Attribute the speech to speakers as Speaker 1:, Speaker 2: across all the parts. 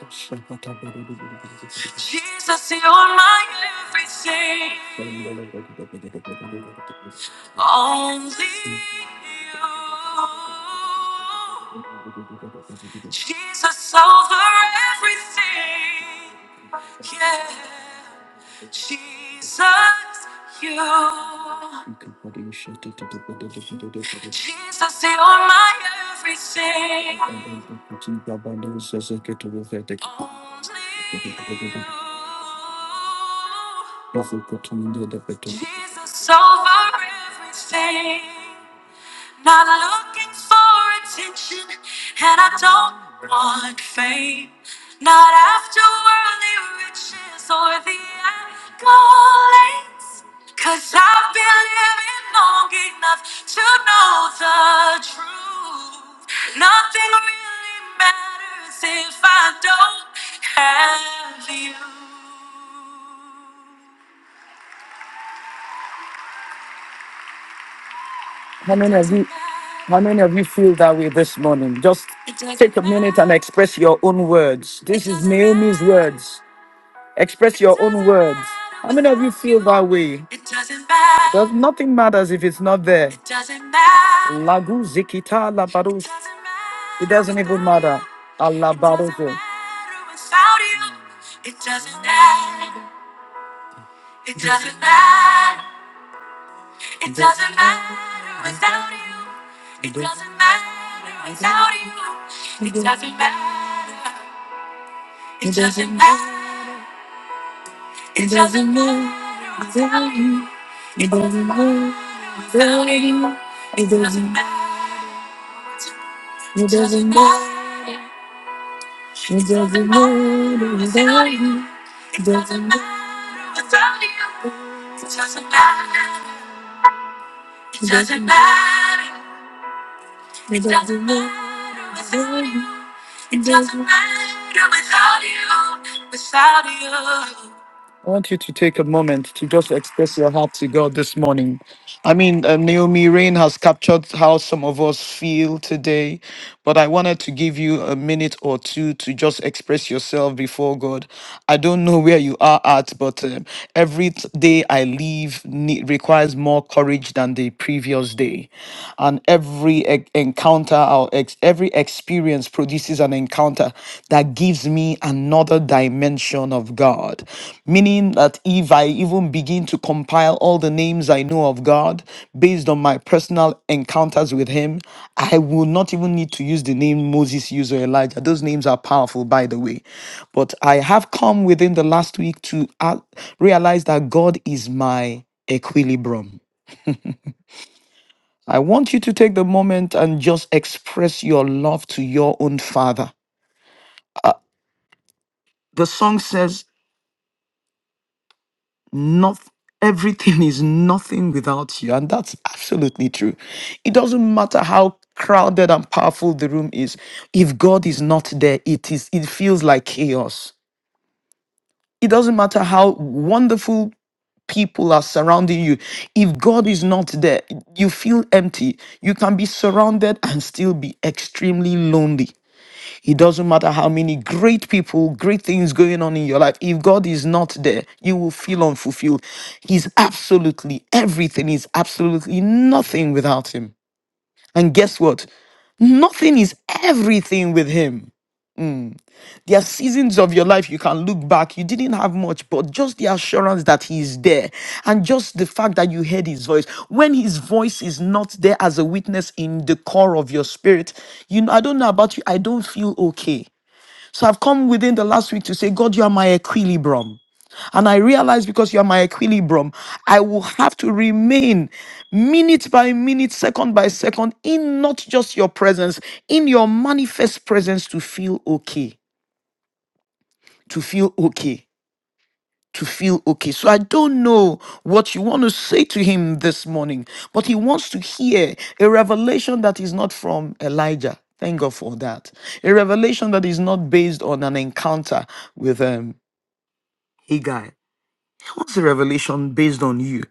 Speaker 1: How many of you how many of you feel that way this morning? Just and express your own words. This words. Express your how many of you feel that way? Because nothing matters if it's not there. Lagu zikita labaru Allah. It doesn't matter without you. It doesn't matter without you. It doesn't matter. It doesn't matter. It doesn't matter without you. It doesn't matter without you. It doesn't matter. It doesn't matter without you. I want you to take a moment to just express your heart to God this morning. I mean, uh, Naomi Rain has captured how some of us feel today, but I wanted to give you a minute or two to just express yourself before God. I don't know where you are at, but um, every t- day I leave ne- requires more courage than the previous day. And every e- encounter or ex- every experience produces an encounter that gives me another dimension of God. Meaning that if I even begin to compile all the names I know of God based on my personal encounters with Him, I will not even need to use the name Moses used or Elijah. Those names are powerful, by the way. But I have come within the last week to uh, realize that God is my equilibrium. I want you to take the moment and just express your love to your own Father. Uh, the song says, Not everything is nothing without you, and that's absolutely true. It doesn't matter how crowded and powerful the room is. If God is not there, it is it feels like chaos. It doesn't matter how wonderful people are surrounding you. If God is not there, you feel empty. You can be surrounded and still be extremely lonely. It doesn't matter how many great people, great things going on in your life. If God is not there, you will feel unfulfilled. He's absolutely everything, is absolutely nothing without Him. And guess what? Nothing is everything with Him. Mm. There are seasons of your life you can look back, you didn't have much, but just the assurance that He is there and just the fact that you heard His voice. When His voice is not there as a witness in the core of your spirit, you know, I don't know about you, I don't feel okay. So I've come within the last week to say, God, you are my equilibrium. And I realize because you are my equilibrium, I will have to remain minute by minute, second by second, in not just your presence, in your manifest presence to feel okay, to feel okay. To feel okay. So I don't know what you want to say to him this morning, but he wants to hear a revelation that is not from Elijah. Thank God for that. A revelation that is not based on an encounter with him Haggai. That was a revelation based on you.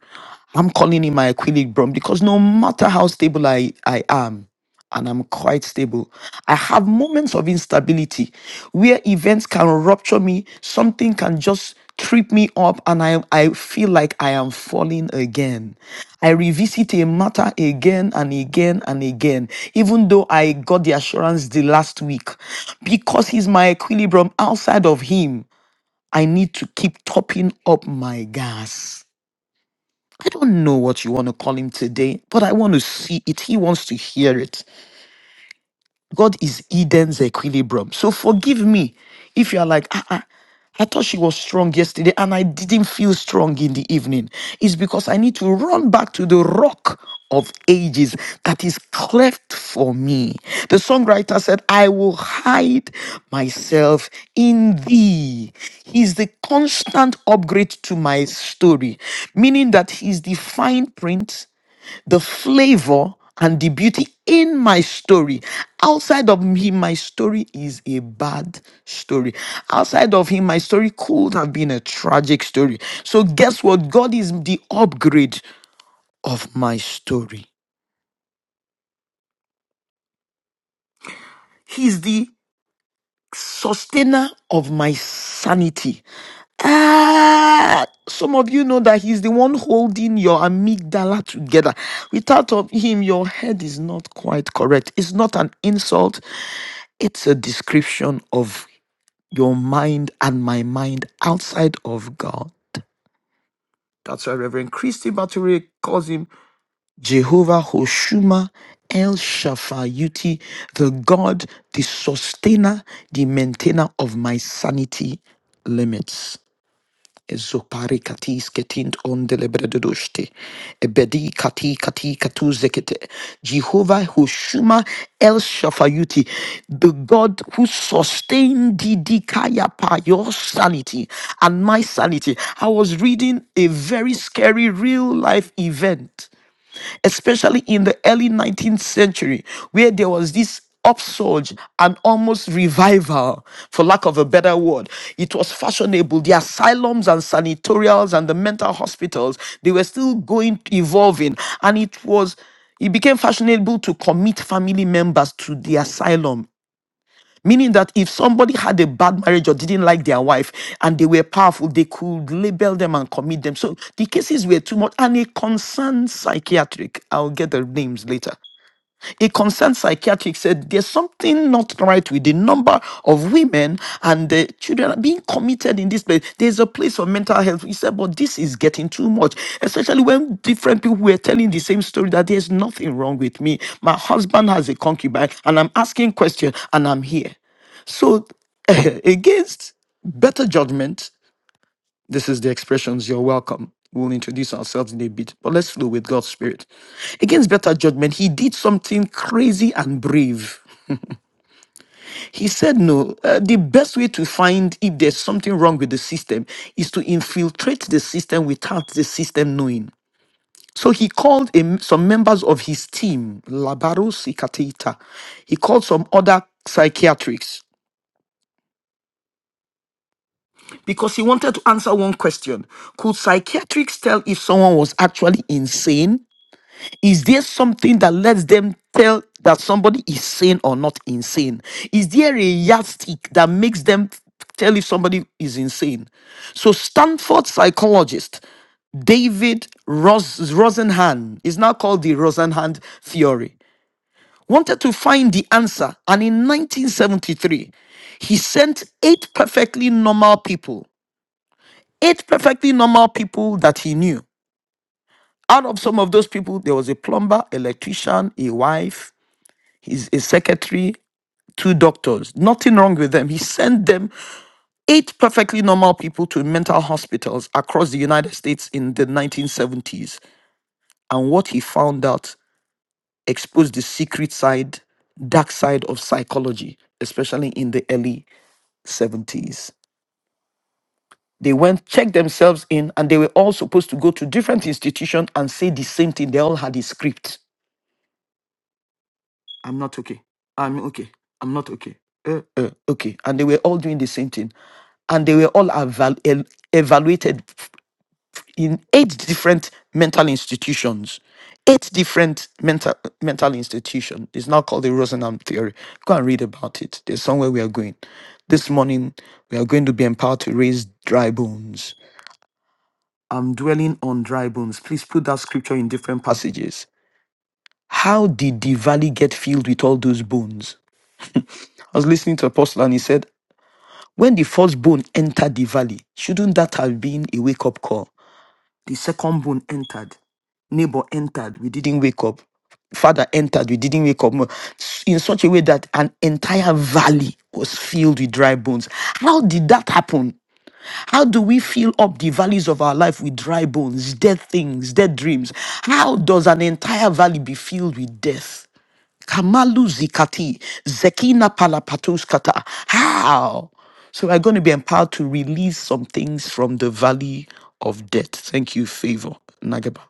Speaker 1: I'm calling it my equilibrium because no matter how stable I, I am, and I'm quite stable, I have moments of instability where events can rupture me, something can just trip me up, and I, I feel like I am falling again. I revisit a matter again and again and again, even though I got the assurance the last week, because he's my equilibrium outside of him. I need to keep topping up my gas. I don't know what you want to call him today, but I want to see it. He wants to hear it. God is Eden's equilibrium. So forgive me if you are like, ah, ah, I thought she was strong yesterday and I didn't feel strong in the evening. It's because I need to run back to the rock of ages that is cleft for me. The songwriter said, I will hide myself in thee. He's the constant upgrade to my story, meaning that he's the fine print the flavor and the beauty in my story. Outside of him, my story is a bad story. Outside of him, my story could have been a tragic story. So, guess what? God is the upgrade of my story. He's the sustainer of my sanity. Ah, some of you know that he's the one holding your amygdala together. Without of him, your head is not quite correct. It's not an insult. It's a description of your mind and my mind outside of God. That's why Reverend Christy Baturi calls him Jehovah Hoshuma El Shafayuti, the God, the sustainer, the maintainer of my sanity limits. Zopari katis ketint on delebredodoshte. Ebedi kati kati katu zekete. Jehovah Hoshuma El Shafayuti, the God who sustained Didikaya pa your sanity and my sanity. I was reading a very scary real life event especially in the early 19th century, where there was this upsurge and almost revival, for lack of a better word. It was fashionable. The asylums and sanatorials and the mental hospitals, they were still going, evolving. And it was, it became fashionable to commit family members to the asylum Meaning that if somebody had a bad marriage or didn't like their wife and they were powerful, they could label them and commit them. So the cases were too much. And a concerned psychiatric, I'll get the names later. A concerned psychiatric said there's something not right with the number of women and the children being committed in this place. There's a place for mental health. He said, but this is getting too much, especially when different people were telling the same story that there's nothing wrong with me. My husband has a concubine and I'm asking questions and I'm here. So, against better judgment, this is the expressions you're welcome. We'll introduce ourselves in a bit, but let's flow with God's Spirit. Against better judgment, he did something crazy and brave. He said, No, uh, the best way to find if there's something wrong with the system is to infiltrate the system without the system knowing. So he called a m- some members of his team, Labaro Sikatita. He called some other psychiatrists because he wanted to answer one question Could psychiatrists tell if someone was actually insane? Is there something that lets them tell that somebody is sane or not insane? Is there a yardstick that makes them tell if somebody is insane? So, Stanford psychologist David Ros- Rosenhan is now called the Rosenhan theory. Wanted to find the answer, and in 1973, he sent eight perfectly normal people eight perfectly normal people that he knew. Out of some of those people, there was a plumber, electrician, a wife, his a secretary, two doctors. Nothing wrong with them. He sent them eight perfectly normal people to mental hospitals across the United States in the 1970s. And what he found out exposed the secret side, dark side of psychology, especially in the early 70s. They went, checked themselves in, and they were all supposed to go to different institutions and say the same thing. They all had a script. I'm not okay. I'm okay. I'm not okay. Uh, uh, okay. And they were all doing the same thing. And they were all eval- el- evaluated in eight different mental institutions. Eight different mental mental institutions. It's now called the Rosenham theory. Go and read about it. There's somewhere we are going. This morning we are going to be empowered to raise dry bones. I'm dwelling on dry bones. Please put that scripture in different passages. How did the valley get filled with all those bones? I was listening to Apostle and he said, when the first bone entered the valley, shouldn't that have been a wake up call? The second bone entered. Neighbor entered. We didn't wake up. Father entered. We didn't wake up. In such a way that an entire valley was filled with dry bones. How did that happen? How do we fill up the valleys of our life with dry bones, dead things, dead dreams? How does an entire valley be filled with death? Kamalu zikati, zekina palapatoskata. How? So we're going to be empowered to release some things from the valley of death. Thank you, favor, Nagaba.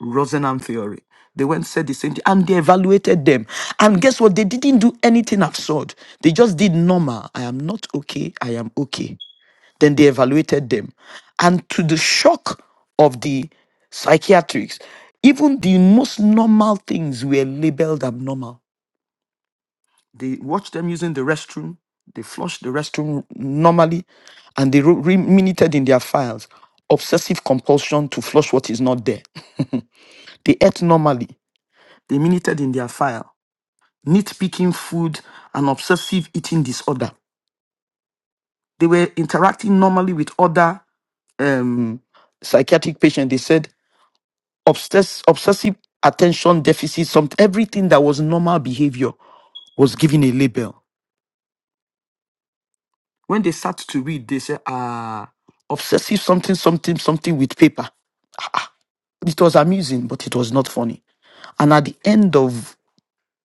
Speaker 1: Rosenham theory. They went said the same thing and they evaluated them. And guess what? They didn't do anything absurd. They just did normal. I am not okay. I am okay. Then they evaluated them. And to the shock of the psychiatrics, even the most normal things were labeled abnormal. They watched them using the restroom, they flushed the restroom normally, and they wrote, re- minuted in their files obsessive compulsion to flush what is not there. They ate normally, they minuted in their file nitpicking food and obsessive eating disorder. They were interacting normally with other um, psychiatric patients. They said obsess- obsessive attention deficit, Something, everything that was normal behavior was given a label. When they start to read, they say, ah, obsessive something, something, something with paper. It was amusing, but it was not funny. And at the end of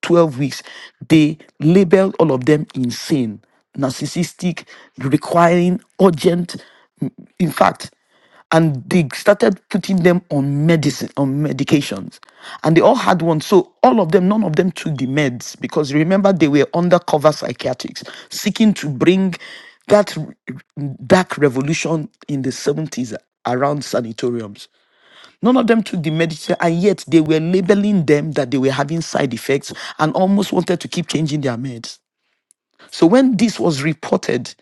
Speaker 1: 12 weeks, they labeled all of them insane, narcissistic, requiring urgent, mm, in fact, and they started putting them on medicine on medications and they all had one so all of them none of them took the meds because remember they were undercover psychiatrics seeking to bring that r- dark revolution in the 70s around sanatoriums None of them took the medicine, and yet they were labeling them that they were having side effects and almost wanted to keep changing their meds. So when this was reported,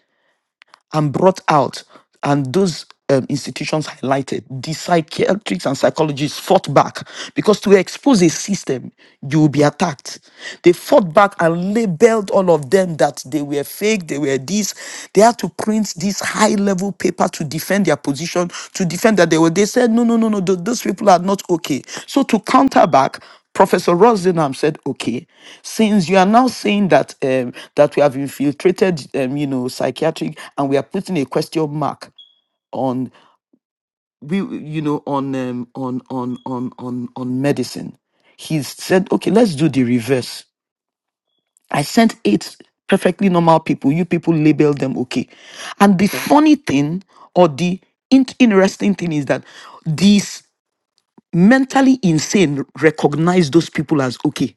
Speaker 1: and brought out, and those um, institutions highlighted, the psychiatrists and psychologists fought back because to expose a system, you will be attacked. They fought back and labeled all of them that they were fake, they were this. They had to print this high level paper to defend their position, to defend that they were. They said, no, no, no, no, th- those people are not okay. So to counter back, Professor Rosenham said, "Okay, since you are now saying that um, that we have infiltrated, um, you know, psychiatric, and we are putting a question mark on we, you know, on um, on on on on on medicine." He said, "Okay, let's do the reverse." I sent eight perfectly normal people. You people label them okay, and the funny thing or the in- interesting thing is that these mentally insane recognize those people as okay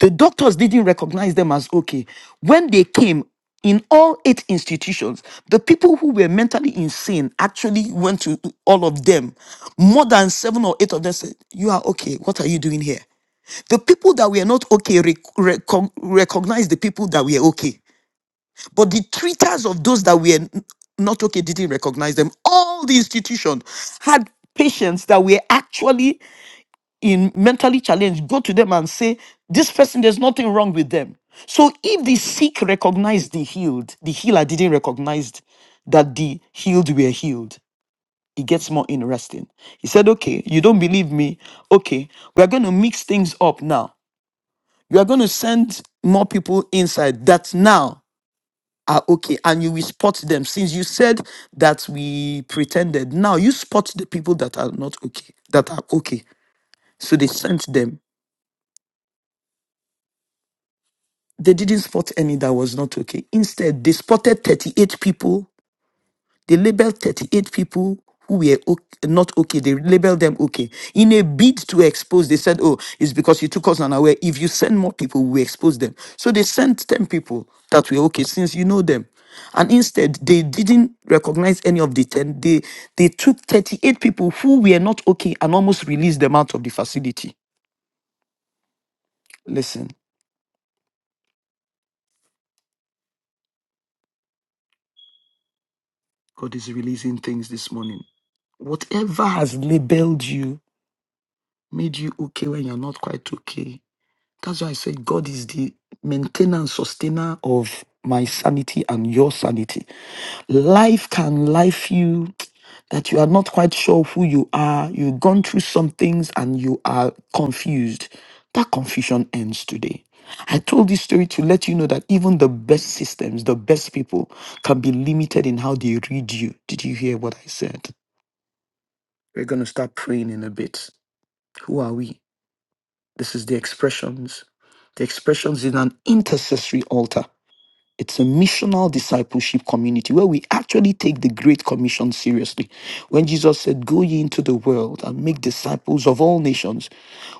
Speaker 1: The doctors didn't recognize them as okay. When they came in all eight institutions, the people who were mentally insane actually went to all of them. More than seven or eight of them said, You are okay. What are you doing here? The people that were not okay rec- recog- recognized the people that were okay. But the treaters of those that were n- not okay didn't recognize them. All the institution had patients that were actually in mentally challenged, go to them and say, This person, there's nothing wrong with them. So if the sick recognized the healed, the healer didn't recognize that the healed were healed. It gets more interesting. He said, Okay, you don't believe me. Okay, we're going to mix things up now. You are going to send more people inside that now are okay and you will spot them since you said that we pretended now you spot the people that are not okay that are okay so they sent them They didn't spot any that was not okay. Instead, they spotted 38 people. They labeled 38 people who were o- not okay. They labeled them okay. In a bid to expose, they said, oh, it's because you took us unaware. If you send more people, we expose them. So they sent 10 people that were okay since you know them. And instead, they didn't recognize any of the 10. They, they took 38 people who were not okay and almost released them out of the facility. Listen, God is releasing things this morning. Whatever has labeled you, made you okay when you're not quite okay. That's why I say God is the maintainer and sustainer of my sanity and your sanity. Life can life you that you are not quite sure who you are. You've gone through some things and you are confused. That confusion ends today. I told this story to let you know that even the best systems, the best people can be limited in how they read you. Did you hear what I said? We're going to start praying in a bit. Who are we? This is the expressions. The expressions is an intercessory altar. It's a missional discipleship community where we actually take the Great Commission seriously. When Jesus said, Go ye into the world and make disciples of all nations,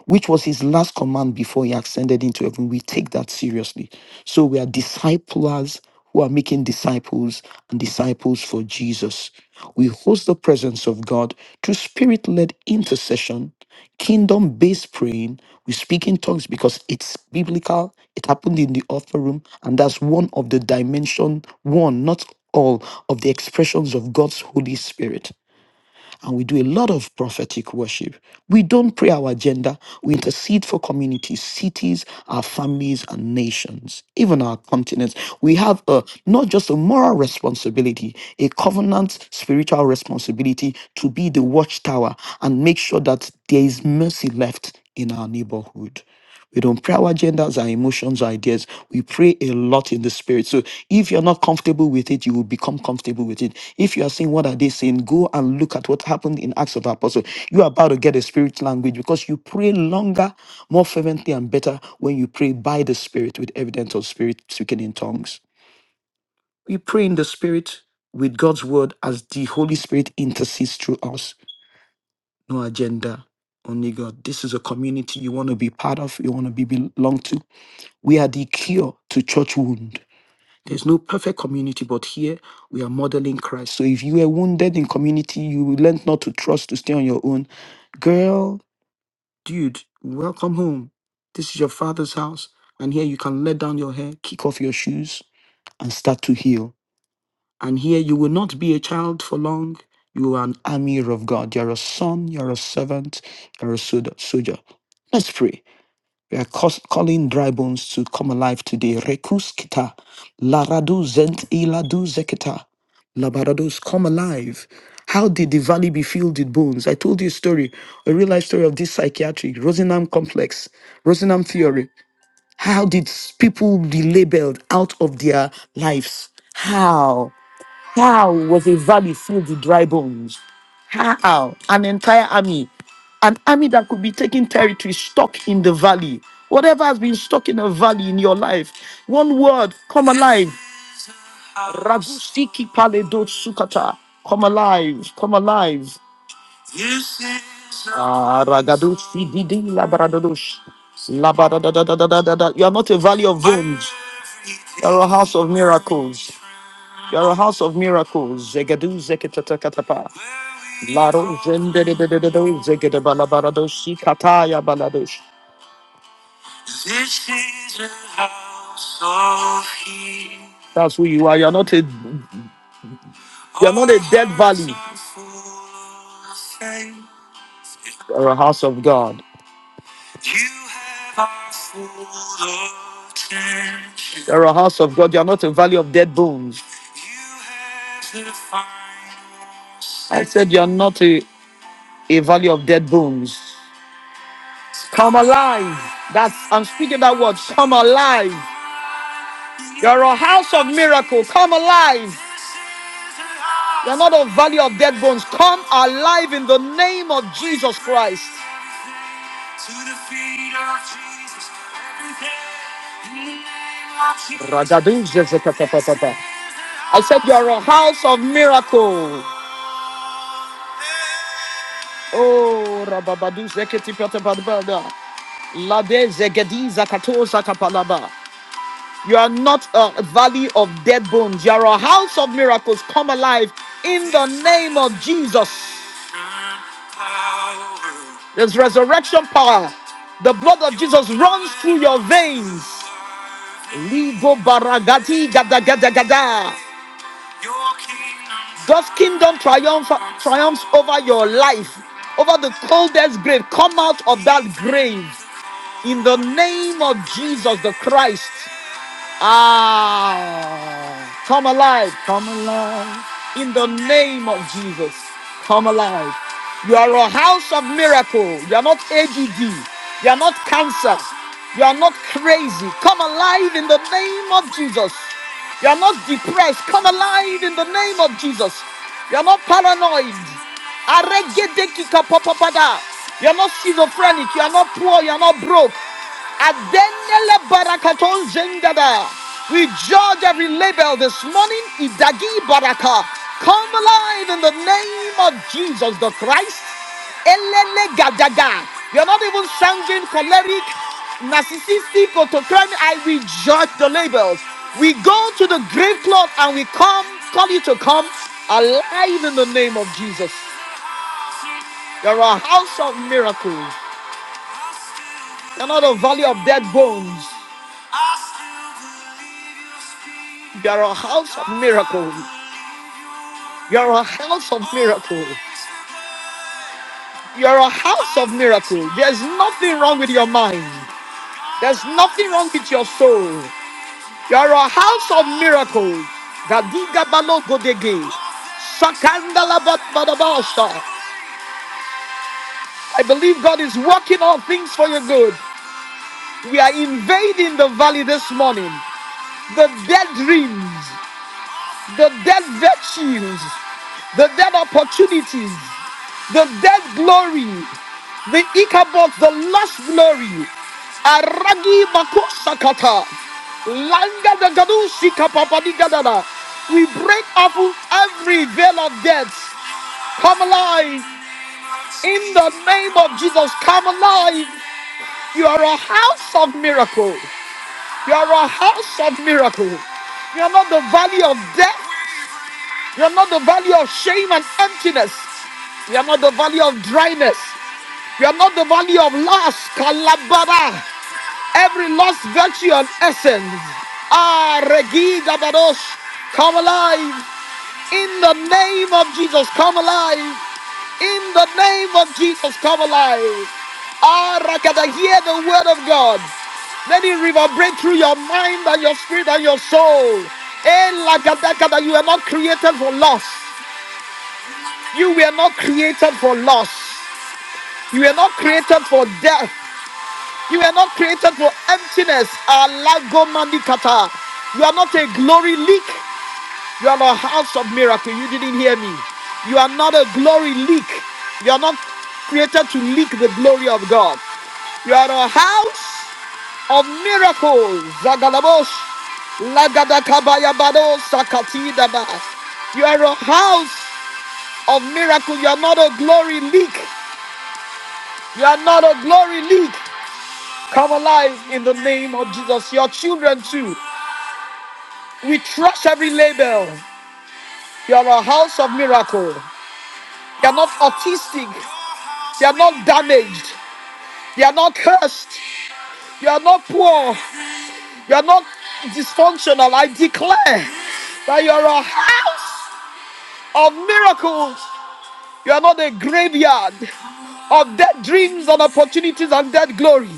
Speaker 1: which was his last command before he ascended into heaven, we take that seriously. So we are disciplers who are making disciples and disciples for Jesus. We host the presence of God through spirit led intercession Kingdom based praying, we speak in tongues because it's biblical. It happened in the author room, and that's one of the dimension, one, not all of the expressions of God's Holy Spirit and we do a lot of prophetic worship. We don't pray our agenda, we intercede for communities, cities, our families, and nations, even our continents. We have a, not just a moral responsibility, a covenant spiritual responsibility to be the watchtower and make sure that there is mercy left in our neighborhood. We don't pray our agendas, our emotions, our ideas. We pray a lot in the spirit. So if you're not comfortable with it, you will become comfortable with it. If you are saying, what are they saying? Go and look at what happened in Acts of the Apostle. You are about to get a spirit language because you pray longer, more fervently, and better when you pray by the Spirit with evidence of Spirit speaking in tongues. We pray in the Spirit with God's word as the Holy Spirit intercedes through us. No agenda, only God. This is a community you want to be part of, you want to be belong to. We are the cure to church wounds. There's no perfect community, but here we are modeling Christ. So if you were wounded in community, you learned not to trust to stay on your own. Girl, dude, welcome home. This is your father's house. And here you can let down your hair, kick off your shoes, and start to heal. And here you will not be a child for long. You are an army of God. You're a son, you're a servant, you're a soldier. soldier. Let's pray. We are cause, calling dry bones to come alive today. Rekus kita, laradu zent iladu zekita, labarados come alive. How did the valley be filled with bones? I told you a story, a real life story of this psychiatric Rosenham complex, Rosenham theory. How did s- people be labeled out of their lives? How? How was a valley filled with dry bones? How? An entire army. An army that could be taking territory stuck in the valley. Whatever has been stuck in a valley in your life, one word, come alive. Rabustiki paledo sukata. Come alive, come alive. Ah, ragadoshi didi labradadosh. Labadadadadadadada. You are not a valley of bones. You are a house of miracles. You are a house of miracles. Zegadu zeketatakatapa. Laro zendededededede. Zegedabalabaradoshi kataya baladosh. That's who you are. You're not a you're not a dead valley. You're a house of God. You're a house of God. You're not a valley of dead bones. I said you're not a, a valley of dead bones. Come alive. That's I'm speaking that word. Come alive. You're a house of miracle. Come alive. You're not a valley of dead bones. Come alive in the name of Jesus Christ. I said you're a house of miracle. Oh, Rababadu Zeketi Patabadbada. Lade Zegediza Katosa Kapalaba. You are not a valley of dead bones. You are a house of miracles come alive in the name of Jesus. There's resurrection power. The blood of Jesus runs through your veins. Ligo baragati gada gada gada. God's kingdom triumph, triumphs over your life, over the coldest grave. Come out of that grave. in the name of Jesus the Christ. Ah, come alive, come alive. In the name of Jesus, come alive. You are a house of miracle. You are not AGD. You are not cancer. You are not crazy. Come alive in the name of Jesus. You are not depressed. Come alive in the name of Jesus. You are not paranoid. Aregedekikapapapada. You are not schizophrenic. You are not poor. You are not broke. Adenele barakaton zengada. We judge every label this morning. Idagi baraka. Come alive in the name of Jesus the Christ. Elele gadaga. You are not even sanguine, choleric, narcissistic, or autocratic. I we judge the labels. We go to the grave cloth and we come, call you to come alive in the name of Jesus. You're a house of miracles. You're not a valley of dead bones. You're a house of miracles. You're a house of miracles. You're a house of miracles. There's nothing wrong with your mind. There's nothing wrong with your soul. You're a house of miracles. Gadiga balogodege. Sakandalabatbadabasa. I believe God is working all things for your good. We are invading the valley this morning. The dead dreams. the dead virtues, the dead opportunities, the dead glory, the Ichabod, the lost glory, Aragi Makosakata, Langa the Gadushika Papadigadada. We break off every veil of death. Come alive in the name of Jesus. Come alive. You are a house of miracle. You are a house of miracle. You are not the valley of death. You are not the valley of shame and emptiness. You are not the valley of dryness. You are not the valley of lust. Kalababa. Every lost virtue and essence. Ah, Regi Gabadosh. Come alive. In the name of Jesus, come alive. In the name of Jesus, come alive. Ah, Rakata, hear the word of God. Let it reverberate through your mind and your spirit and your soul. Eh, Lakadakada, you are not created for loss. You were not created for loss. You were not created for death. You were not created for emptiness. Alagomandikata. You are not a glory leak. You are not a house of miracle. You didn't hear me. You are not a glory leak. You are not created to leak the glory of God. You are a house of miracles. Zagalabos, lagadakabayabado, sakatidaba. You are a house of miracle. You are not a glory leak. You are not a glory leak. Come alive in the name of Jesus. Your children too. We trust every label. You are a house of miracle. They are not autistic. They are not damaged. They are not cursed. You are not poor. You are not dysfunctional. I declare that you are a house of miracles. You are not a graveyard of dead dreams and opportunities and dead glory.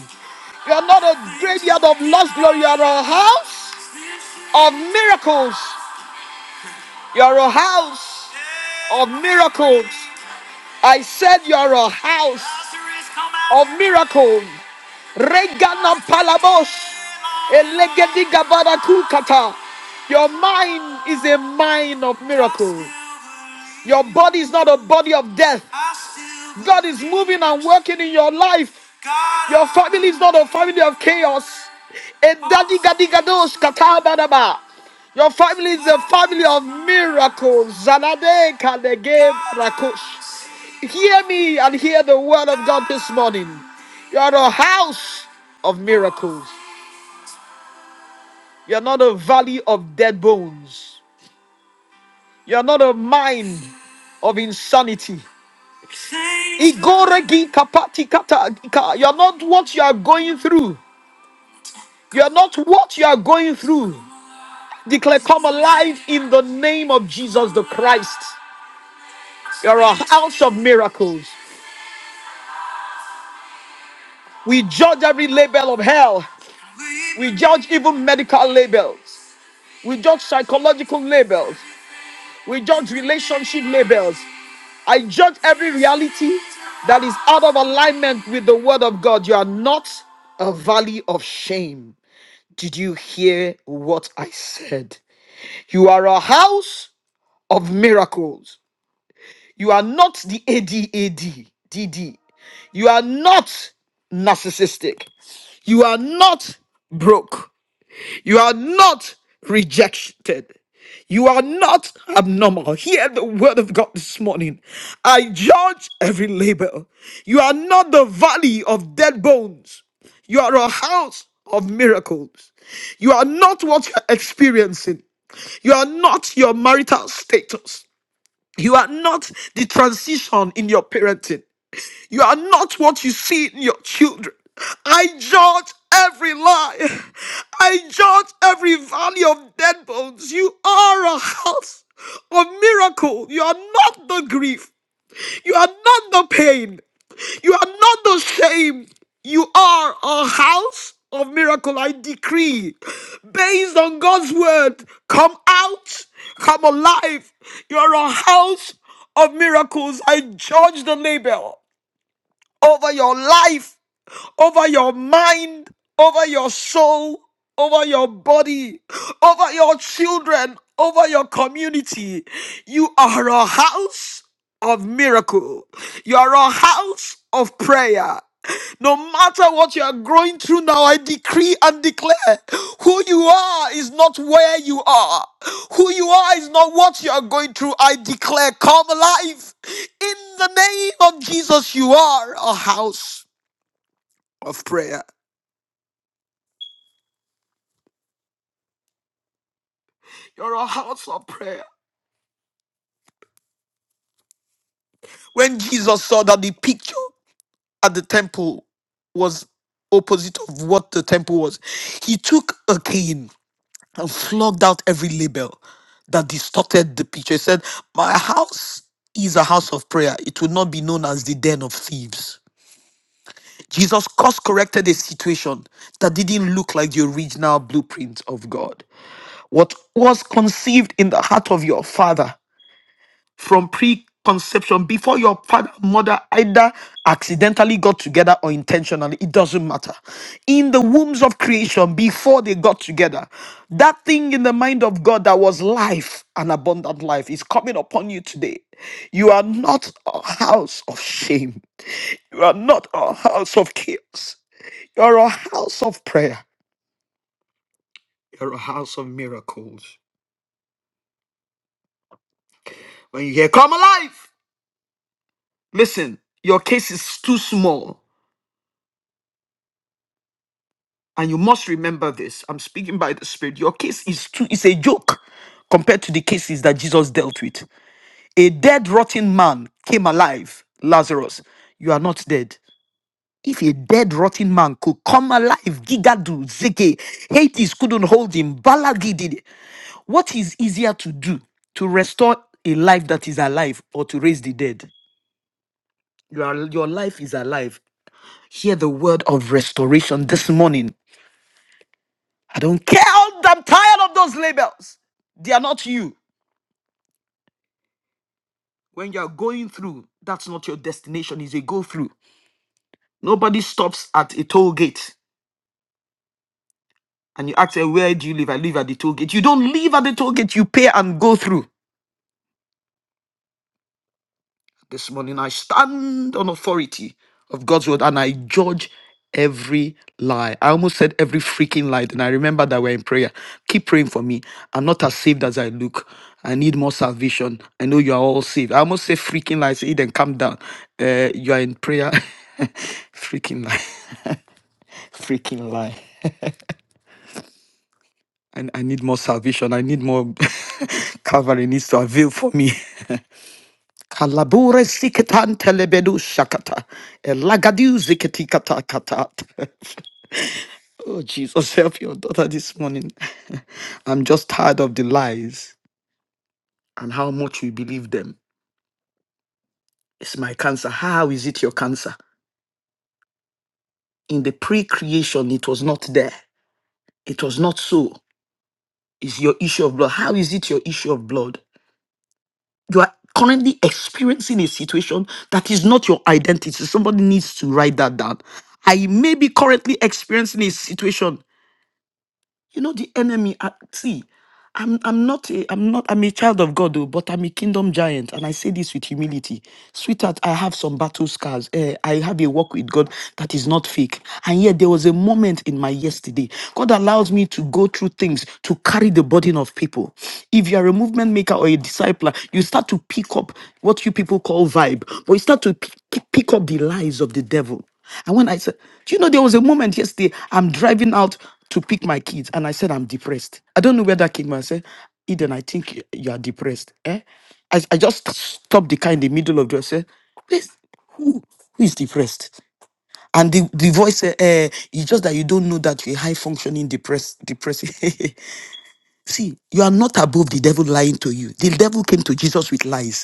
Speaker 1: You are not a graveyard of lost glory. You are a house of miracles. You are a house of miracles. I said you are a house of miracles. Reganam palabos. Elegedi gabada kukata. Your mind is a mind of miracles. Your body is not a body of death. God is moving and working in your life. Your family is not a family of chaos. Edadi gadi Edadigadigadados badaba. Your family is a family of miracles. Zanade kadege rakosh. Hear me and hear the word of God this morning. You are a house of miracles. You're not a valley of dead bones. You're not a mind of insanity. Igoregi kapati kata- You're not what you are going through. You're not what you are going through. Declare, come alive in the name of Jesus the Christ. You're a house of miracles. We judge every label of hell. We judge even medical labels. We judge psychological labels. We judge relationship labels. I judge every reality that is out of alignment with the word of God. You are not a valley of shame. Did you hear what I said? You are a house of miracles. You are not the ADAD, DD. You are not narcissistic. You are not broke. You are not rejected. You are not abnormal. Hear the word of God this morning. I judge every labor. You are not the valley of dead bones. You are a house of miracles. You are not what you're experiencing. You are not your marital status. You are not the transition in your parenting. You are not what you see in your children. I judge every lie. I judge every valley of dead bones. You are a house of miracle. You are not the grief. You are not the pain. You are not the shame. You are a house of miracle. I decree, based on God's word, come out, come alive. You are a house of miracles. I judge the label over your life, over your mind, over your soul, over your body, over your children, over your community. You are a house of miracle. You are a house of prayer. No matter what you are going through now, I decree and declare who you are is not where you are. Who you are is not what you are going through. I declare, come alive. In the name of Jesus, you are a house of prayer. You're a house of prayer. When Jesus saw that the picture at the temple was opposite of what the temple was, he took a cane and flogged out every label that distorted the picture. He said, My house is a house of prayer. It will not be known as the den of thieves. Jesus course corrected a situation that didn't look like the original blueprint of God. What was conceived in the heart of your father from preconception before your father and mother either accidentally got together or intentionally it doesn't matter in the wombs of creation before they got together that thing in the mind of god that was life and abundant life is coming upon you today you are not a house of shame you are not a house of chaos you're a house of prayer you're a house of miracles when you hear come alive listen your case is too small and you must remember this i'm speaking by the spirit your case is too is a joke compared to the cases that jesus dealt with a dead rotten man came alive lazarus you are not dead if a dead rotten man could come alive gigadu zeke hades couldn't hold him balagi did it. what is easier to do to restore a life that is alive or to raise the dead your, your life is alive hear the word of restoration this morning I don't care. I'm tired of those labels. They are not you. When you are going through, that's not your destination. It's a go through. Nobody stops at a toll gate and you ask, "Eh, Where do you live? I live at the toll gate. You don't live at the toll gate. You pay and go through. This morning I stand on authority of God's word and I judge every lie. I almost said every freaking lie. And I remember that we're in prayer. Keep praying for me. I'm not as saved as I look. I need more salvation. I know you are all saved. I almost say freaking lies. Eden, calm down. Uh, you are in prayer. freaking lie. freaking lie. I, I need more salvation. I need more. Calvary needs to avail for me. Kalabure sikatan telebedu shakata. Elagadu ziketikata katat. Oh, Jesus, help your daughter this morning. I'm just tired of the lies and how much we believe them. It's my cancer. How is it your cancer? In the pre creation, it was not there. It was not so. It's your issue of blood. How is it your issue of blood? You are currently experiencing a situation that is not your identity. Somebody needs to write that down. I may be currently experiencing a situation You know, the enemy, uh, see, I'm, I'm not a, I'm not, I'm a child of God, though, but I'm a kingdom giant. And I say this with humility. Sweetheart, I have some battle scars. eh, I have a walk with God that is not fake. And yet there was a moment in my yesterday. God allows me to go through things to carry the burden of people. If you are a movement maker or a discipler, you start to pick up what you people call vibe, but you start to pick, pick up the lies of the devil. And when I said, do you know, there was a moment yesterday, I'm driving out to pick my kids, and I said, I'm depressed. I don't know where that came from. I said, Eden, I think you you are depressed. Eh? I, I just stopped the car in the middle of the road. I said, "Please, who, who is depressed? And the, the voice said, eh, it's just that you don't know that you're high functioning depressed, depressed. See, you are not above the devil lying to you. The devil came to Jesus with lies.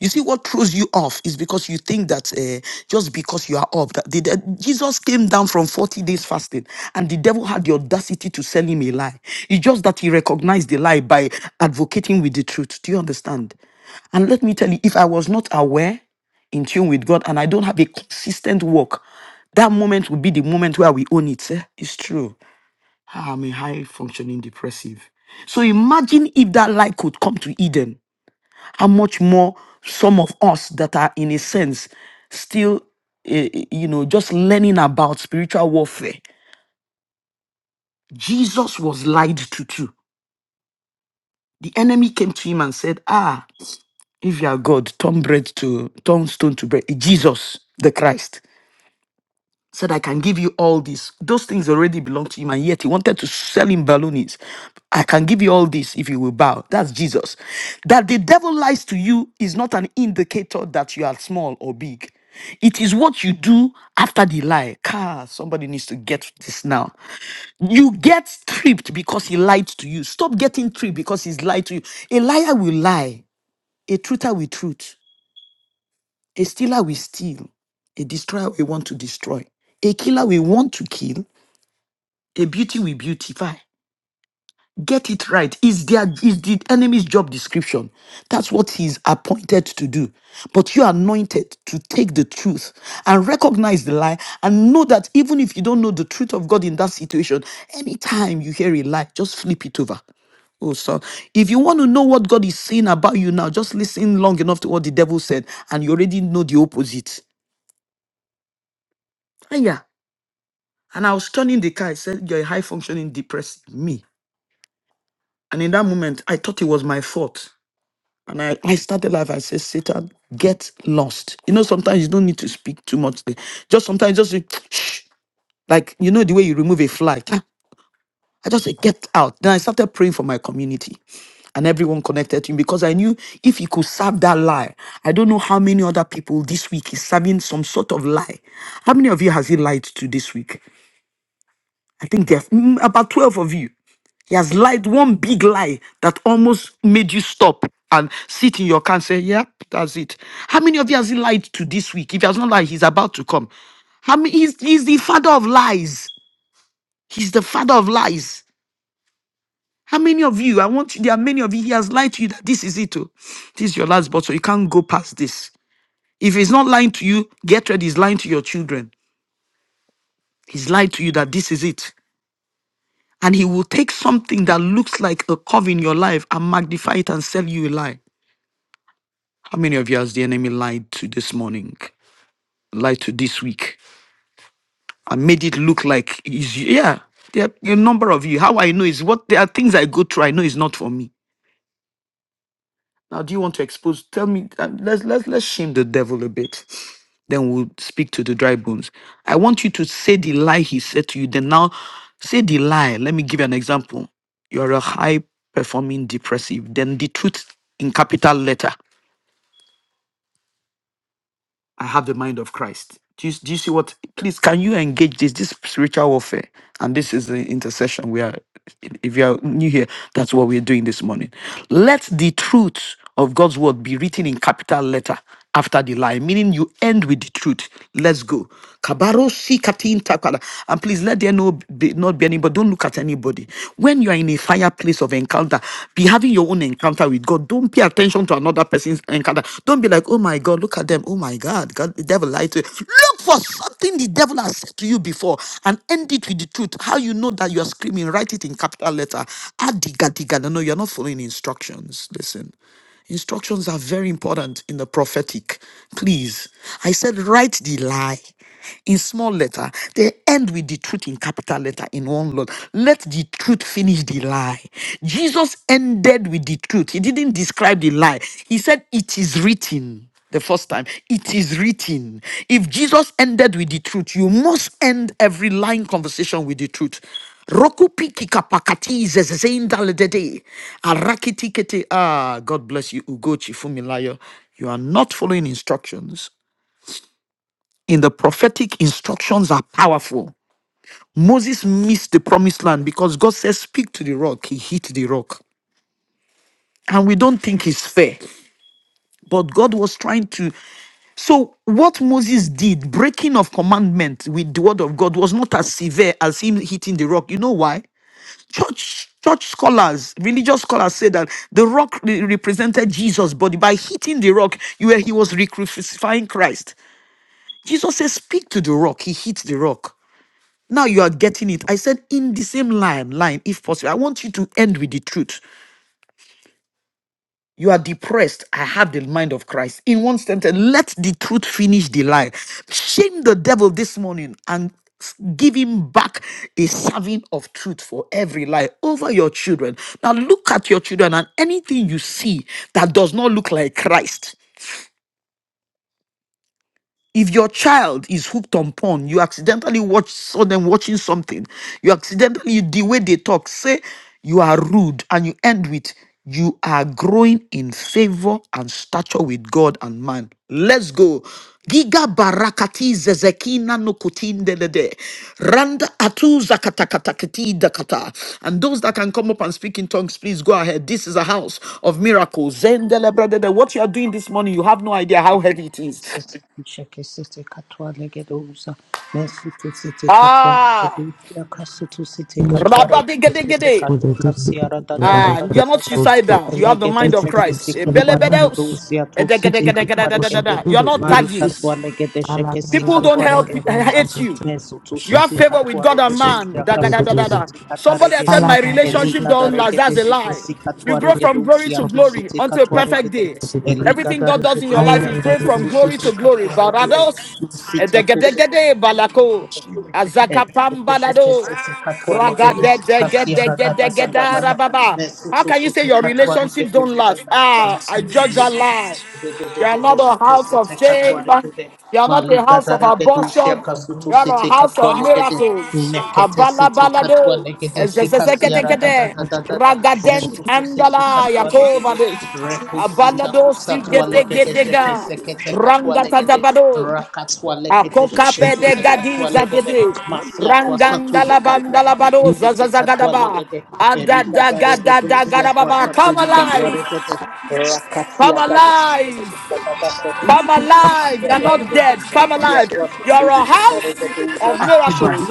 Speaker 1: You see, what throws you off is because you think that uh, just because you are up, that the, the- Jesus came down from 40 days fasting and the devil had the audacity to sell him a lie. It's just that he recognized the lie by advocating with the truth. Do you understand? And let me tell you, if I was not aware, in tune with God, and I don't have a consistent walk, that moment will be the moment where we own it. eh. It's true. Ah, I'm a high functioning depressive. So imagine if that light could come to Eden how much more some of us that are in a sense still eh, eh, you know just learning about spiritual warfare jesus was lied to too the enemy came to him and said ah if you are god turn bread to turn stone to bread jesus the christ said, I can give you all this. Those things already belong to him, and yet he wanted to sell him balloonies. I can give you all this if you will bow. That's Jesus. That the devil lies to you is not an indicator that you are small or big. It is what you do after the lie. Car, somebody needs to get this now. You get tripped because he lied to you. Stop getting tripped because he's lied to you. A liar will lie. A truther will truth. A stealer will steal. A destroyer will want to destroy. A killer will want to kill. A beauty we beautify. Get it right. Is their is the enemy's job description. That's what he's appointed to do. But you are anointed to take the truth and recognize the lie and know that even if you don't know the truth of God in that situation, anytime you hear a lie, just flip it over. Oh, so if you want to know what God is saying about you now, just listen long enough to what the devil said, and you already know the opposite. Ah, Yeah. And I was turning the car, I said, You're a high functioning depressed me. And in that moment, I thought it was my fault. And I, I started life, I said, Satan, get lost. You know, sometimes you don't need to speak too much. Just sometimes just say, shh, like, you know, the way you remove a fly. I just said, get out. Then I started praying for my community and everyone connected to him because I knew if he could serve that lie, I don't know how many other people this week is serving some sort of lie. How many of you has he lied to this week? I think there's mm, about 12 of you. He has lied one big lie that almost made you stop and sit in your car and say, Yep, that's it. How many of you has he lied to this week? If he has not lied, he's about to come. How many he's, he's the father of lies? He's the father of lies. How many of you? I want you, there are many of you. He has lied to you that this is it. Oh. This is your last bottle. You can't go past this. If he's not lying to you, get ready. He's lying to your children. He's lied to you that this is it. And he will take something that looks like a curve in your life and magnify it and sell you a lie. How many of you has the enemy lied to this morning? Lied to this week? And made it look like is yeah. There are a number of you. How I know is what there are things I go through. I know is not for me. Now, do you want to expose? Tell me. um, Let's let's let's shame the devil a bit. Then we'll speak to the dry bones. I want you to say the lie he said to you. Then now, say the lie. Let me give you an example. You're a high performing depressive. Then the truth in capital letter. I have the mind of Christ. Do you, do you see what? Please, can you engage this? This spiritual warfare, and this is the intercession we are. If you are new here, that's what we're doing this morning. Let the truth of God's word be written in capital letter after the lie, meaning you end with the truth. Let's go. Kabaro si katin takala. And please let there no be, not be anybody. Don't look at anybody. When you are in a fireplace of encounter, be having your own own encounter with God. Don't pay attention to another person's encounter. Don't be like, oh my God, look at them. Oh my God, God, the devil lied to you. Look for something the devil has said to you before and end it with the truth. How you know that you are screaming, write it in capital letter. Adiga, diga. No, no, you're not following instructions. Listen. Instructions are very important in the prophetic. Please. I said, write the lie in small letter. They end with the truth in capital letter in one word. Let the truth finish the lie. Jesus ended with the truth. He didn't describe the lie. He said, It is written. The first time, it is written. If Jesus ended with the truth, you must end every lying conversation with the truth. Roku piki kapakati zezezeindalede. Arakiti kete. Ah, God bless you, Ugochi Fumilayo. You are not following instructions in the prophetic instructions are powerful. Moses missed the promised land because God says, Speak to the rock. He hit the rock. And we don't think it's fair. But God was trying to. So, what Moses did, breaking of commandment with the word of God, was not as severe as him hitting the rock. You know why? Church. Church scholars, religious scholars say that the rock re- represented Jesus' body. By hitting the rock, you were, he was re crucifying Christ. Jesus says, Speak to the rock. He hit the rock. Now you are getting it. I said in the same line, line, if possible. I want you to end with the truth. You are depressed. I have the mind of Christ. In one sentence, let the truth finish the lie. Shame the devil this morning and give him back a serving of truth for every lie over your children. Now look at your children and anything you see that does not look like Christ. if your child is hooked on porn, you accidentally watch saw them watching something, you accidentally the way they talk, say you are rude, and you end with you are growing in favor and stature with God and man. Let's go. Giga barakati zezekina no kutindelede. Randa atu zakatakatakati dakata. And those that can come up and speak in tongues, please go ahead. This is a house of miracles. Zendele bradede. What you are doing this morning, you have no idea how heavy it is.
Speaker 2: Sete kisheke sete katwa legedoza. Mesutu sete katwa
Speaker 1: Ah,
Speaker 2: legedoza. Kasutu sete katwa regede sete
Speaker 1: rabadigedig.
Speaker 2: kashika siara da da da
Speaker 1: Ah,
Speaker 2: da
Speaker 1: you're not
Speaker 2: da da.
Speaker 1: suicidal. You have the
Speaker 2: Elegete
Speaker 1: mind of Christ.
Speaker 2: shekisi
Speaker 1: Eh,
Speaker 2: katware de
Speaker 1: belebedos.
Speaker 2: dusia
Speaker 1: Eh,
Speaker 2: tusiti katware gede
Speaker 1: degedegedegedegedegede. You're not taggy.
Speaker 2: marika twale gede shekisi
Speaker 1: People don't
Speaker 2: katware
Speaker 1: help eh,
Speaker 2: geduza
Speaker 1: hate you.
Speaker 2: mesu
Speaker 1: You have
Speaker 2: tusiti
Speaker 1: favor with God
Speaker 2: katware
Speaker 1: and man.
Speaker 2: gedusia
Speaker 1: Da, da, da,
Speaker 2: kasu
Speaker 1: da, da, da.
Speaker 2: tusiti katare
Speaker 1: Somebody has said,
Speaker 2: gede
Speaker 1: My relationship
Speaker 2: eliga
Speaker 1: don't
Speaker 2: dare
Speaker 1: last.
Speaker 2: gede
Speaker 1: That's a lie.
Speaker 2: shekisi
Speaker 1: You
Speaker 2: katware
Speaker 1: grow from glory
Speaker 2: gedusia
Speaker 1: to glory
Speaker 2: tusiti
Speaker 1: until a
Speaker 2: katware
Speaker 1: perfect
Speaker 2: gede
Speaker 1: day.
Speaker 2: eliga
Speaker 1: Everything
Speaker 2: dare
Speaker 1: God does in your life
Speaker 2: gedusia
Speaker 1: is going
Speaker 2: kasu
Speaker 1: from glory
Speaker 2: tusiti
Speaker 1: to glory.
Speaker 2: katware gede
Speaker 1: Barados,
Speaker 2: masita
Speaker 1: edegedegede, balako,
Speaker 2: Eregedeshe
Speaker 1: azakapambalado,
Speaker 2: kesete katwa legedeshe kasiyara da da da da
Speaker 1: ragadegedegedegeda,
Speaker 2: da da.
Speaker 1: rababa. How
Speaker 2: Mesutu
Speaker 1: can you say
Speaker 2: siti
Speaker 1: your
Speaker 2: katwa
Speaker 1: relationships don't
Speaker 2: regedushe
Speaker 1: last?
Speaker 2: kaswata.
Speaker 1: Ah, I judge a lie. You are not a house of shame. You are not a house of abortion. You are a house of miracles. Abala balado.
Speaker 3: Thank
Speaker 1: Ezezezeketekete. Ragadent andala yakova des. Abalado si gete gedega. Rangatatabado. Akoka pede gadiza gede.
Speaker 2: Masia tua satulika
Speaker 1: Rangandala
Speaker 2: tua
Speaker 1: bandala
Speaker 2: regede
Speaker 1: bado
Speaker 4: Jesus,
Speaker 2: sete katua
Speaker 1: zazazagadaba.
Speaker 2: legede Erika da
Speaker 1: Adadagadadagadababa. Come
Speaker 2: erika
Speaker 1: alive. Come
Speaker 2: Rekete
Speaker 1: alive. Come alive. You're not dead. Come
Speaker 2: Masia
Speaker 1: alive.
Speaker 2: kwasa
Speaker 1: You're a
Speaker 2: tulika
Speaker 1: house
Speaker 2: tareke
Speaker 1: of
Speaker 2: duza
Speaker 1: miracles.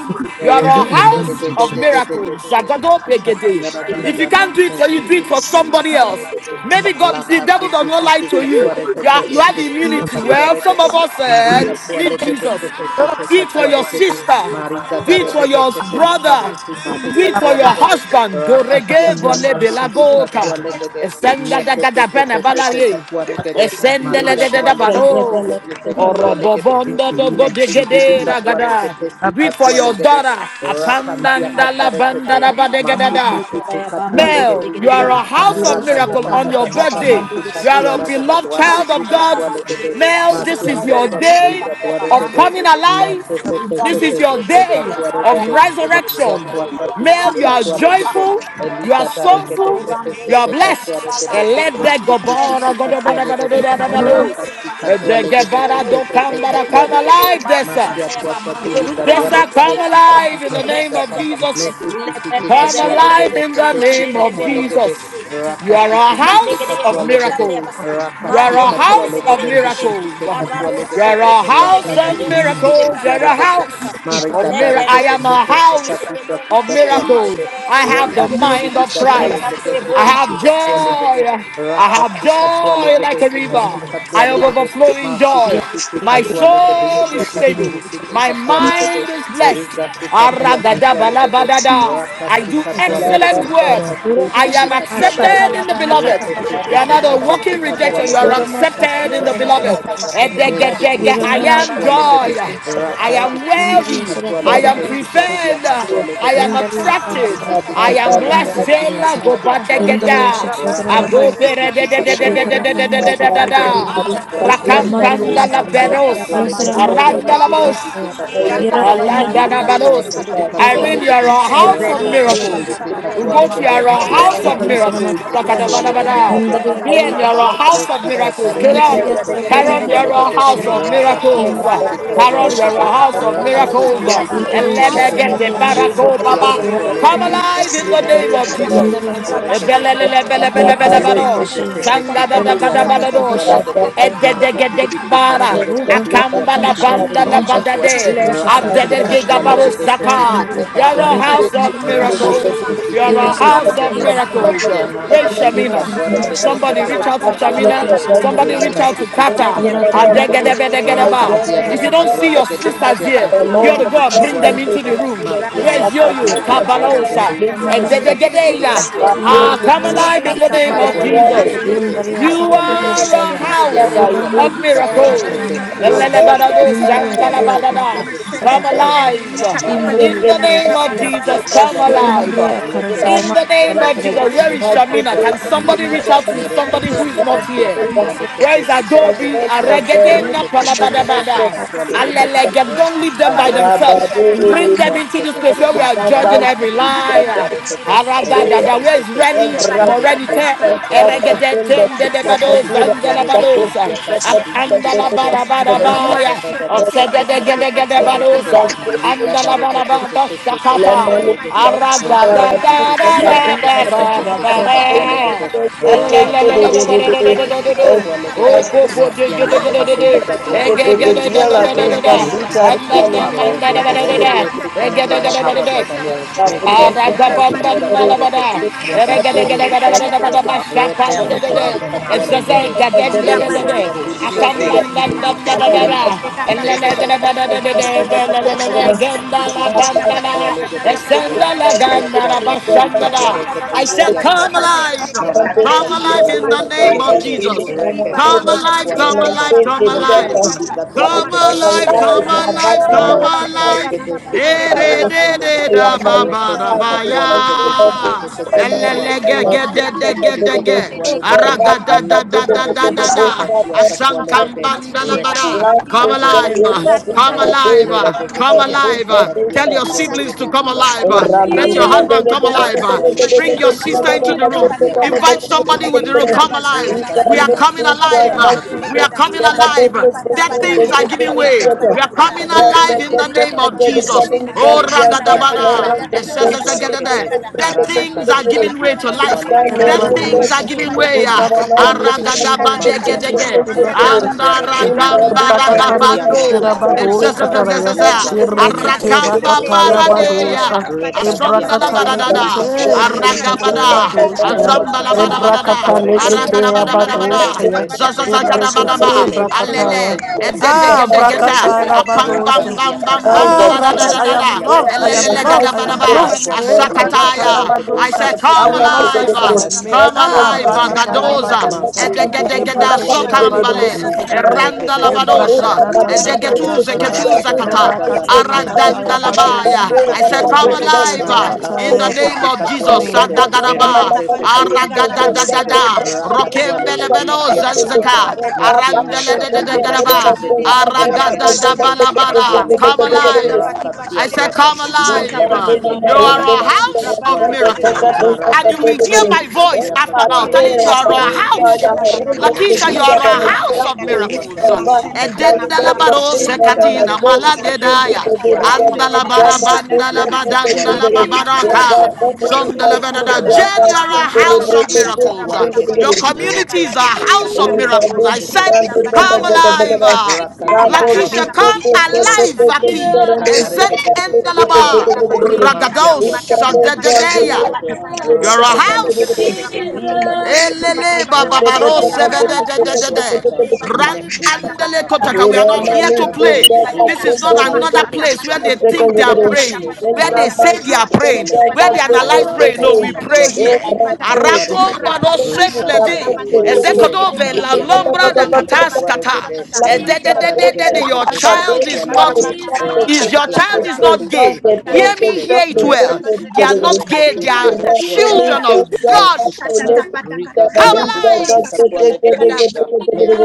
Speaker 1: You are
Speaker 2: Mere de
Speaker 1: a
Speaker 2: de de
Speaker 1: house
Speaker 2: de de
Speaker 1: of
Speaker 2: de de de de de
Speaker 1: miracles.
Speaker 2: de de
Speaker 1: Jagado
Speaker 2: kashi kashi
Speaker 1: Pegede.
Speaker 2: ra da da
Speaker 1: If you
Speaker 2: da
Speaker 1: can't do it
Speaker 2: me
Speaker 1: for
Speaker 2: tu
Speaker 1: you, do
Speaker 2: tu
Speaker 1: it
Speaker 2: tu
Speaker 1: for
Speaker 2: tu
Speaker 1: somebody else.
Speaker 2: katuare de de
Speaker 3: you.
Speaker 1: Maybe God,
Speaker 2: la
Speaker 1: the
Speaker 2: kasu
Speaker 1: devil does
Speaker 2: tu
Speaker 1: not
Speaker 2: tu
Speaker 1: lie
Speaker 2: tu
Speaker 1: to you.
Speaker 2: katuare ke
Speaker 1: You,
Speaker 2: te
Speaker 1: are, you
Speaker 2: se
Speaker 1: have
Speaker 2: te se te
Speaker 1: immunity. Well,
Speaker 2: katuare ke
Speaker 1: some
Speaker 2: de
Speaker 1: of us
Speaker 2: mari
Speaker 1: uh,
Speaker 2: katuare
Speaker 1: need
Speaker 2: ke de
Speaker 1: Jesus.
Speaker 2: se te se te
Speaker 1: Be it for your
Speaker 2: katuare ke de
Speaker 1: sister.
Speaker 2: mari
Speaker 1: Be it
Speaker 2: kadare
Speaker 1: for
Speaker 2: ke de
Speaker 1: your
Speaker 2: se te ni
Speaker 1: brother.
Speaker 2: kasu tu tu tu
Speaker 1: Be it for your
Speaker 2: katuare ke de
Speaker 1: husband.
Speaker 2: rakasi
Speaker 1: Dorege
Speaker 2: atwa
Speaker 1: vole
Speaker 2: sa ku si
Speaker 1: belagoka.
Speaker 2: katuare ke de
Speaker 1: Esenga
Speaker 2: ne
Speaker 1: da
Speaker 2: ke
Speaker 1: da
Speaker 2: te
Speaker 1: da
Speaker 2: se
Speaker 1: bene
Speaker 2: te se te
Speaker 1: valaye.
Speaker 2: katuare ke de mari
Speaker 1: Esendele de de da
Speaker 2: katuare ke de
Speaker 5: Rakos,
Speaker 2: se
Speaker 1: baro.
Speaker 2: te se te katuare ke de
Speaker 1: Orobobondo do go de
Speaker 2: Nekupuli
Speaker 1: gede ragada.
Speaker 2: katwarekete si
Speaker 1: Be it for your
Speaker 2: katwalegede.
Speaker 1: daughter.
Speaker 2: Rakasia
Speaker 1: Apandanda la banda
Speaker 2: katarekete.
Speaker 1: da ba de gada
Speaker 2: Masutu
Speaker 1: da.
Speaker 2: siti
Speaker 1: Mel, you
Speaker 2: katwalegeduza.
Speaker 1: are a house of
Speaker 2: Marata
Speaker 1: miracle
Speaker 2: tata
Speaker 1: on your
Speaker 2: tata tata
Speaker 1: birthday.
Speaker 2: tata
Speaker 1: You are
Speaker 2: kasia
Speaker 1: a beloved
Speaker 2: radagadwa
Speaker 1: child
Speaker 2: siti
Speaker 1: of God.
Speaker 2: katwalegede.
Speaker 1: Mel, this
Speaker 2: Masia
Speaker 1: is your
Speaker 2: twata
Speaker 1: day
Speaker 2: tuliga
Speaker 1: of
Speaker 2: dwaregede.
Speaker 1: coming alive.
Speaker 2: Nesete keshe
Speaker 1: This is your
Speaker 2: kesete
Speaker 1: day of
Speaker 2: katwaregede. Masia
Speaker 1: resurrection.
Speaker 2: twacha kusi
Speaker 1: Mel, you are
Speaker 2: katwaregede.
Speaker 1: joyful. You are
Speaker 2: Elika daregede
Speaker 1: soulful. You are
Speaker 2: sekesete
Speaker 1: blessed. And
Speaker 2: katwaregede.
Speaker 1: let that go
Speaker 2: Masutu siti
Speaker 1: bara godo bada bada
Speaker 2: katwalegede.
Speaker 1: bada bada
Speaker 2: Rakasi katwa legede teke sete
Speaker 1: come but I
Speaker 2: katwa
Speaker 1: come
Speaker 2: regede
Speaker 1: alive, Dessa.
Speaker 2: masia twa satuli katwa
Speaker 1: Dessa,
Speaker 2: regede
Speaker 1: come
Speaker 2: sita
Speaker 1: alive in
Speaker 2: kusa
Speaker 1: the name of
Speaker 2: kusata
Speaker 1: Jesus.
Speaker 2: mesu kusiti
Speaker 5: Lebrende
Speaker 1: Come
Speaker 2: katwa
Speaker 5: zebele
Speaker 1: alive
Speaker 5: kete,
Speaker 2: legede
Speaker 1: in the
Speaker 2: teke si
Speaker 5: urande
Speaker 1: name of
Speaker 2: katwa
Speaker 5: zebele kete
Speaker 1: Jesus.
Speaker 2: legede
Speaker 5: kete,
Speaker 1: You are
Speaker 2: rakasu
Speaker 1: a
Speaker 2: kusiti
Speaker 1: house of
Speaker 2: katwa legede
Speaker 1: miracles. You are
Speaker 2: rakasi
Speaker 1: a
Speaker 2: katwa
Speaker 1: house of
Speaker 2: legede teke
Speaker 1: miracles.
Speaker 2: site katwa
Speaker 1: You
Speaker 2: legede
Speaker 1: are a house
Speaker 2: rakasu
Speaker 1: of
Speaker 2: kusiti
Speaker 1: miracles. You
Speaker 2: katwa
Speaker 1: are a
Speaker 2: regede
Speaker 1: house of miracles. I
Speaker 2: Marikadarekete
Speaker 1: am a
Speaker 2: sheke sika kusha
Speaker 1: house of
Speaker 2: kusa
Speaker 1: miracles.
Speaker 2: tualegete
Speaker 1: I have
Speaker 2: reku
Speaker 1: the mind of
Speaker 2: tutulika
Speaker 1: Christ.
Speaker 2: tualegete
Speaker 1: I
Speaker 2: sheke
Speaker 5: Le
Speaker 1: have
Speaker 2: sika tualegete
Speaker 1: joy. I
Speaker 2: raka
Speaker 1: have
Speaker 2: sika
Speaker 1: joy
Speaker 2: tualegete
Speaker 1: like a
Speaker 2: sheke
Speaker 1: river.
Speaker 2: sika
Speaker 1: I have
Speaker 2: tualegete
Speaker 1: overflowing joy.
Speaker 2: masutu siti
Speaker 1: My
Speaker 2: katualegete
Speaker 1: soul is
Speaker 2: usia
Speaker 1: stable.
Speaker 2: kasutu siti
Speaker 1: My
Speaker 2: katualegete
Speaker 1: mind is blessed.
Speaker 2: Erigati kasia katwa legede.
Speaker 1: Aragadabalagadada. I
Speaker 2: Rakasi
Speaker 1: do
Speaker 6: Thank
Speaker 2: katwa
Speaker 1: excellent
Speaker 2: legedu
Speaker 1: works.
Speaker 2: shakasu
Speaker 1: I
Speaker 2: kusiti
Speaker 1: am
Speaker 7: Yorokoromare,
Speaker 2: katwa
Speaker 8: Mashata
Speaker 1: accepted
Speaker 2: legede.
Speaker 8: la
Speaker 1: in the
Speaker 8: bana
Speaker 1: beloved.
Speaker 8: kata
Speaker 2: Rekese
Speaker 8: pajete
Speaker 1: You are
Speaker 2: teke
Speaker 8: gana
Speaker 1: not
Speaker 8: la
Speaker 1: a
Speaker 8: pajete
Speaker 2: shekesi
Speaker 1: walking
Speaker 8: gana la
Speaker 2: katwa
Speaker 1: rejection. You are
Speaker 8: pajete
Speaker 2: legede.
Speaker 8: yana la pati
Speaker 1: accepted
Speaker 2: Shikasia
Speaker 1: in the
Speaker 2: da
Speaker 7: yoromorakarasarama
Speaker 8: pajete
Speaker 2: da
Speaker 1: beloved.
Speaker 2: da
Speaker 8: kata
Speaker 2: da da.
Speaker 8: pajete
Speaker 7: isotosheya,
Speaker 8: le kata
Speaker 1: Edegedege.
Speaker 2: Mesutu
Speaker 1: I
Speaker 2: siti
Speaker 1: am
Speaker 2: katwa
Speaker 8: rabana la
Speaker 2: legede.
Speaker 8: pajete
Speaker 1: joy.
Speaker 7: yoromokosoratasashe,
Speaker 8: gana la
Speaker 1: I am
Speaker 8: pajete
Speaker 2: Rakasutu
Speaker 8: pati
Speaker 2: siti
Speaker 1: worthy.
Speaker 8: yata
Speaker 2: katwa
Speaker 1: I
Speaker 8: makata
Speaker 1: am
Speaker 2: legede.
Speaker 8: pajete
Speaker 7: yimdariyosarakaramarasoda,
Speaker 8: pata
Speaker 2: Shikasia
Speaker 1: preferred.
Speaker 8: kata
Speaker 2: katwa
Speaker 1: I
Speaker 8: rabata
Speaker 1: am
Speaker 2: legede.
Speaker 8: pati kata la
Speaker 1: attractive.
Speaker 2: Masutu
Speaker 8: pajene
Speaker 7: yimdariyakaratarata
Speaker 2: siti
Speaker 8: kata
Speaker 1: I am
Speaker 2: katwa
Speaker 8: pajete
Speaker 7: ikarama
Speaker 1: blessed.
Speaker 8: bana
Speaker 2: legede.
Speaker 8: kata
Speaker 7: ikayasa,
Speaker 1: Tela go
Speaker 8: pajete
Speaker 2: Shikasia
Speaker 8: le kata
Speaker 2: katwa legede.
Speaker 1: badagada.
Speaker 8: rabana la
Speaker 1: Ago
Speaker 7: yimdariyoshikrataramareya,
Speaker 2: Rakasutu
Speaker 8: pajete
Speaker 1: pere de
Speaker 2: siti
Speaker 8: gana
Speaker 1: de
Speaker 8: la
Speaker 6: you.
Speaker 1: de de
Speaker 2: katwa
Speaker 1: de
Speaker 8: pajete
Speaker 1: de de
Speaker 8: pati
Speaker 6: Thank
Speaker 2: legedu
Speaker 1: de de de
Speaker 8: kata
Speaker 1: de
Speaker 8: la
Speaker 1: de
Speaker 2: shakasu
Speaker 8: bana
Speaker 1: de.
Speaker 7: yokorataramasatareya,
Speaker 8: pajete bana kata
Speaker 2: legede
Speaker 1: Rakam
Speaker 8: pajete le
Speaker 1: panda la
Speaker 8: kata
Speaker 7: yokoramareyasheya,
Speaker 2: rikasia
Speaker 8: manda
Speaker 1: beros.
Speaker 8: la
Speaker 2: katwa
Speaker 8: bali kata
Speaker 2: legede
Speaker 8: kata
Speaker 2: ushia
Speaker 1: Aranda la
Speaker 2: kasutu
Speaker 8: rabajete
Speaker 1: bos.
Speaker 2: siti
Speaker 7: rosaramakitaratarasheya,
Speaker 2: katwa
Speaker 8: Ribanna la
Speaker 2: legede
Speaker 8: bajede anda libani
Speaker 1: Alandanabados.
Speaker 7: yorotaramamareyasheya,
Speaker 2: rikaswata
Speaker 8: kata
Speaker 2: si
Speaker 8: pajede
Speaker 2: katwa
Speaker 1: Irene,
Speaker 8: kada
Speaker 1: you are
Speaker 2: legede
Speaker 1: a
Speaker 8: mashete
Speaker 1: house of
Speaker 7: yokoratamasaresheya, For
Speaker 8: panakata
Speaker 7: you have
Speaker 2: rakasutu
Speaker 1: miracles.
Speaker 8: pajede
Speaker 7: received
Speaker 2: siti
Speaker 7: the
Speaker 8: banakata
Speaker 2: katwa
Speaker 7: spirit of
Speaker 1: Ugochi, you
Speaker 8: pajede
Speaker 1: are
Speaker 2: legede
Speaker 7: adoption.
Speaker 1: a
Speaker 8: ganda la
Speaker 1: house of
Speaker 8: bajede
Speaker 2: rakasutu
Speaker 1: miracles.
Speaker 2: siti
Speaker 7: Yokorasaramatarasheya,
Speaker 2: katwa
Speaker 5: Lebu
Speaker 8: ribajene
Speaker 2: legede
Speaker 5: jambe
Speaker 8: kata
Speaker 5: ya
Speaker 1: Zakadabadabada.
Speaker 2: ushia
Speaker 8: pajete
Speaker 5: baba ya
Speaker 1: Ian, you
Speaker 5: baba
Speaker 8: patikata
Speaker 2: kasutusa
Speaker 1: are a house
Speaker 8: makata
Speaker 5: shikiti.
Speaker 1: of
Speaker 2: mesi
Speaker 8: pajete
Speaker 1: miracles.
Speaker 2: kataregede
Speaker 1: Kiran,
Speaker 8: patakata
Speaker 7: Imdaria
Speaker 5: Leke
Speaker 2: sheke
Speaker 5: deke
Speaker 2: si
Speaker 8: rabajana
Speaker 5: deke
Speaker 8: la
Speaker 1: Karen,
Speaker 7: Sarakurama
Speaker 1: you
Speaker 5: deke
Speaker 2: katwa
Speaker 1: are
Speaker 5: deke
Speaker 1: a
Speaker 8: barabadi
Speaker 2: legede
Speaker 5: deke deke
Speaker 1: house
Speaker 8: kada
Speaker 7: Satya,
Speaker 5: de.
Speaker 1: of
Speaker 8: rabajene
Speaker 5: E
Speaker 1: miracles.
Speaker 8: kata
Speaker 2: rakasutu
Speaker 7: Imdaria
Speaker 2: siti
Speaker 8: pajete le
Speaker 5: baladu
Speaker 8: kata
Speaker 2: katwa
Speaker 1: Karen, you are
Speaker 5: jupa
Speaker 1: a
Speaker 2: legede
Speaker 1: house of
Speaker 8: rabanna
Speaker 5: sande
Speaker 8: la
Speaker 5: bu
Speaker 7: Satya,
Speaker 1: miracles.
Speaker 2: rakasutu
Speaker 8: bajede
Speaker 5: sande ya
Speaker 8: kada
Speaker 2: siti
Speaker 5: baba.
Speaker 8: ama
Speaker 7: Imdaria
Speaker 2: katwa
Speaker 1: Elele
Speaker 8: house of
Speaker 1: get
Speaker 2: legede
Speaker 1: the
Speaker 7: Shakramarea
Speaker 5: Sande
Speaker 8: miracles
Speaker 7: Shaya,
Speaker 1: barako,
Speaker 5: jepe
Speaker 2: rikasia
Speaker 5: deke
Speaker 1: Baba.
Speaker 8: majene
Speaker 5: deke deke
Speaker 2: katwa
Speaker 8: anda la
Speaker 5: deke.
Speaker 1: Come
Speaker 2: legede
Speaker 8: bani
Speaker 7: Yurakramarea
Speaker 2: uza
Speaker 1: alive in
Speaker 8: majete
Speaker 7: Shaya,
Speaker 1: the name
Speaker 5: Kendo
Speaker 8: patia
Speaker 1: of
Speaker 2: mesutu
Speaker 5: jike
Speaker 8: kata
Speaker 5: deke
Speaker 6: you.
Speaker 1: Jesus.
Speaker 2: siti
Speaker 5: deke
Speaker 7: Imdaria
Speaker 5: deke
Speaker 2: katwa
Speaker 5: bu sande
Speaker 7: Sarashaya,
Speaker 8: rabanna
Speaker 2: legede
Speaker 5: ya
Speaker 8: la
Speaker 6: The
Speaker 5: baba
Speaker 1: Ebelelele,
Speaker 5: ya
Speaker 8: bajede
Speaker 1: bele,
Speaker 5: bu.
Speaker 8: kada la
Speaker 1: bele, bele,
Speaker 8: bajene kata
Speaker 2: Nekete
Speaker 1: bado.
Speaker 2: sete
Speaker 8: pajete
Speaker 7: Yurakarasaramashaya,
Speaker 1: Sanga da
Speaker 2: keshika
Speaker 8: patakata
Speaker 1: da da da
Speaker 2: siara
Speaker 8: mata
Speaker 1: ba
Speaker 2: daga
Speaker 1: da
Speaker 8: pajete
Speaker 2: katwa
Speaker 1: dosa.
Speaker 7: Yurakaramasadashi,
Speaker 2: legede
Speaker 8: panakata
Speaker 1: Ede de
Speaker 2: masu
Speaker 8: pajede
Speaker 1: ge de
Speaker 8: ganda
Speaker 2: kusiti
Speaker 8: la
Speaker 1: bara.
Speaker 7: the
Speaker 2: katwa
Speaker 8: bajede
Speaker 7: whole
Speaker 8: kada
Speaker 2: reketu shia
Speaker 8: pajede
Speaker 1: Akamba la
Speaker 8: kada
Speaker 2: kasu
Speaker 7: Rakarasamashaya, the
Speaker 1: banda la
Speaker 2: kusiti
Speaker 7: bones of
Speaker 1: banda
Speaker 2: katwa
Speaker 8: Bashete
Speaker 1: de.
Speaker 7: the
Speaker 5: Le
Speaker 7: which I
Speaker 5: baba
Speaker 7: keep the
Speaker 1: Ade
Speaker 2: rakasi
Speaker 1: de
Speaker 7: bones
Speaker 1: ge
Speaker 7: of
Speaker 8: panakata
Speaker 1: ga
Speaker 7: the
Speaker 2: katwa
Speaker 1: ba do
Speaker 7: righteous,
Speaker 2: legede
Speaker 7: not
Speaker 8: pajede
Speaker 7: one of
Speaker 2: sheke
Speaker 7: them
Speaker 8: gana
Speaker 1: saka.
Speaker 7: will
Speaker 8: la
Speaker 5: shikiti.
Speaker 2: sete
Speaker 7: be
Speaker 1: You're
Speaker 2: katwa
Speaker 7: broken.
Speaker 8: pajede
Speaker 1: a house
Speaker 2: regede
Speaker 1: of
Speaker 8: banakata
Speaker 5: Yam
Speaker 8: pajede
Speaker 1: miracles.
Speaker 2: rakasu
Speaker 7: Yukaramasadashi,
Speaker 8: gada.
Speaker 1: You're
Speaker 2: kusiti
Speaker 1: a
Speaker 5: digidididididid,
Speaker 2: katwa
Speaker 1: house
Speaker 5: Bushaya
Speaker 1: of
Speaker 8: Rabana
Speaker 2: regede
Speaker 8: la
Speaker 7: Yurosaramakira
Speaker 5: Bamadu,
Speaker 8: pajede
Speaker 7: Sara,
Speaker 1: miracles.
Speaker 8: gada.
Speaker 2: masiano
Speaker 1: Where's
Speaker 5: Shikididididid,
Speaker 2: satu
Speaker 8: Mashete
Speaker 1: Shamina?
Speaker 2: katwa
Speaker 8: panakata
Speaker 5: Mesu
Speaker 2: regede
Speaker 8: pajede
Speaker 1: Somebody
Speaker 7: Yurakaramasadashi,
Speaker 2: sheke
Speaker 1: reach
Speaker 2: si
Speaker 1: out to
Speaker 5: Bakata
Speaker 8: banakata
Speaker 2: katwa
Speaker 5: Baladu,
Speaker 8: pajede
Speaker 1: Shamina.
Speaker 2: regede
Speaker 8: banakata
Speaker 1: Somebody
Speaker 5: Shidididididid,
Speaker 1: reach
Speaker 2: Laka
Speaker 7: Yukarasaramasaya,
Speaker 8: pajede
Speaker 1: out to
Speaker 8: gada
Speaker 2: sutu
Speaker 8: la bana
Speaker 2: siti
Speaker 1: Kata.
Speaker 5: Reke, Reke,
Speaker 8: majede
Speaker 2: katwa
Speaker 5: Reke, Reke,
Speaker 1: Ade
Speaker 8: gana la
Speaker 7: Yurakaramati
Speaker 5: Reke,
Speaker 1: de
Speaker 2: legede.
Speaker 5: Reke,
Speaker 1: be de
Speaker 5: Reke,
Speaker 8: pajede
Speaker 1: ge de
Speaker 7: Karasara
Speaker 8: gana la
Speaker 2: Raka
Speaker 1: ba.
Speaker 8: gati
Speaker 2: siara
Speaker 1: If you
Speaker 8: yata.
Speaker 7: Karasarama.
Speaker 5: Ebele,
Speaker 2: daga
Speaker 1: don't
Speaker 2: dwa
Speaker 1: see
Speaker 5: Zuba,
Speaker 1: your
Speaker 2: legedu
Speaker 1: sisters
Speaker 8: Matapati
Speaker 5: Tata,
Speaker 2: ushia
Speaker 1: here,
Speaker 8: kata
Speaker 5: Bambi,
Speaker 8: la
Speaker 2: kasutu
Speaker 1: you
Speaker 6: Lord,
Speaker 5: Bo,
Speaker 1: ought
Speaker 7: Yora
Speaker 1: to
Speaker 8: bana
Speaker 2: siti
Speaker 5: Masu,
Speaker 1: go and bring
Speaker 8: majede
Speaker 2: katwa
Speaker 1: them
Speaker 7: Karamarya
Speaker 5: Shikidididid,
Speaker 6: and
Speaker 8: gana
Speaker 1: into
Speaker 8: la
Speaker 2: rekete.
Speaker 1: the room.
Speaker 8: pajede
Speaker 5: Ibrahim
Speaker 2: Masia
Speaker 8: gana
Speaker 5: Daya,
Speaker 1: Where's
Speaker 8: la
Speaker 2: nuasa
Speaker 5: Baba,
Speaker 1: Yo-Yo?
Speaker 7: Ishashya
Speaker 8: pajete
Speaker 2: tuli
Speaker 5: Baladu,
Speaker 8: pati
Speaker 2: katwa
Speaker 8: yata.
Speaker 1: Kabalaosa.
Speaker 2: regedu
Speaker 6: Thank
Speaker 2: ushia
Speaker 8: Makata
Speaker 5: Shididididid,
Speaker 1: Ede
Speaker 7: Yoramarya
Speaker 1: de
Speaker 6: you.
Speaker 1: ge
Speaker 2: kasutu
Speaker 8: pajete le
Speaker 1: de
Speaker 2: siti
Speaker 8: kata
Speaker 1: ya.
Speaker 2: katwa
Speaker 5: Shididididid,
Speaker 2: regede.
Speaker 1: Ah,
Speaker 7: Indarya
Speaker 1: come
Speaker 7: Saya
Speaker 1: alive
Speaker 2: Raka
Speaker 1: in
Speaker 8: Elele.
Speaker 1: the
Speaker 5: Kata,
Speaker 2: si
Speaker 1: name of
Speaker 2: katwa
Speaker 5: Baladu,
Speaker 7: Saramatiya
Speaker 1: Jesus.
Speaker 2: legede
Speaker 8: Ribana
Speaker 2: sheke
Speaker 5: Shididididid,
Speaker 8: majete
Speaker 2: si
Speaker 7: Imdarya
Speaker 8: kada
Speaker 1: You
Speaker 2: katwa
Speaker 1: are
Speaker 5: Ezi,
Speaker 2: legede.
Speaker 8: machete
Speaker 1: a
Speaker 8: te
Speaker 7: Sarakurashaya
Speaker 5: Kata,
Speaker 2: Masia
Speaker 1: house
Speaker 8: patiata
Speaker 2: nuasa
Speaker 1: of
Speaker 8: makata
Speaker 2: tuli
Speaker 7: Yoramarya
Speaker 2: katwa
Speaker 8: pajete
Speaker 1: miracles.
Speaker 2: rekete.
Speaker 7: Asarama
Speaker 8: banakata
Speaker 7: Isa
Speaker 5: Biligidididid,
Speaker 8: pajete
Speaker 2: Masutu
Speaker 8: le
Speaker 1: Elelebarado
Speaker 2: siti
Speaker 8: kata
Speaker 7: Imdarya
Speaker 2: katwa
Speaker 7: Taya
Speaker 8: patiata
Speaker 2: legede
Speaker 1: shandalabadada.
Speaker 2: sheke si
Speaker 8: machete
Speaker 1: Come
Speaker 8: te
Speaker 2: katwa
Speaker 8: te te
Speaker 7: Karakaramasatashaya
Speaker 8: te
Speaker 2: regede.
Speaker 1: alive
Speaker 8: li kata
Speaker 2: Marata
Speaker 1: in
Speaker 7: Imdarya
Speaker 8: pajete
Speaker 1: the
Speaker 8: kada
Speaker 1: name
Speaker 8: la
Speaker 1: of
Speaker 8: barra
Speaker 7: Turomurya
Speaker 2: Kasia
Speaker 1: Jesus.
Speaker 8: bana
Speaker 1: Come
Speaker 2: katua
Speaker 8: majete
Speaker 2: legede,
Speaker 1: alive
Speaker 8: gana la
Speaker 7: Yoramarya
Speaker 8: bajete
Speaker 1: in
Speaker 2: rekesi
Speaker 7: Karasarama
Speaker 1: the
Speaker 8: amati
Speaker 2: katua
Speaker 1: name of Jesus.
Speaker 2: legede,
Speaker 8: pajete
Speaker 7: Karasarajaya
Speaker 1: Where
Speaker 8: le
Speaker 1: is
Speaker 2: shekesi
Speaker 8: kata
Speaker 1: Shamina?
Speaker 2: katua
Speaker 1: Can somebody
Speaker 7: Imdarya
Speaker 2: reketuza,
Speaker 8: riba
Speaker 1: reach out to
Speaker 8: jene
Speaker 1: somebody
Speaker 2: merekete
Speaker 8: kata
Speaker 1: who
Speaker 7: Shreya
Speaker 1: is not
Speaker 8: mandi
Speaker 2: shikasia
Speaker 1: here?
Speaker 8: ganda
Speaker 2: katua
Speaker 8: la
Speaker 7: Imdarya
Speaker 1: Where
Speaker 2: lekete
Speaker 1: is
Speaker 8: bajete ate
Speaker 2: shikasia
Speaker 1: Adobe?
Speaker 8: pajete
Speaker 2: katua,
Speaker 8: kata
Speaker 7: Shreya
Speaker 1: Aregedena
Speaker 2: rekete
Speaker 7: Imdarya Karasarama
Speaker 2: shekese te
Speaker 8: Shatata
Speaker 1: palabadabada.
Speaker 2: katua
Speaker 8: patakata
Speaker 2: legede,
Speaker 6: Thank you.
Speaker 1: Alelegem.
Speaker 8: pajede
Speaker 1: Don't leave
Speaker 8: gana
Speaker 1: them
Speaker 2: rakatua
Speaker 8: la
Speaker 1: by
Speaker 2: lekete
Speaker 1: themselves.
Speaker 8: pajede gada.
Speaker 2: shikesi
Speaker 1: Bring
Speaker 6: Rabadeen,
Speaker 1: them
Speaker 2: katua
Speaker 1: into this
Speaker 2: legede,
Speaker 1: place
Speaker 8: Machete
Speaker 1: where we are
Speaker 2: masia
Speaker 8: panata
Speaker 1: judging
Speaker 2: nuasa
Speaker 1: every
Speaker 8: pajede
Speaker 2: tuli
Speaker 8: gana la
Speaker 2: katua
Speaker 1: liar.
Speaker 8: pajede
Speaker 2: regede,
Speaker 8: patakata.
Speaker 1: Haragadada.
Speaker 2: eregede
Speaker 1: Where is
Speaker 2: shekesi
Speaker 8: Machete
Speaker 1: Reni?
Speaker 8: te
Speaker 2: katua
Speaker 8: patakata
Speaker 2: legede,
Speaker 1: Morenite.
Speaker 2: usia
Speaker 8: rabata
Speaker 2: tua
Speaker 8: pati
Speaker 2: sata,
Speaker 8: pajede gana
Speaker 2: masutu
Speaker 8: la
Speaker 1: Eregedetendedebado
Speaker 2: siti
Speaker 8: pajede
Speaker 2: katua
Speaker 8: panakata
Speaker 2: regede,
Speaker 1: zangalabadosa.
Speaker 8: pajede
Speaker 2: usia kasutu
Speaker 8: paniata
Speaker 2: siti
Speaker 8: pajete de
Speaker 2: katua,
Speaker 8: kata.
Speaker 2: Marada da
Speaker 1: Akandalabadabadabaya.
Speaker 2: da da
Speaker 8: Machete
Speaker 2: da
Speaker 8: te
Speaker 2: sheke sete
Speaker 8: patata
Speaker 2: katua
Speaker 8: patakata
Speaker 2: regede.
Speaker 1: Oxegedegedegedebalosa.
Speaker 8: rabata
Speaker 2: Liga
Speaker 8: pajede
Speaker 2: da
Speaker 8: gana la
Speaker 2: regede sheke
Speaker 8: pajede.
Speaker 2: sete katua
Speaker 1: Andalabadabadosakata.
Speaker 8: Machete
Speaker 2: legede.
Speaker 8: patiata pata
Speaker 2: Masutu
Speaker 1: Arabada,
Speaker 8: patakata.
Speaker 2: sete katua legede
Speaker 8: rabada badi
Speaker 2: sheke
Speaker 8: kata
Speaker 2: sete
Speaker 8: la
Speaker 2: katua
Speaker 8: pajede kata
Speaker 2: legede.
Speaker 8: pajede kata.
Speaker 2: Rakatua
Speaker 8: Machene
Speaker 2: legede
Speaker 8: kata
Speaker 2: sheke sete
Speaker 8: pajede
Speaker 6: Thank
Speaker 2: katua
Speaker 8: gana la
Speaker 2: legede.
Speaker 8: padiata.
Speaker 2: Masiano
Speaker 8: Machete
Speaker 2: asatu
Speaker 8: te
Speaker 2: liga dua
Speaker 8: patia kata
Speaker 2: regede
Speaker 9: You
Speaker 2: uza.
Speaker 8: pajede
Speaker 9: should
Speaker 8: ganda la
Speaker 2: Reku
Speaker 9: be.
Speaker 8: pajede
Speaker 2: si
Speaker 8: kata
Speaker 2: katua
Speaker 9: Oh,
Speaker 8: machete
Speaker 9: Father,
Speaker 8: te
Speaker 9: we
Speaker 2: legede.
Speaker 8: pata
Speaker 9: bless
Speaker 8: kata
Speaker 9: you.
Speaker 2: Regede
Speaker 8: rabata
Speaker 2: shika
Speaker 9: I
Speaker 8: pata
Speaker 9: am a
Speaker 8: pata
Speaker 2: siara da
Speaker 8: kata
Speaker 2: da
Speaker 9: house
Speaker 2: da
Speaker 9: of
Speaker 2: da
Speaker 8: mata
Speaker 2: da.
Speaker 8: pachete
Speaker 9: miracle.
Speaker 8: te
Speaker 2: Mesia tua
Speaker 9: I
Speaker 2: satu
Speaker 1: Aragabamba
Speaker 8: rabati
Speaker 2: liga dua
Speaker 8: pajede
Speaker 2: regede
Speaker 1: malabada.
Speaker 8: ganda la
Speaker 9: am
Speaker 2: ushia
Speaker 9: the head
Speaker 8: pajete
Speaker 2: kasutu
Speaker 8: te
Speaker 9: and
Speaker 2: sete
Speaker 9: not
Speaker 8: patia
Speaker 9: the
Speaker 8: ta
Speaker 1: Eregedegedegedegedegede
Speaker 2: katua.
Speaker 9: tail. I
Speaker 8: makata
Speaker 9: am
Speaker 1: mashapandedede.
Speaker 8: pajete
Speaker 9: above
Speaker 2: Rekeshekesi
Speaker 8: te
Speaker 9: and
Speaker 8: te
Speaker 9: not
Speaker 2: katwa
Speaker 8: te
Speaker 1: Ezeze
Speaker 9: beneath.
Speaker 2: legede
Speaker 6: Thank you.
Speaker 2: Masia
Speaker 9: Every
Speaker 2: twa
Speaker 8: Rabana
Speaker 1: gedendegedede.
Speaker 9: day
Speaker 6: I
Speaker 9: will
Speaker 6: am
Speaker 2: satuli
Speaker 8: mazede
Speaker 9: shake
Speaker 8: ganda
Speaker 2: katwa
Speaker 8: la
Speaker 9: day through
Speaker 8: bazede
Speaker 9: day
Speaker 2: regeduta.
Speaker 9: to
Speaker 8: amati
Speaker 9: day.
Speaker 1: Akambandandandadadada.
Speaker 9: day.
Speaker 8: pazede
Speaker 2: Nesete
Speaker 8: ganda la
Speaker 9: They will be
Speaker 8: bazede
Speaker 2: keshekesete
Speaker 8: panakata
Speaker 1: Elelegedegedegede.
Speaker 2: katwa
Speaker 8: rabata
Speaker 2: legede
Speaker 8: pazede
Speaker 1: Belelelele
Speaker 8: kada masete
Speaker 2: Rakatutusite
Speaker 8: pata
Speaker 1: gendalabandala.
Speaker 2: katwa
Speaker 8: pata kata
Speaker 2: legede
Speaker 8: rabata pata rabati
Speaker 2: satuli
Speaker 8: pazede ganda
Speaker 2: satuli
Speaker 8: la
Speaker 1: Esendalagandarabashandada.
Speaker 2: katwa
Speaker 8: bazede ganda la
Speaker 1: I
Speaker 2: regedu.
Speaker 9: more
Speaker 1: said,
Speaker 2: Sia
Speaker 8: barabati
Speaker 2: twa
Speaker 1: come
Speaker 8: ata
Speaker 2: sata.
Speaker 1: alive.
Speaker 8: te
Speaker 9: than I have
Speaker 8: pata
Speaker 2: Marata
Speaker 1: Come
Speaker 8: kata
Speaker 9: issued
Speaker 2: kashia
Speaker 1: alive in
Speaker 9: through
Speaker 2: rada
Speaker 1: the
Speaker 9: the
Speaker 2: katwa
Speaker 9: day
Speaker 1: name
Speaker 8: masete
Speaker 9: to
Speaker 1: of
Speaker 2: Rekeshekesikatua
Speaker 8: te
Speaker 9: They
Speaker 8: te
Speaker 9: will
Speaker 8: te
Speaker 2: Masiatua
Speaker 1: Jesus.
Speaker 2: Satuligatwaregedota,
Speaker 9: show.
Speaker 8: libana
Speaker 1: Come
Speaker 2: Nesetekeshekesekatua rakatutusitekatswalegede rakasiatwasatuligatwaregedusiatwasata
Speaker 1: alive,
Speaker 9: We
Speaker 8: mazede
Speaker 9: are
Speaker 1: come
Speaker 9: blessed
Speaker 8: ganda
Speaker 2: legede.
Speaker 1: alive,
Speaker 8: la
Speaker 1: come
Speaker 8: bazede
Speaker 1: alive.
Speaker 8: te
Speaker 9: because
Speaker 2: Nikatuli
Speaker 8: kata
Speaker 2: katwa
Speaker 1: Come
Speaker 8: masete
Speaker 1: alive,
Speaker 2: reketusia
Speaker 8: te
Speaker 2: twa
Speaker 1: come
Speaker 8: pata
Speaker 2: sata.
Speaker 8: kata
Speaker 1: alive, come
Speaker 8: rabata pazede
Speaker 2: Nikatare
Speaker 1: alive.
Speaker 8: ganda la
Speaker 2: gede
Speaker 8: bazede
Speaker 2: shikasia
Speaker 8: ganda la
Speaker 2: katwa
Speaker 8: bada bada
Speaker 2: legede.
Speaker 1: Ere-de-de-da, ba-ba-da-ba-ya. de de da,
Speaker 6: my
Speaker 1: ba,
Speaker 8: mazene
Speaker 1: ba,
Speaker 8: kata
Speaker 1: da,
Speaker 2: Rekesi
Speaker 1: ba,
Speaker 8: pazede
Speaker 2: katwa
Speaker 8: pata
Speaker 2: legede
Speaker 8: kata
Speaker 2: sete
Speaker 1: ya.
Speaker 8: rabata
Speaker 2: sekete
Speaker 8: bada
Speaker 1: Ele,
Speaker 8: Gada,
Speaker 2: katwa.
Speaker 1: le, ge
Speaker 6: mind,
Speaker 1: ge,
Speaker 2: Masu
Speaker 1: de de,
Speaker 8: Alata
Speaker 2: tusi
Speaker 1: ge de,
Speaker 2: kiti
Speaker 6: the
Speaker 8: pajete
Speaker 1: ge.
Speaker 2: katwa
Speaker 8: tete
Speaker 2: legede.
Speaker 1: Araga
Speaker 6: Lantos,
Speaker 8: patakata,
Speaker 1: da
Speaker 2: Nikatare
Speaker 8: mashata
Speaker 2: gede
Speaker 8: pata
Speaker 1: Ara-ga-da-da-da-da-da-da.
Speaker 2: shikasia
Speaker 8: patakata,
Speaker 2: katwa
Speaker 8: rabana
Speaker 2: legede.
Speaker 8: majede gana
Speaker 1: Ashankambandalabada.
Speaker 2: Rekusi
Speaker 1: Come
Speaker 8: matiata,
Speaker 2: katwa
Speaker 1: alive,
Speaker 2: legedu
Speaker 8: rata
Speaker 1: come
Speaker 2: sataya.
Speaker 8: pajede gana
Speaker 1: alive,
Speaker 8: la
Speaker 2: Merede gede
Speaker 1: come
Speaker 8: pajede,
Speaker 2: kete
Speaker 1: alive.
Speaker 8: mashete
Speaker 2: shikasia
Speaker 1: Tell
Speaker 8: te
Speaker 1: your
Speaker 2: katwa
Speaker 1: siblings to
Speaker 8: patakata,
Speaker 1: come
Speaker 2: legeduza.
Speaker 8: rabada
Speaker 1: alive.
Speaker 6: Thank
Speaker 8: pajede
Speaker 1: Let your
Speaker 2: Nekete
Speaker 8: kata
Speaker 1: husband
Speaker 2: shete
Speaker 8: pajede
Speaker 1: come
Speaker 7: Imdarya
Speaker 8: kata,
Speaker 2: sete katwa
Speaker 1: alive. Bring
Speaker 2: legede.
Speaker 8: mashene
Speaker 1: your
Speaker 8: kata
Speaker 1: sister into the
Speaker 8: pajete
Speaker 7: Jesus,
Speaker 1: room.
Speaker 2: Rakatusia twa
Speaker 8: patikata,
Speaker 1: Invite
Speaker 2: sata
Speaker 1: somebody with the room.
Speaker 2: legeduza.
Speaker 1: Come alive.
Speaker 8: Rabazana
Speaker 1: We
Speaker 2: Rekasi
Speaker 1: are
Speaker 7: Jesus,
Speaker 8: labadiata.
Speaker 1: coming
Speaker 2: kasia
Speaker 1: alive.
Speaker 2: katwa
Speaker 8: Rabazede
Speaker 1: We
Speaker 2: legeduza.
Speaker 1: are
Speaker 8: gada.
Speaker 1: coming
Speaker 8: Machete
Speaker 1: alive.
Speaker 8: pata
Speaker 1: Dead
Speaker 8: pata
Speaker 2: Oh,
Speaker 1: things are
Speaker 8: kata.
Speaker 1: giving way.
Speaker 8: Rabata
Speaker 1: We
Speaker 8: bata
Speaker 1: are
Speaker 8: gada.
Speaker 1: coming
Speaker 2: Sika
Speaker 1: alive in
Speaker 2: Tuaregete,
Speaker 1: the
Speaker 8: Majene
Speaker 1: name
Speaker 2: Sita
Speaker 8: kata
Speaker 1: of
Speaker 2: Pusa
Speaker 8: pachete
Speaker 1: Jesus.
Speaker 8: le kata.
Speaker 2: Tualegede,
Speaker 1: Oh,
Speaker 8: Manda la
Speaker 2: Masia
Speaker 8: bari
Speaker 2: Tuasha
Speaker 8: bata
Speaker 1: ragadabara.
Speaker 8: gada.
Speaker 2: Pusika
Speaker 8: Rabazede bata
Speaker 2: Tuaregete,
Speaker 8: gada.
Speaker 1: Dead
Speaker 2: Marata
Speaker 1: things
Speaker 8: Majete
Speaker 1: are
Speaker 2: Kashe
Speaker 8: pana
Speaker 1: giving way
Speaker 2: Kasia
Speaker 8: kata
Speaker 1: to life.
Speaker 8: pachete kata.
Speaker 2: Katualegede,
Speaker 1: Dead
Speaker 8: Mata
Speaker 1: things
Speaker 10: Rabadus,
Speaker 1: are
Speaker 8: pachete
Speaker 2: rekete
Speaker 1: giving
Speaker 8: pata
Speaker 2: Sheke
Speaker 1: way.
Speaker 8: kata.
Speaker 1: ah.
Speaker 2: Sika
Speaker 10: Ibrahim,
Speaker 2: Tualegete,
Speaker 8: Ribazene
Speaker 1: Aragadaba
Speaker 8: kata
Speaker 2: Masia
Speaker 8: pachete te.
Speaker 1: degedege.
Speaker 2: Tuasha
Speaker 8: Makata
Speaker 2: Pusika
Speaker 8: pachete
Speaker 3: Ah.
Speaker 8: te. Mati
Speaker 2: Tuaregetuza,
Speaker 1: Andaragamba
Speaker 8: pachete gada la
Speaker 2: Masia
Speaker 1: ragapando.
Speaker 10: Brakatanikitera
Speaker 2: Noxa
Speaker 8: barabadi gada.
Speaker 2: Tuliga
Speaker 10: badosh
Speaker 8: Majene
Speaker 10: kataraya.
Speaker 8: kata
Speaker 3: I'm
Speaker 1: Ezezezezezezer.
Speaker 2: Tuaregetuza,
Speaker 8: pachete le kata.
Speaker 2: Nekete
Speaker 10: Irreketera
Speaker 1: Arakamba
Speaker 2: Sheke
Speaker 8: Ele le
Speaker 10: kataya
Speaker 8: le
Speaker 6: you.
Speaker 2: Sekatua,
Speaker 1: baradeya.
Speaker 10: badosha.
Speaker 8: makata patita
Speaker 2: Rekasia
Speaker 1: Asondala
Speaker 6: Thank
Speaker 2: Tuasha
Speaker 8: pachete te
Speaker 10: Ebrakatanikite
Speaker 1: badadada.
Speaker 2: Tuliga
Speaker 8: patiata.
Speaker 2: Tuaregete,
Speaker 8: Makata
Speaker 10: irreketera
Speaker 8: pachete
Speaker 1: Aragabada.
Speaker 8: gada.
Speaker 10: badosh
Speaker 2: Rakasia
Speaker 10: kaya.
Speaker 2: tua
Speaker 8: Rabana
Speaker 1: Azambala
Speaker 8: majene
Speaker 2: shakusi
Speaker 8: gada.
Speaker 1: badabadada.
Speaker 2: katua regede,
Speaker 8: Majete
Speaker 10: Ebrakatanikitera
Speaker 1: Aragadabada
Speaker 8: pata
Speaker 2: malika
Speaker 8: pata
Speaker 2: da
Speaker 10: badosh
Speaker 8: kata
Speaker 1: badabada.
Speaker 10: kaya.
Speaker 2: regede
Speaker 8: rabata pati
Speaker 2: shekesi
Speaker 1: Zazazagada
Speaker 8: kata
Speaker 2: katua
Speaker 1: badaba.
Speaker 10: Irrekete
Speaker 8: rabajene
Speaker 2: legede,
Speaker 8: kata
Speaker 10: brakataya.
Speaker 1: Alele.
Speaker 8: pashete ya
Speaker 2: rakosutu siti
Speaker 8: mata
Speaker 10: Ah,
Speaker 2: katua
Speaker 8: pashete
Speaker 1: Ededegedegeta.
Speaker 8: pata
Speaker 2: legede,
Speaker 10: brakatara
Speaker 8: kata
Speaker 1: Apam
Speaker 8: rabata
Speaker 1: bam
Speaker 10: badoshka.
Speaker 2: rakasia
Speaker 1: bam
Speaker 8: pati kata
Speaker 1: bam
Speaker 2: katua
Speaker 1: bam
Speaker 10: Ah,
Speaker 8: majene
Speaker 2: lekete
Speaker 10: raka,
Speaker 8: kata
Speaker 10: I am
Speaker 8: pashete
Speaker 2: shikasia
Speaker 1: baradadadadada.
Speaker 10: loved.
Speaker 8: kata
Speaker 10: I
Speaker 2: katua
Speaker 10: am
Speaker 2: legede,
Speaker 10: loved. I
Speaker 8: rabajana
Speaker 10: am
Speaker 1: Elelelegadabadaba.
Speaker 2: masia
Speaker 10: loved.
Speaker 8: labana
Speaker 2: tua
Speaker 10: Eh,
Speaker 8: makata
Speaker 2: satulika tua
Speaker 10: brakatara
Speaker 1: Asakataya. I
Speaker 10: badosha.
Speaker 2: regeduza,
Speaker 1: said,
Speaker 10: I
Speaker 1: come
Speaker 10: will
Speaker 8: shata
Speaker 10: not
Speaker 2: rekese
Speaker 10: search
Speaker 8: pata
Speaker 10: for
Speaker 1: alive.
Speaker 8: kata
Speaker 10: my
Speaker 2: teka
Speaker 10: mate.
Speaker 8: rabana
Speaker 1: Come
Speaker 2: shikasia
Speaker 10: Ah,
Speaker 8: majene
Speaker 1: alive,
Speaker 2: katua
Speaker 8: kanda
Speaker 10: brakataya
Speaker 8: labali
Speaker 2: lekete,
Speaker 1: Gadoza.
Speaker 8: bada
Speaker 10: badosha.
Speaker 2: masutu
Speaker 10: They
Speaker 2: siti
Speaker 8: majete
Speaker 1: Edegedegeda
Speaker 10: break it
Speaker 8: pati
Speaker 2: katua
Speaker 10: in
Speaker 8: pajede
Speaker 10: about
Speaker 2: regede,
Speaker 8: kata
Speaker 1: sokambale.
Speaker 8: labana
Speaker 10: those
Speaker 2: nikata
Speaker 8: majede
Speaker 1: Eranda
Speaker 2: regede
Speaker 8: kata
Speaker 2: shikasia
Speaker 1: labadosa.
Speaker 8: majete
Speaker 2: katua
Speaker 8: pana kata
Speaker 2: legede,
Speaker 7: Jesus,
Speaker 1: Edegetuze
Speaker 8: pajede
Speaker 10: Ebrakatatatatatatata.
Speaker 8: bada
Speaker 2: marada
Speaker 1: ketuza
Speaker 2: da da da
Speaker 1: kata.
Speaker 2: da
Speaker 3: not
Speaker 2: da
Speaker 8: Rabajene kata
Speaker 6: you.
Speaker 2: mesete
Speaker 8: pashete
Speaker 10: Erakatanakataya
Speaker 1: Aradanda
Speaker 3: a monster.
Speaker 8: patakata.
Speaker 2: keşeke
Speaker 1: labaya.
Speaker 10: badosa.
Speaker 8: Mata
Speaker 1: I
Speaker 2: sikatwa
Speaker 1: said,
Speaker 8: pajete
Speaker 1: come
Speaker 2: legede,
Speaker 10: Ebrekete
Speaker 8: patakata.
Speaker 1: alive
Speaker 8: Ribadi
Speaker 2: marakasu
Speaker 1: in the
Speaker 2: tu
Speaker 10: brakataya.
Speaker 8: bajene
Speaker 1: name
Speaker 8: kata
Speaker 2: siti
Speaker 1: of
Speaker 2: katwa
Speaker 8: pachete
Speaker 1: Jesus.
Speaker 8: le
Speaker 10: Hmm.
Speaker 2: legede,
Speaker 8: kata.
Speaker 1: Sadagadaba.
Speaker 8: Mata
Speaker 2: eregede seke
Speaker 8: pajete gana
Speaker 2: sikatwa
Speaker 8: la
Speaker 2: legede,
Speaker 8: badibada.
Speaker 1: Aragadadadada.
Speaker 8: Rabajene
Speaker 2: rakatwa
Speaker 8: kata
Speaker 1: Rokembele
Speaker 8: pachete
Speaker 2: leketu
Speaker 8: le kata.
Speaker 1: beloza
Speaker 2: siyatwa
Speaker 8: Mata
Speaker 2: sata,
Speaker 1: nzaka.
Speaker 8: pata patikata.
Speaker 2: mesiyano
Speaker 1: Arandele
Speaker 2: satu
Speaker 8: Rabana
Speaker 2: likatwa
Speaker 1: dedegadaba.
Speaker 2: legede,
Speaker 8: majene gana la
Speaker 2: eregede
Speaker 8: baliba
Speaker 2: seke
Speaker 8: tapajene
Speaker 2: sikatwa
Speaker 8: gada.
Speaker 1: Aragadadabalabada. Come
Speaker 6: Thank
Speaker 2: legede,
Speaker 8: Majene kata
Speaker 6: you.
Speaker 1: alive.
Speaker 8: pati
Speaker 1: I
Speaker 8: pashete
Speaker 2: rakasiyatwa
Speaker 1: said,
Speaker 8: kata.
Speaker 1: Come
Speaker 2: satu
Speaker 8: Mata
Speaker 2: likatwa
Speaker 1: alive.
Speaker 6: Ipanena
Speaker 2: legede,
Speaker 8: pashete
Speaker 1: You
Speaker 8: pata
Speaker 1: are
Speaker 6: marundo
Speaker 1: a
Speaker 8: patakata.
Speaker 2: likasi
Speaker 6: kumbe
Speaker 1: house
Speaker 2: katwa
Speaker 1: of
Speaker 8: Rabana
Speaker 6: vasata
Speaker 2: legede,
Speaker 8: majene
Speaker 1: miracles.
Speaker 8: gana
Speaker 6: vekatosha
Speaker 1: And you
Speaker 8: bajene.
Speaker 1: will hear
Speaker 2: Maratatata
Speaker 6: katodoro.
Speaker 1: my voice
Speaker 2: Sikasia
Speaker 1: after
Speaker 2: Katua
Speaker 1: now telling
Speaker 8: Hele
Speaker 1: you, you
Speaker 2: Legede,
Speaker 6: Empatera
Speaker 8: kata
Speaker 1: are a
Speaker 8: pazete
Speaker 1: house.
Speaker 8: kata
Speaker 2: Rekusi
Speaker 8: la pana
Speaker 2: Katua
Speaker 8: manzete
Speaker 1: Lakisha, you
Speaker 2: Legede,
Speaker 8: kata
Speaker 1: are
Speaker 8: la
Speaker 1: a
Speaker 8: pati
Speaker 1: house
Speaker 8: pazete
Speaker 1: of
Speaker 2: Rakasia
Speaker 8: kata
Speaker 2: Tua
Speaker 1: miracles.
Speaker 2: Shakusi
Speaker 8: masete
Speaker 2: Katua
Speaker 8: pana kata
Speaker 2: Legede,
Speaker 1: Edendelabaro
Speaker 8: pazete kana la
Speaker 2: Eligada
Speaker 1: sekatina
Speaker 8: bali
Speaker 2: Regede,
Speaker 8: bada
Speaker 2: Chekesi
Speaker 1: maladedaya.
Speaker 8: mazene
Speaker 2: Katua
Speaker 8: kata
Speaker 2: Regede,
Speaker 8: pazete le
Speaker 1: Andalabara
Speaker 8: bani bada
Speaker 2: Mansutu
Speaker 8: gada
Speaker 2: Siti Katua
Speaker 8: la
Speaker 1: bandalabadandala
Speaker 8: ta
Speaker 2: Legede,
Speaker 8: pazete
Speaker 1: babaraka.
Speaker 2: Sikasia
Speaker 8: kata
Speaker 2: Katua
Speaker 3: Thank you.
Speaker 8: masete
Speaker 2: Legede,
Speaker 8: te
Speaker 1: Zondalabadada.
Speaker 8: pata
Speaker 1: Jen,
Speaker 8: kata
Speaker 1: you
Speaker 2: Rakasia
Speaker 1: are a
Speaker 8: rabana
Speaker 2: Tua
Speaker 1: house of
Speaker 8: mazete
Speaker 2: Satuli
Speaker 8: kata
Speaker 1: miracles.
Speaker 2: Katua
Speaker 8: rabata
Speaker 2: Regede,
Speaker 1: Your
Speaker 8: pazete
Speaker 1: community
Speaker 8: pana
Speaker 1: is a
Speaker 2: Rekesete
Speaker 1: house of
Speaker 2: katua
Speaker 8: kata
Speaker 6: Thank
Speaker 1: miracles.
Speaker 2: lekete
Speaker 1: I
Speaker 8: masete
Speaker 1: said,
Speaker 8: pata
Speaker 2: sekesete
Speaker 8: pata
Speaker 1: come
Speaker 2: katua
Speaker 8: kata
Speaker 2: rekete
Speaker 1: alive.
Speaker 8: masete
Speaker 2: rakasia
Speaker 8: pana
Speaker 2: tua
Speaker 1: Lakisha,
Speaker 8: kata
Speaker 2: satudi
Speaker 1: come
Speaker 8: pazete te
Speaker 2: katua
Speaker 1: alive,
Speaker 8: pata
Speaker 2: rekete
Speaker 1: Vaki.
Speaker 8: kata
Speaker 2: nikata
Speaker 1: Ezet
Speaker 2: rekete sete katua
Speaker 1: endalaba.
Speaker 2: lekete masia
Speaker 1: Ragados.
Speaker 2: tua shakusi katua
Speaker 1: Sadededeya.
Speaker 2: lekete
Speaker 1: You're a
Speaker 2: rakata
Speaker 1: house.
Speaker 2: lekete sekesete katua lekete
Speaker 1: Elele bababaro
Speaker 2: rakata lekete isia tua
Speaker 1: sevededededede.
Speaker 2: sata
Speaker 1: Rand
Speaker 2: nekuta
Speaker 1: andele
Speaker 2: kata
Speaker 1: kotaka. We are not here to
Speaker 2: Marika
Speaker 1: play.
Speaker 2: Dwalekete,
Speaker 1: This
Speaker 2: Shia
Speaker 1: is not another
Speaker 2: Katwalekete,
Speaker 1: place where they
Speaker 2: Sheketekete,
Speaker 1: think they are praying,
Speaker 2: Katwalekete,
Speaker 1: where they say they
Speaker 2: Rakasia
Speaker 1: are praying, where
Speaker 2: Katwalekete,
Speaker 1: they analyze praying. No, we
Speaker 2: Rakasia
Speaker 1: pray here.
Speaker 2: Twasakusi
Speaker 6: you.
Speaker 2: Katwaregede,
Speaker 1: Arakomba no
Speaker 8: Rabashata la
Speaker 2: Rikasia
Speaker 1: seflede.
Speaker 8: banamanika
Speaker 2: Katwalegede,
Speaker 8: tapazede
Speaker 1: Edekodove
Speaker 8: kata
Speaker 1: la
Speaker 2: Masia
Speaker 8: mnajete
Speaker 1: lombra
Speaker 2: Nosa
Speaker 1: da
Speaker 2: Fili
Speaker 8: pazete pata pata
Speaker 1: kataskata.
Speaker 2: Katwaregede,
Speaker 8: kata
Speaker 2: Eliga Daregede,
Speaker 1: Ededededede.
Speaker 8: Bazete
Speaker 1: Your
Speaker 2: Shekesi
Speaker 8: pajete
Speaker 1: child
Speaker 8: le
Speaker 1: is not
Speaker 2: Katwalegede,
Speaker 8: barabana manika
Speaker 1: is your
Speaker 2: Rasia
Speaker 8: tala
Speaker 1: child is
Speaker 2: Tuasa
Speaker 8: baraba
Speaker 1: not
Speaker 2: Kosi
Speaker 1: gay.
Speaker 8: jede
Speaker 2: Katwa
Speaker 8: gana
Speaker 1: Hear me,
Speaker 2: Legede,
Speaker 1: hear it
Speaker 8: la
Speaker 1: well.
Speaker 2: Rekosi
Speaker 1: They
Speaker 8: bazete
Speaker 1: are
Speaker 2: Katwa
Speaker 1: not gay.
Speaker 8: pajete
Speaker 1: They
Speaker 8: le
Speaker 1: are
Speaker 2: Reketusia
Speaker 8: banika
Speaker 2: Katwa
Speaker 8: tapa jede
Speaker 1: children
Speaker 8: gana
Speaker 1: of
Speaker 2: Dasata,
Speaker 1: God.
Speaker 8: mashata
Speaker 2: Mesikata,
Speaker 8: tapa taka tara
Speaker 1: Come
Speaker 2: Rigasia
Speaker 8: tapa jede
Speaker 1: alive.
Speaker 2: Tupiti
Speaker 8: kata pa
Speaker 2: Katwa
Speaker 9: we
Speaker 2: Legedoza,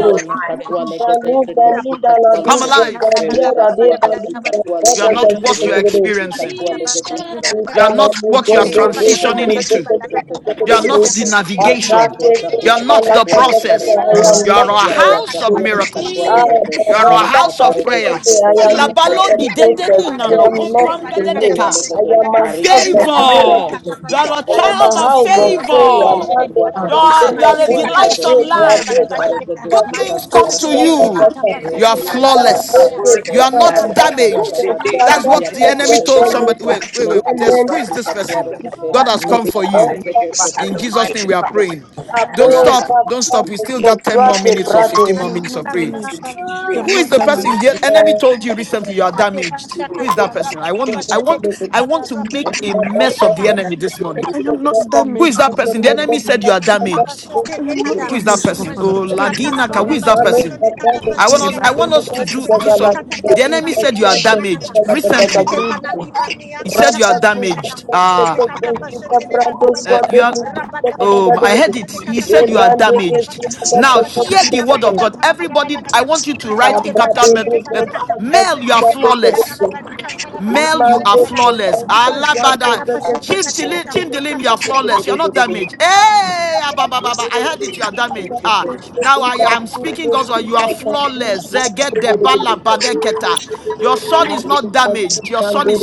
Speaker 9: are alive
Speaker 2: Katwa Legede,
Speaker 6: Balu,
Speaker 2: Shekesi
Speaker 6: Salinda,
Speaker 2: Katwa
Speaker 1: Come
Speaker 6: Ladu,
Speaker 2: Legede,
Speaker 1: alive.
Speaker 6: Sakalia, Rade,
Speaker 2: Rigaswata
Speaker 6: Balu,
Speaker 2: Sikatwa
Speaker 1: You are
Speaker 6: Sakada,
Speaker 2: Legede,
Speaker 1: not what you are
Speaker 6: Kashmir,
Speaker 2: Rekosi
Speaker 1: experiencing.
Speaker 2: Katwa Legedoza,
Speaker 6: I'm not
Speaker 1: You are
Speaker 8: kata
Speaker 1: not
Speaker 6: taking
Speaker 1: what
Speaker 6: up
Speaker 1: you are
Speaker 8: mashete
Speaker 2: Ore te
Speaker 8: pana
Speaker 2: te
Speaker 8: kata
Speaker 2: te
Speaker 1: transitioning
Speaker 2: te
Speaker 8: pati
Speaker 1: into.
Speaker 8: pata kata la
Speaker 1: You are
Speaker 2: katua
Speaker 8: baraba
Speaker 1: not
Speaker 8: da
Speaker 1: the
Speaker 2: lekete.
Speaker 8: bajede la
Speaker 2: Masia
Speaker 1: navigation.
Speaker 2: tua
Speaker 1: You
Speaker 8: bazete
Speaker 1: are
Speaker 6: a
Speaker 2: shakusi
Speaker 1: not
Speaker 6: lot
Speaker 1: the
Speaker 2: katua
Speaker 8: paliata
Speaker 6: of
Speaker 8: pajede
Speaker 2: lekete.
Speaker 6: secretary.
Speaker 1: process.
Speaker 6: I
Speaker 8: bana
Speaker 6: am
Speaker 8: kata
Speaker 1: You are
Speaker 6: not
Speaker 1: a
Speaker 8: pajede
Speaker 2: Rakasia
Speaker 6: my
Speaker 2: tua
Speaker 1: house
Speaker 8: kata
Speaker 1: of
Speaker 8: pati
Speaker 2: shakusi
Speaker 6: experience.
Speaker 2: katua
Speaker 1: miracles.
Speaker 6: Ah, I
Speaker 8: pajete
Speaker 2: regete.
Speaker 1: You
Speaker 6: am
Speaker 1: are a
Speaker 6: not the
Speaker 1: house
Speaker 2: Nikata
Speaker 1: of
Speaker 6: process.
Speaker 2: regete
Speaker 1: prayer.
Speaker 2: shete si katua
Speaker 1: Elabalo di
Speaker 6: I
Speaker 1: dede
Speaker 2: regeduza.
Speaker 1: ni na no
Speaker 6: am
Speaker 8: Katapa
Speaker 2: Mesu tu
Speaker 6: not
Speaker 8: jete
Speaker 2: si
Speaker 1: kompam
Speaker 2: te
Speaker 8: pana
Speaker 1: bede
Speaker 6: delayed.
Speaker 2: katua
Speaker 8: katapa
Speaker 1: deka.
Speaker 6: I
Speaker 8: jete
Speaker 2: legete.
Speaker 8: pana
Speaker 6: am a
Speaker 8: kata
Speaker 2: Ariga
Speaker 6: house
Speaker 8: la
Speaker 2: tua
Speaker 6: of
Speaker 8: tapa
Speaker 2: regete
Speaker 8: ni
Speaker 1: favor.
Speaker 6: miracles.
Speaker 2: shete
Speaker 8: katapa
Speaker 1: You
Speaker 2: si
Speaker 1: are
Speaker 8: jete
Speaker 1: a
Speaker 6: I
Speaker 2: katua
Speaker 8: pana
Speaker 6: am a
Speaker 1: child
Speaker 2: rekete.
Speaker 1: of
Speaker 8: katapa
Speaker 6: house
Speaker 8: jete
Speaker 6: of
Speaker 8: pana
Speaker 6: prayer.
Speaker 2: rakatua
Speaker 8: katapa
Speaker 2: la
Speaker 1: favor.
Speaker 8: jete pana
Speaker 2: katwa
Speaker 6: Mandate
Speaker 8: kata
Speaker 1: You
Speaker 6: to do
Speaker 1: are,
Speaker 2: sakusi
Speaker 1: you
Speaker 6: la
Speaker 1: are a
Speaker 8: mashini
Speaker 2: katwa
Speaker 6: push, I
Speaker 8: katapa
Speaker 2: regede
Speaker 1: delightsome
Speaker 8: jete ni
Speaker 6: sundela
Speaker 8: bara
Speaker 6: kusha
Speaker 8: bati
Speaker 1: land.
Speaker 8: pa
Speaker 2: mikata
Speaker 8: jete kata
Speaker 2: regede
Speaker 1: Good
Speaker 6: kudra
Speaker 8: mati
Speaker 1: things
Speaker 8: pa
Speaker 2: shikasi
Speaker 1: come
Speaker 6: desa
Speaker 1: to
Speaker 2: arada
Speaker 8: jete
Speaker 2: da
Speaker 8: le
Speaker 2: da
Speaker 9: My
Speaker 1: you.
Speaker 2: da
Speaker 6: desa
Speaker 8: katapa
Speaker 9: hands
Speaker 1: You
Speaker 8: jete
Speaker 9: are
Speaker 1: are
Speaker 2: rekese
Speaker 8: gana
Speaker 9: blessed.
Speaker 2: se
Speaker 8: la pa
Speaker 6: Soate
Speaker 9: My
Speaker 2: katwa
Speaker 8: jete
Speaker 1: flawless.
Speaker 8: ya
Speaker 9: words
Speaker 1: You
Speaker 2: rekete
Speaker 1: are
Speaker 9: are
Speaker 8: le
Speaker 1: not
Speaker 9: blessed.
Speaker 2: mara da
Speaker 8: katapa
Speaker 2: da da
Speaker 9: Oh,
Speaker 8: jete
Speaker 2: da
Speaker 1: damaged.
Speaker 9: the
Speaker 2: da
Speaker 9: day my
Speaker 8: mati
Speaker 1: That's
Speaker 8: pa
Speaker 1: what
Speaker 2: shikasi
Speaker 9: ministry
Speaker 1: the
Speaker 9: is
Speaker 2: katwa
Speaker 1: enemy
Speaker 9: blessed.
Speaker 1: told
Speaker 2: regede
Speaker 1: somebody.
Speaker 8: mani
Speaker 2: uza
Speaker 1: Wait,
Speaker 9: My
Speaker 1: wait,
Speaker 9: house
Speaker 1: wait.
Speaker 9: is
Speaker 1: Just who
Speaker 2: mezukusi
Speaker 9: blessed.
Speaker 1: is
Speaker 2: se
Speaker 1: this
Speaker 9: My
Speaker 2: katwa
Speaker 1: person?
Speaker 9: husband is
Speaker 2: rekete
Speaker 1: God
Speaker 9: blessed.
Speaker 1: has come for
Speaker 9: Father,
Speaker 2: nikata
Speaker 1: you.
Speaker 9: I thank
Speaker 2: regede
Speaker 9: you. I
Speaker 2: se
Speaker 9: have
Speaker 1: In
Speaker 9: the
Speaker 2: katwa
Speaker 1: Jesus'
Speaker 9: mind
Speaker 1: name, we
Speaker 9: of
Speaker 1: are
Speaker 2: regede
Speaker 9: Christ.
Speaker 1: praying.
Speaker 2: uza
Speaker 9: I have
Speaker 1: Don't
Speaker 9: the
Speaker 1: stop. Don't stop. We still
Speaker 2: rakasukusi
Speaker 1: got 10 more minutes
Speaker 9: wisdom of
Speaker 1: or
Speaker 9: you.
Speaker 6: prate.
Speaker 1: 15
Speaker 10: I
Speaker 1: more
Speaker 10: am
Speaker 1: minutes of
Speaker 10: not
Speaker 8: kata
Speaker 9: The
Speaker 1: praying.
Speaker 8: la pa
Speaker 10: damaged.
Speaker 9: the-
Speaker 10: I
Speaker 8: liba
Speaker 10: am
Speaker 1: Who
Speaker 8: da
Speaker 1: is
Speaker 10: not
Speaker 1: the
Speaker 9: the- the-
Speaker 1: person
Speaker 10: damaged.
Speaker 1: the
Speaker 9: what I
Speaker 1: enemy
Speaker 9: need.
Speaker 1: told you recently you are
Speaker 9: I thank
Speaker 1: damaged?
Speaker 9: you,
Speaker 1: Who is
Speaker 9: Lord.
Speaker 1: that person? I
Speaker 8: rabata
Speaker 1: want
Speaker 8: pa
Speaker 1: to I want I
Speaker 8: kada
Speaker 1: want to make
Speaker 8: rabana
Speaker 1: a
Speaker 8: mazene
Speaker 1: mess of
Speaker 8: kata
Speaker 1: the enemy this morning.
Speaker 10: I am not
Speaker 1: Who is
Speaker 10: damaged.
Speaker 1: that
Speaker 10: in the
Speaker 1: person? The
Speaker 10: name of
Speaker 1: enemy said you
Speaker 10: Jesus.
Speaker 1: are
Speaker 8: Nakata
Speaker 1: damaged.
Speaker 10: I
Speaker 8: basete
Speaker 10: am not
Speaker 8: lekata,
Speaker 1: Who is that
Speaker 10: damaged.
Speaker 1: person?
Speaker 10: The
Speaker 1: Oh
Speaker 8: mazene
Speaker 10: children are
Speaker 8: kata
Speaker 10: not
Speaker 8: la
Speaker 1: Laginaka, who is
Speaker 8: baraba
Speaker 1: that
Speaker 10: damaged.
Speaker 8: di
Speaker 1: person?
Speaker 8: kata
Speaker 1: I
Speaker 10: I
Speaker 1: want
Speaker 10: am
Speaker 8: pazede
Speaker 1: us I
Speaker 10: not
Speaker 8: kada,
Speaker 1: want us to do
Speaker 10: damaged.
Speaker 1: do
Speaker 8: masete
Speaker 1: some
Speaker 8: lekata
Speaker 1: the
Speaker 8: pati
Speaker 1: enemy said
Speaker 8: pasete
Speaker 1: you are
Speaker 8: banakata,
Speaker 1: damaged
Speaker 6: Thank
Speaker 1: recently.
Speaker 8: mazete
Speaker 6: you.
Speaker 8: panali bania
Speaker 6: Thank
Speaker 1: He said
Speaker 8: kata
Speaker 1: you are
Speaker 8: pazede kada,
Speaker 1: damaged. Ah.
Speaker 8: mazene kata pasete bani bada,
Speaker 1: Uh, you are.
Speaker 8: rabada badi
Speaker 1: Um,
Speaker 8: kada,
Speaker 1: I heard
Speaker 8: mazene
Speaker 1: it. He
Speaker 8: kata
Speaker 1: said you are
Speaker 8: pazete pata,
Speaker 1: damaged.
Speaker 8: rabada pasete
Speaker 1: Now
Speaker 8: pata,
Speaker 1: hear the
Speaker 8: rabada
Speaker 1: word
Speaker 8: madi
Speaker 1: of God.
Speaker 8: la baraba
Speaker 1: Everybody, I
Speaker 8: kada,
Speaker 1: want you to write
Speaker 8: mazete
Speaker 1: in capital
Speaker 8: pasete
Speaker 1: met- let-
Speaker 8: banakata,
Speaker 1: Mel, you are
Speaker 8: masete te
Speaker 1: flawless.
Speaker 8: la bani kata la
Speaker 1: Male,
Speaker 8: baraba
Speaker 1: you
Speaker 8: zede
Speaker 1: are
Speaker 8: kada,
Speaker 1: flawless.
Speaker 8: riba zede
Speaker 1: Alabada.
Speaker 8: kata pasete pata
Speaker 1: Chindilim,
Speaker 8: kata, mata
Speaker 1: Chindilim, you are flawless. You are
Speaker 8: pasete
Speaker 1: not damaged. Hey, abababa, I heard it.
Speaker 9: Oh,
Speaker 1: You are damaged.
Speaker 9: thank
Speaker 1: Ah,
Speaker 9: you.
Speaker 1: now I am speaking God's word. You are flawless. Get the
Speaker 3: Thank
Speaker 1: balabadeketa. Your son is not damaged. Your son is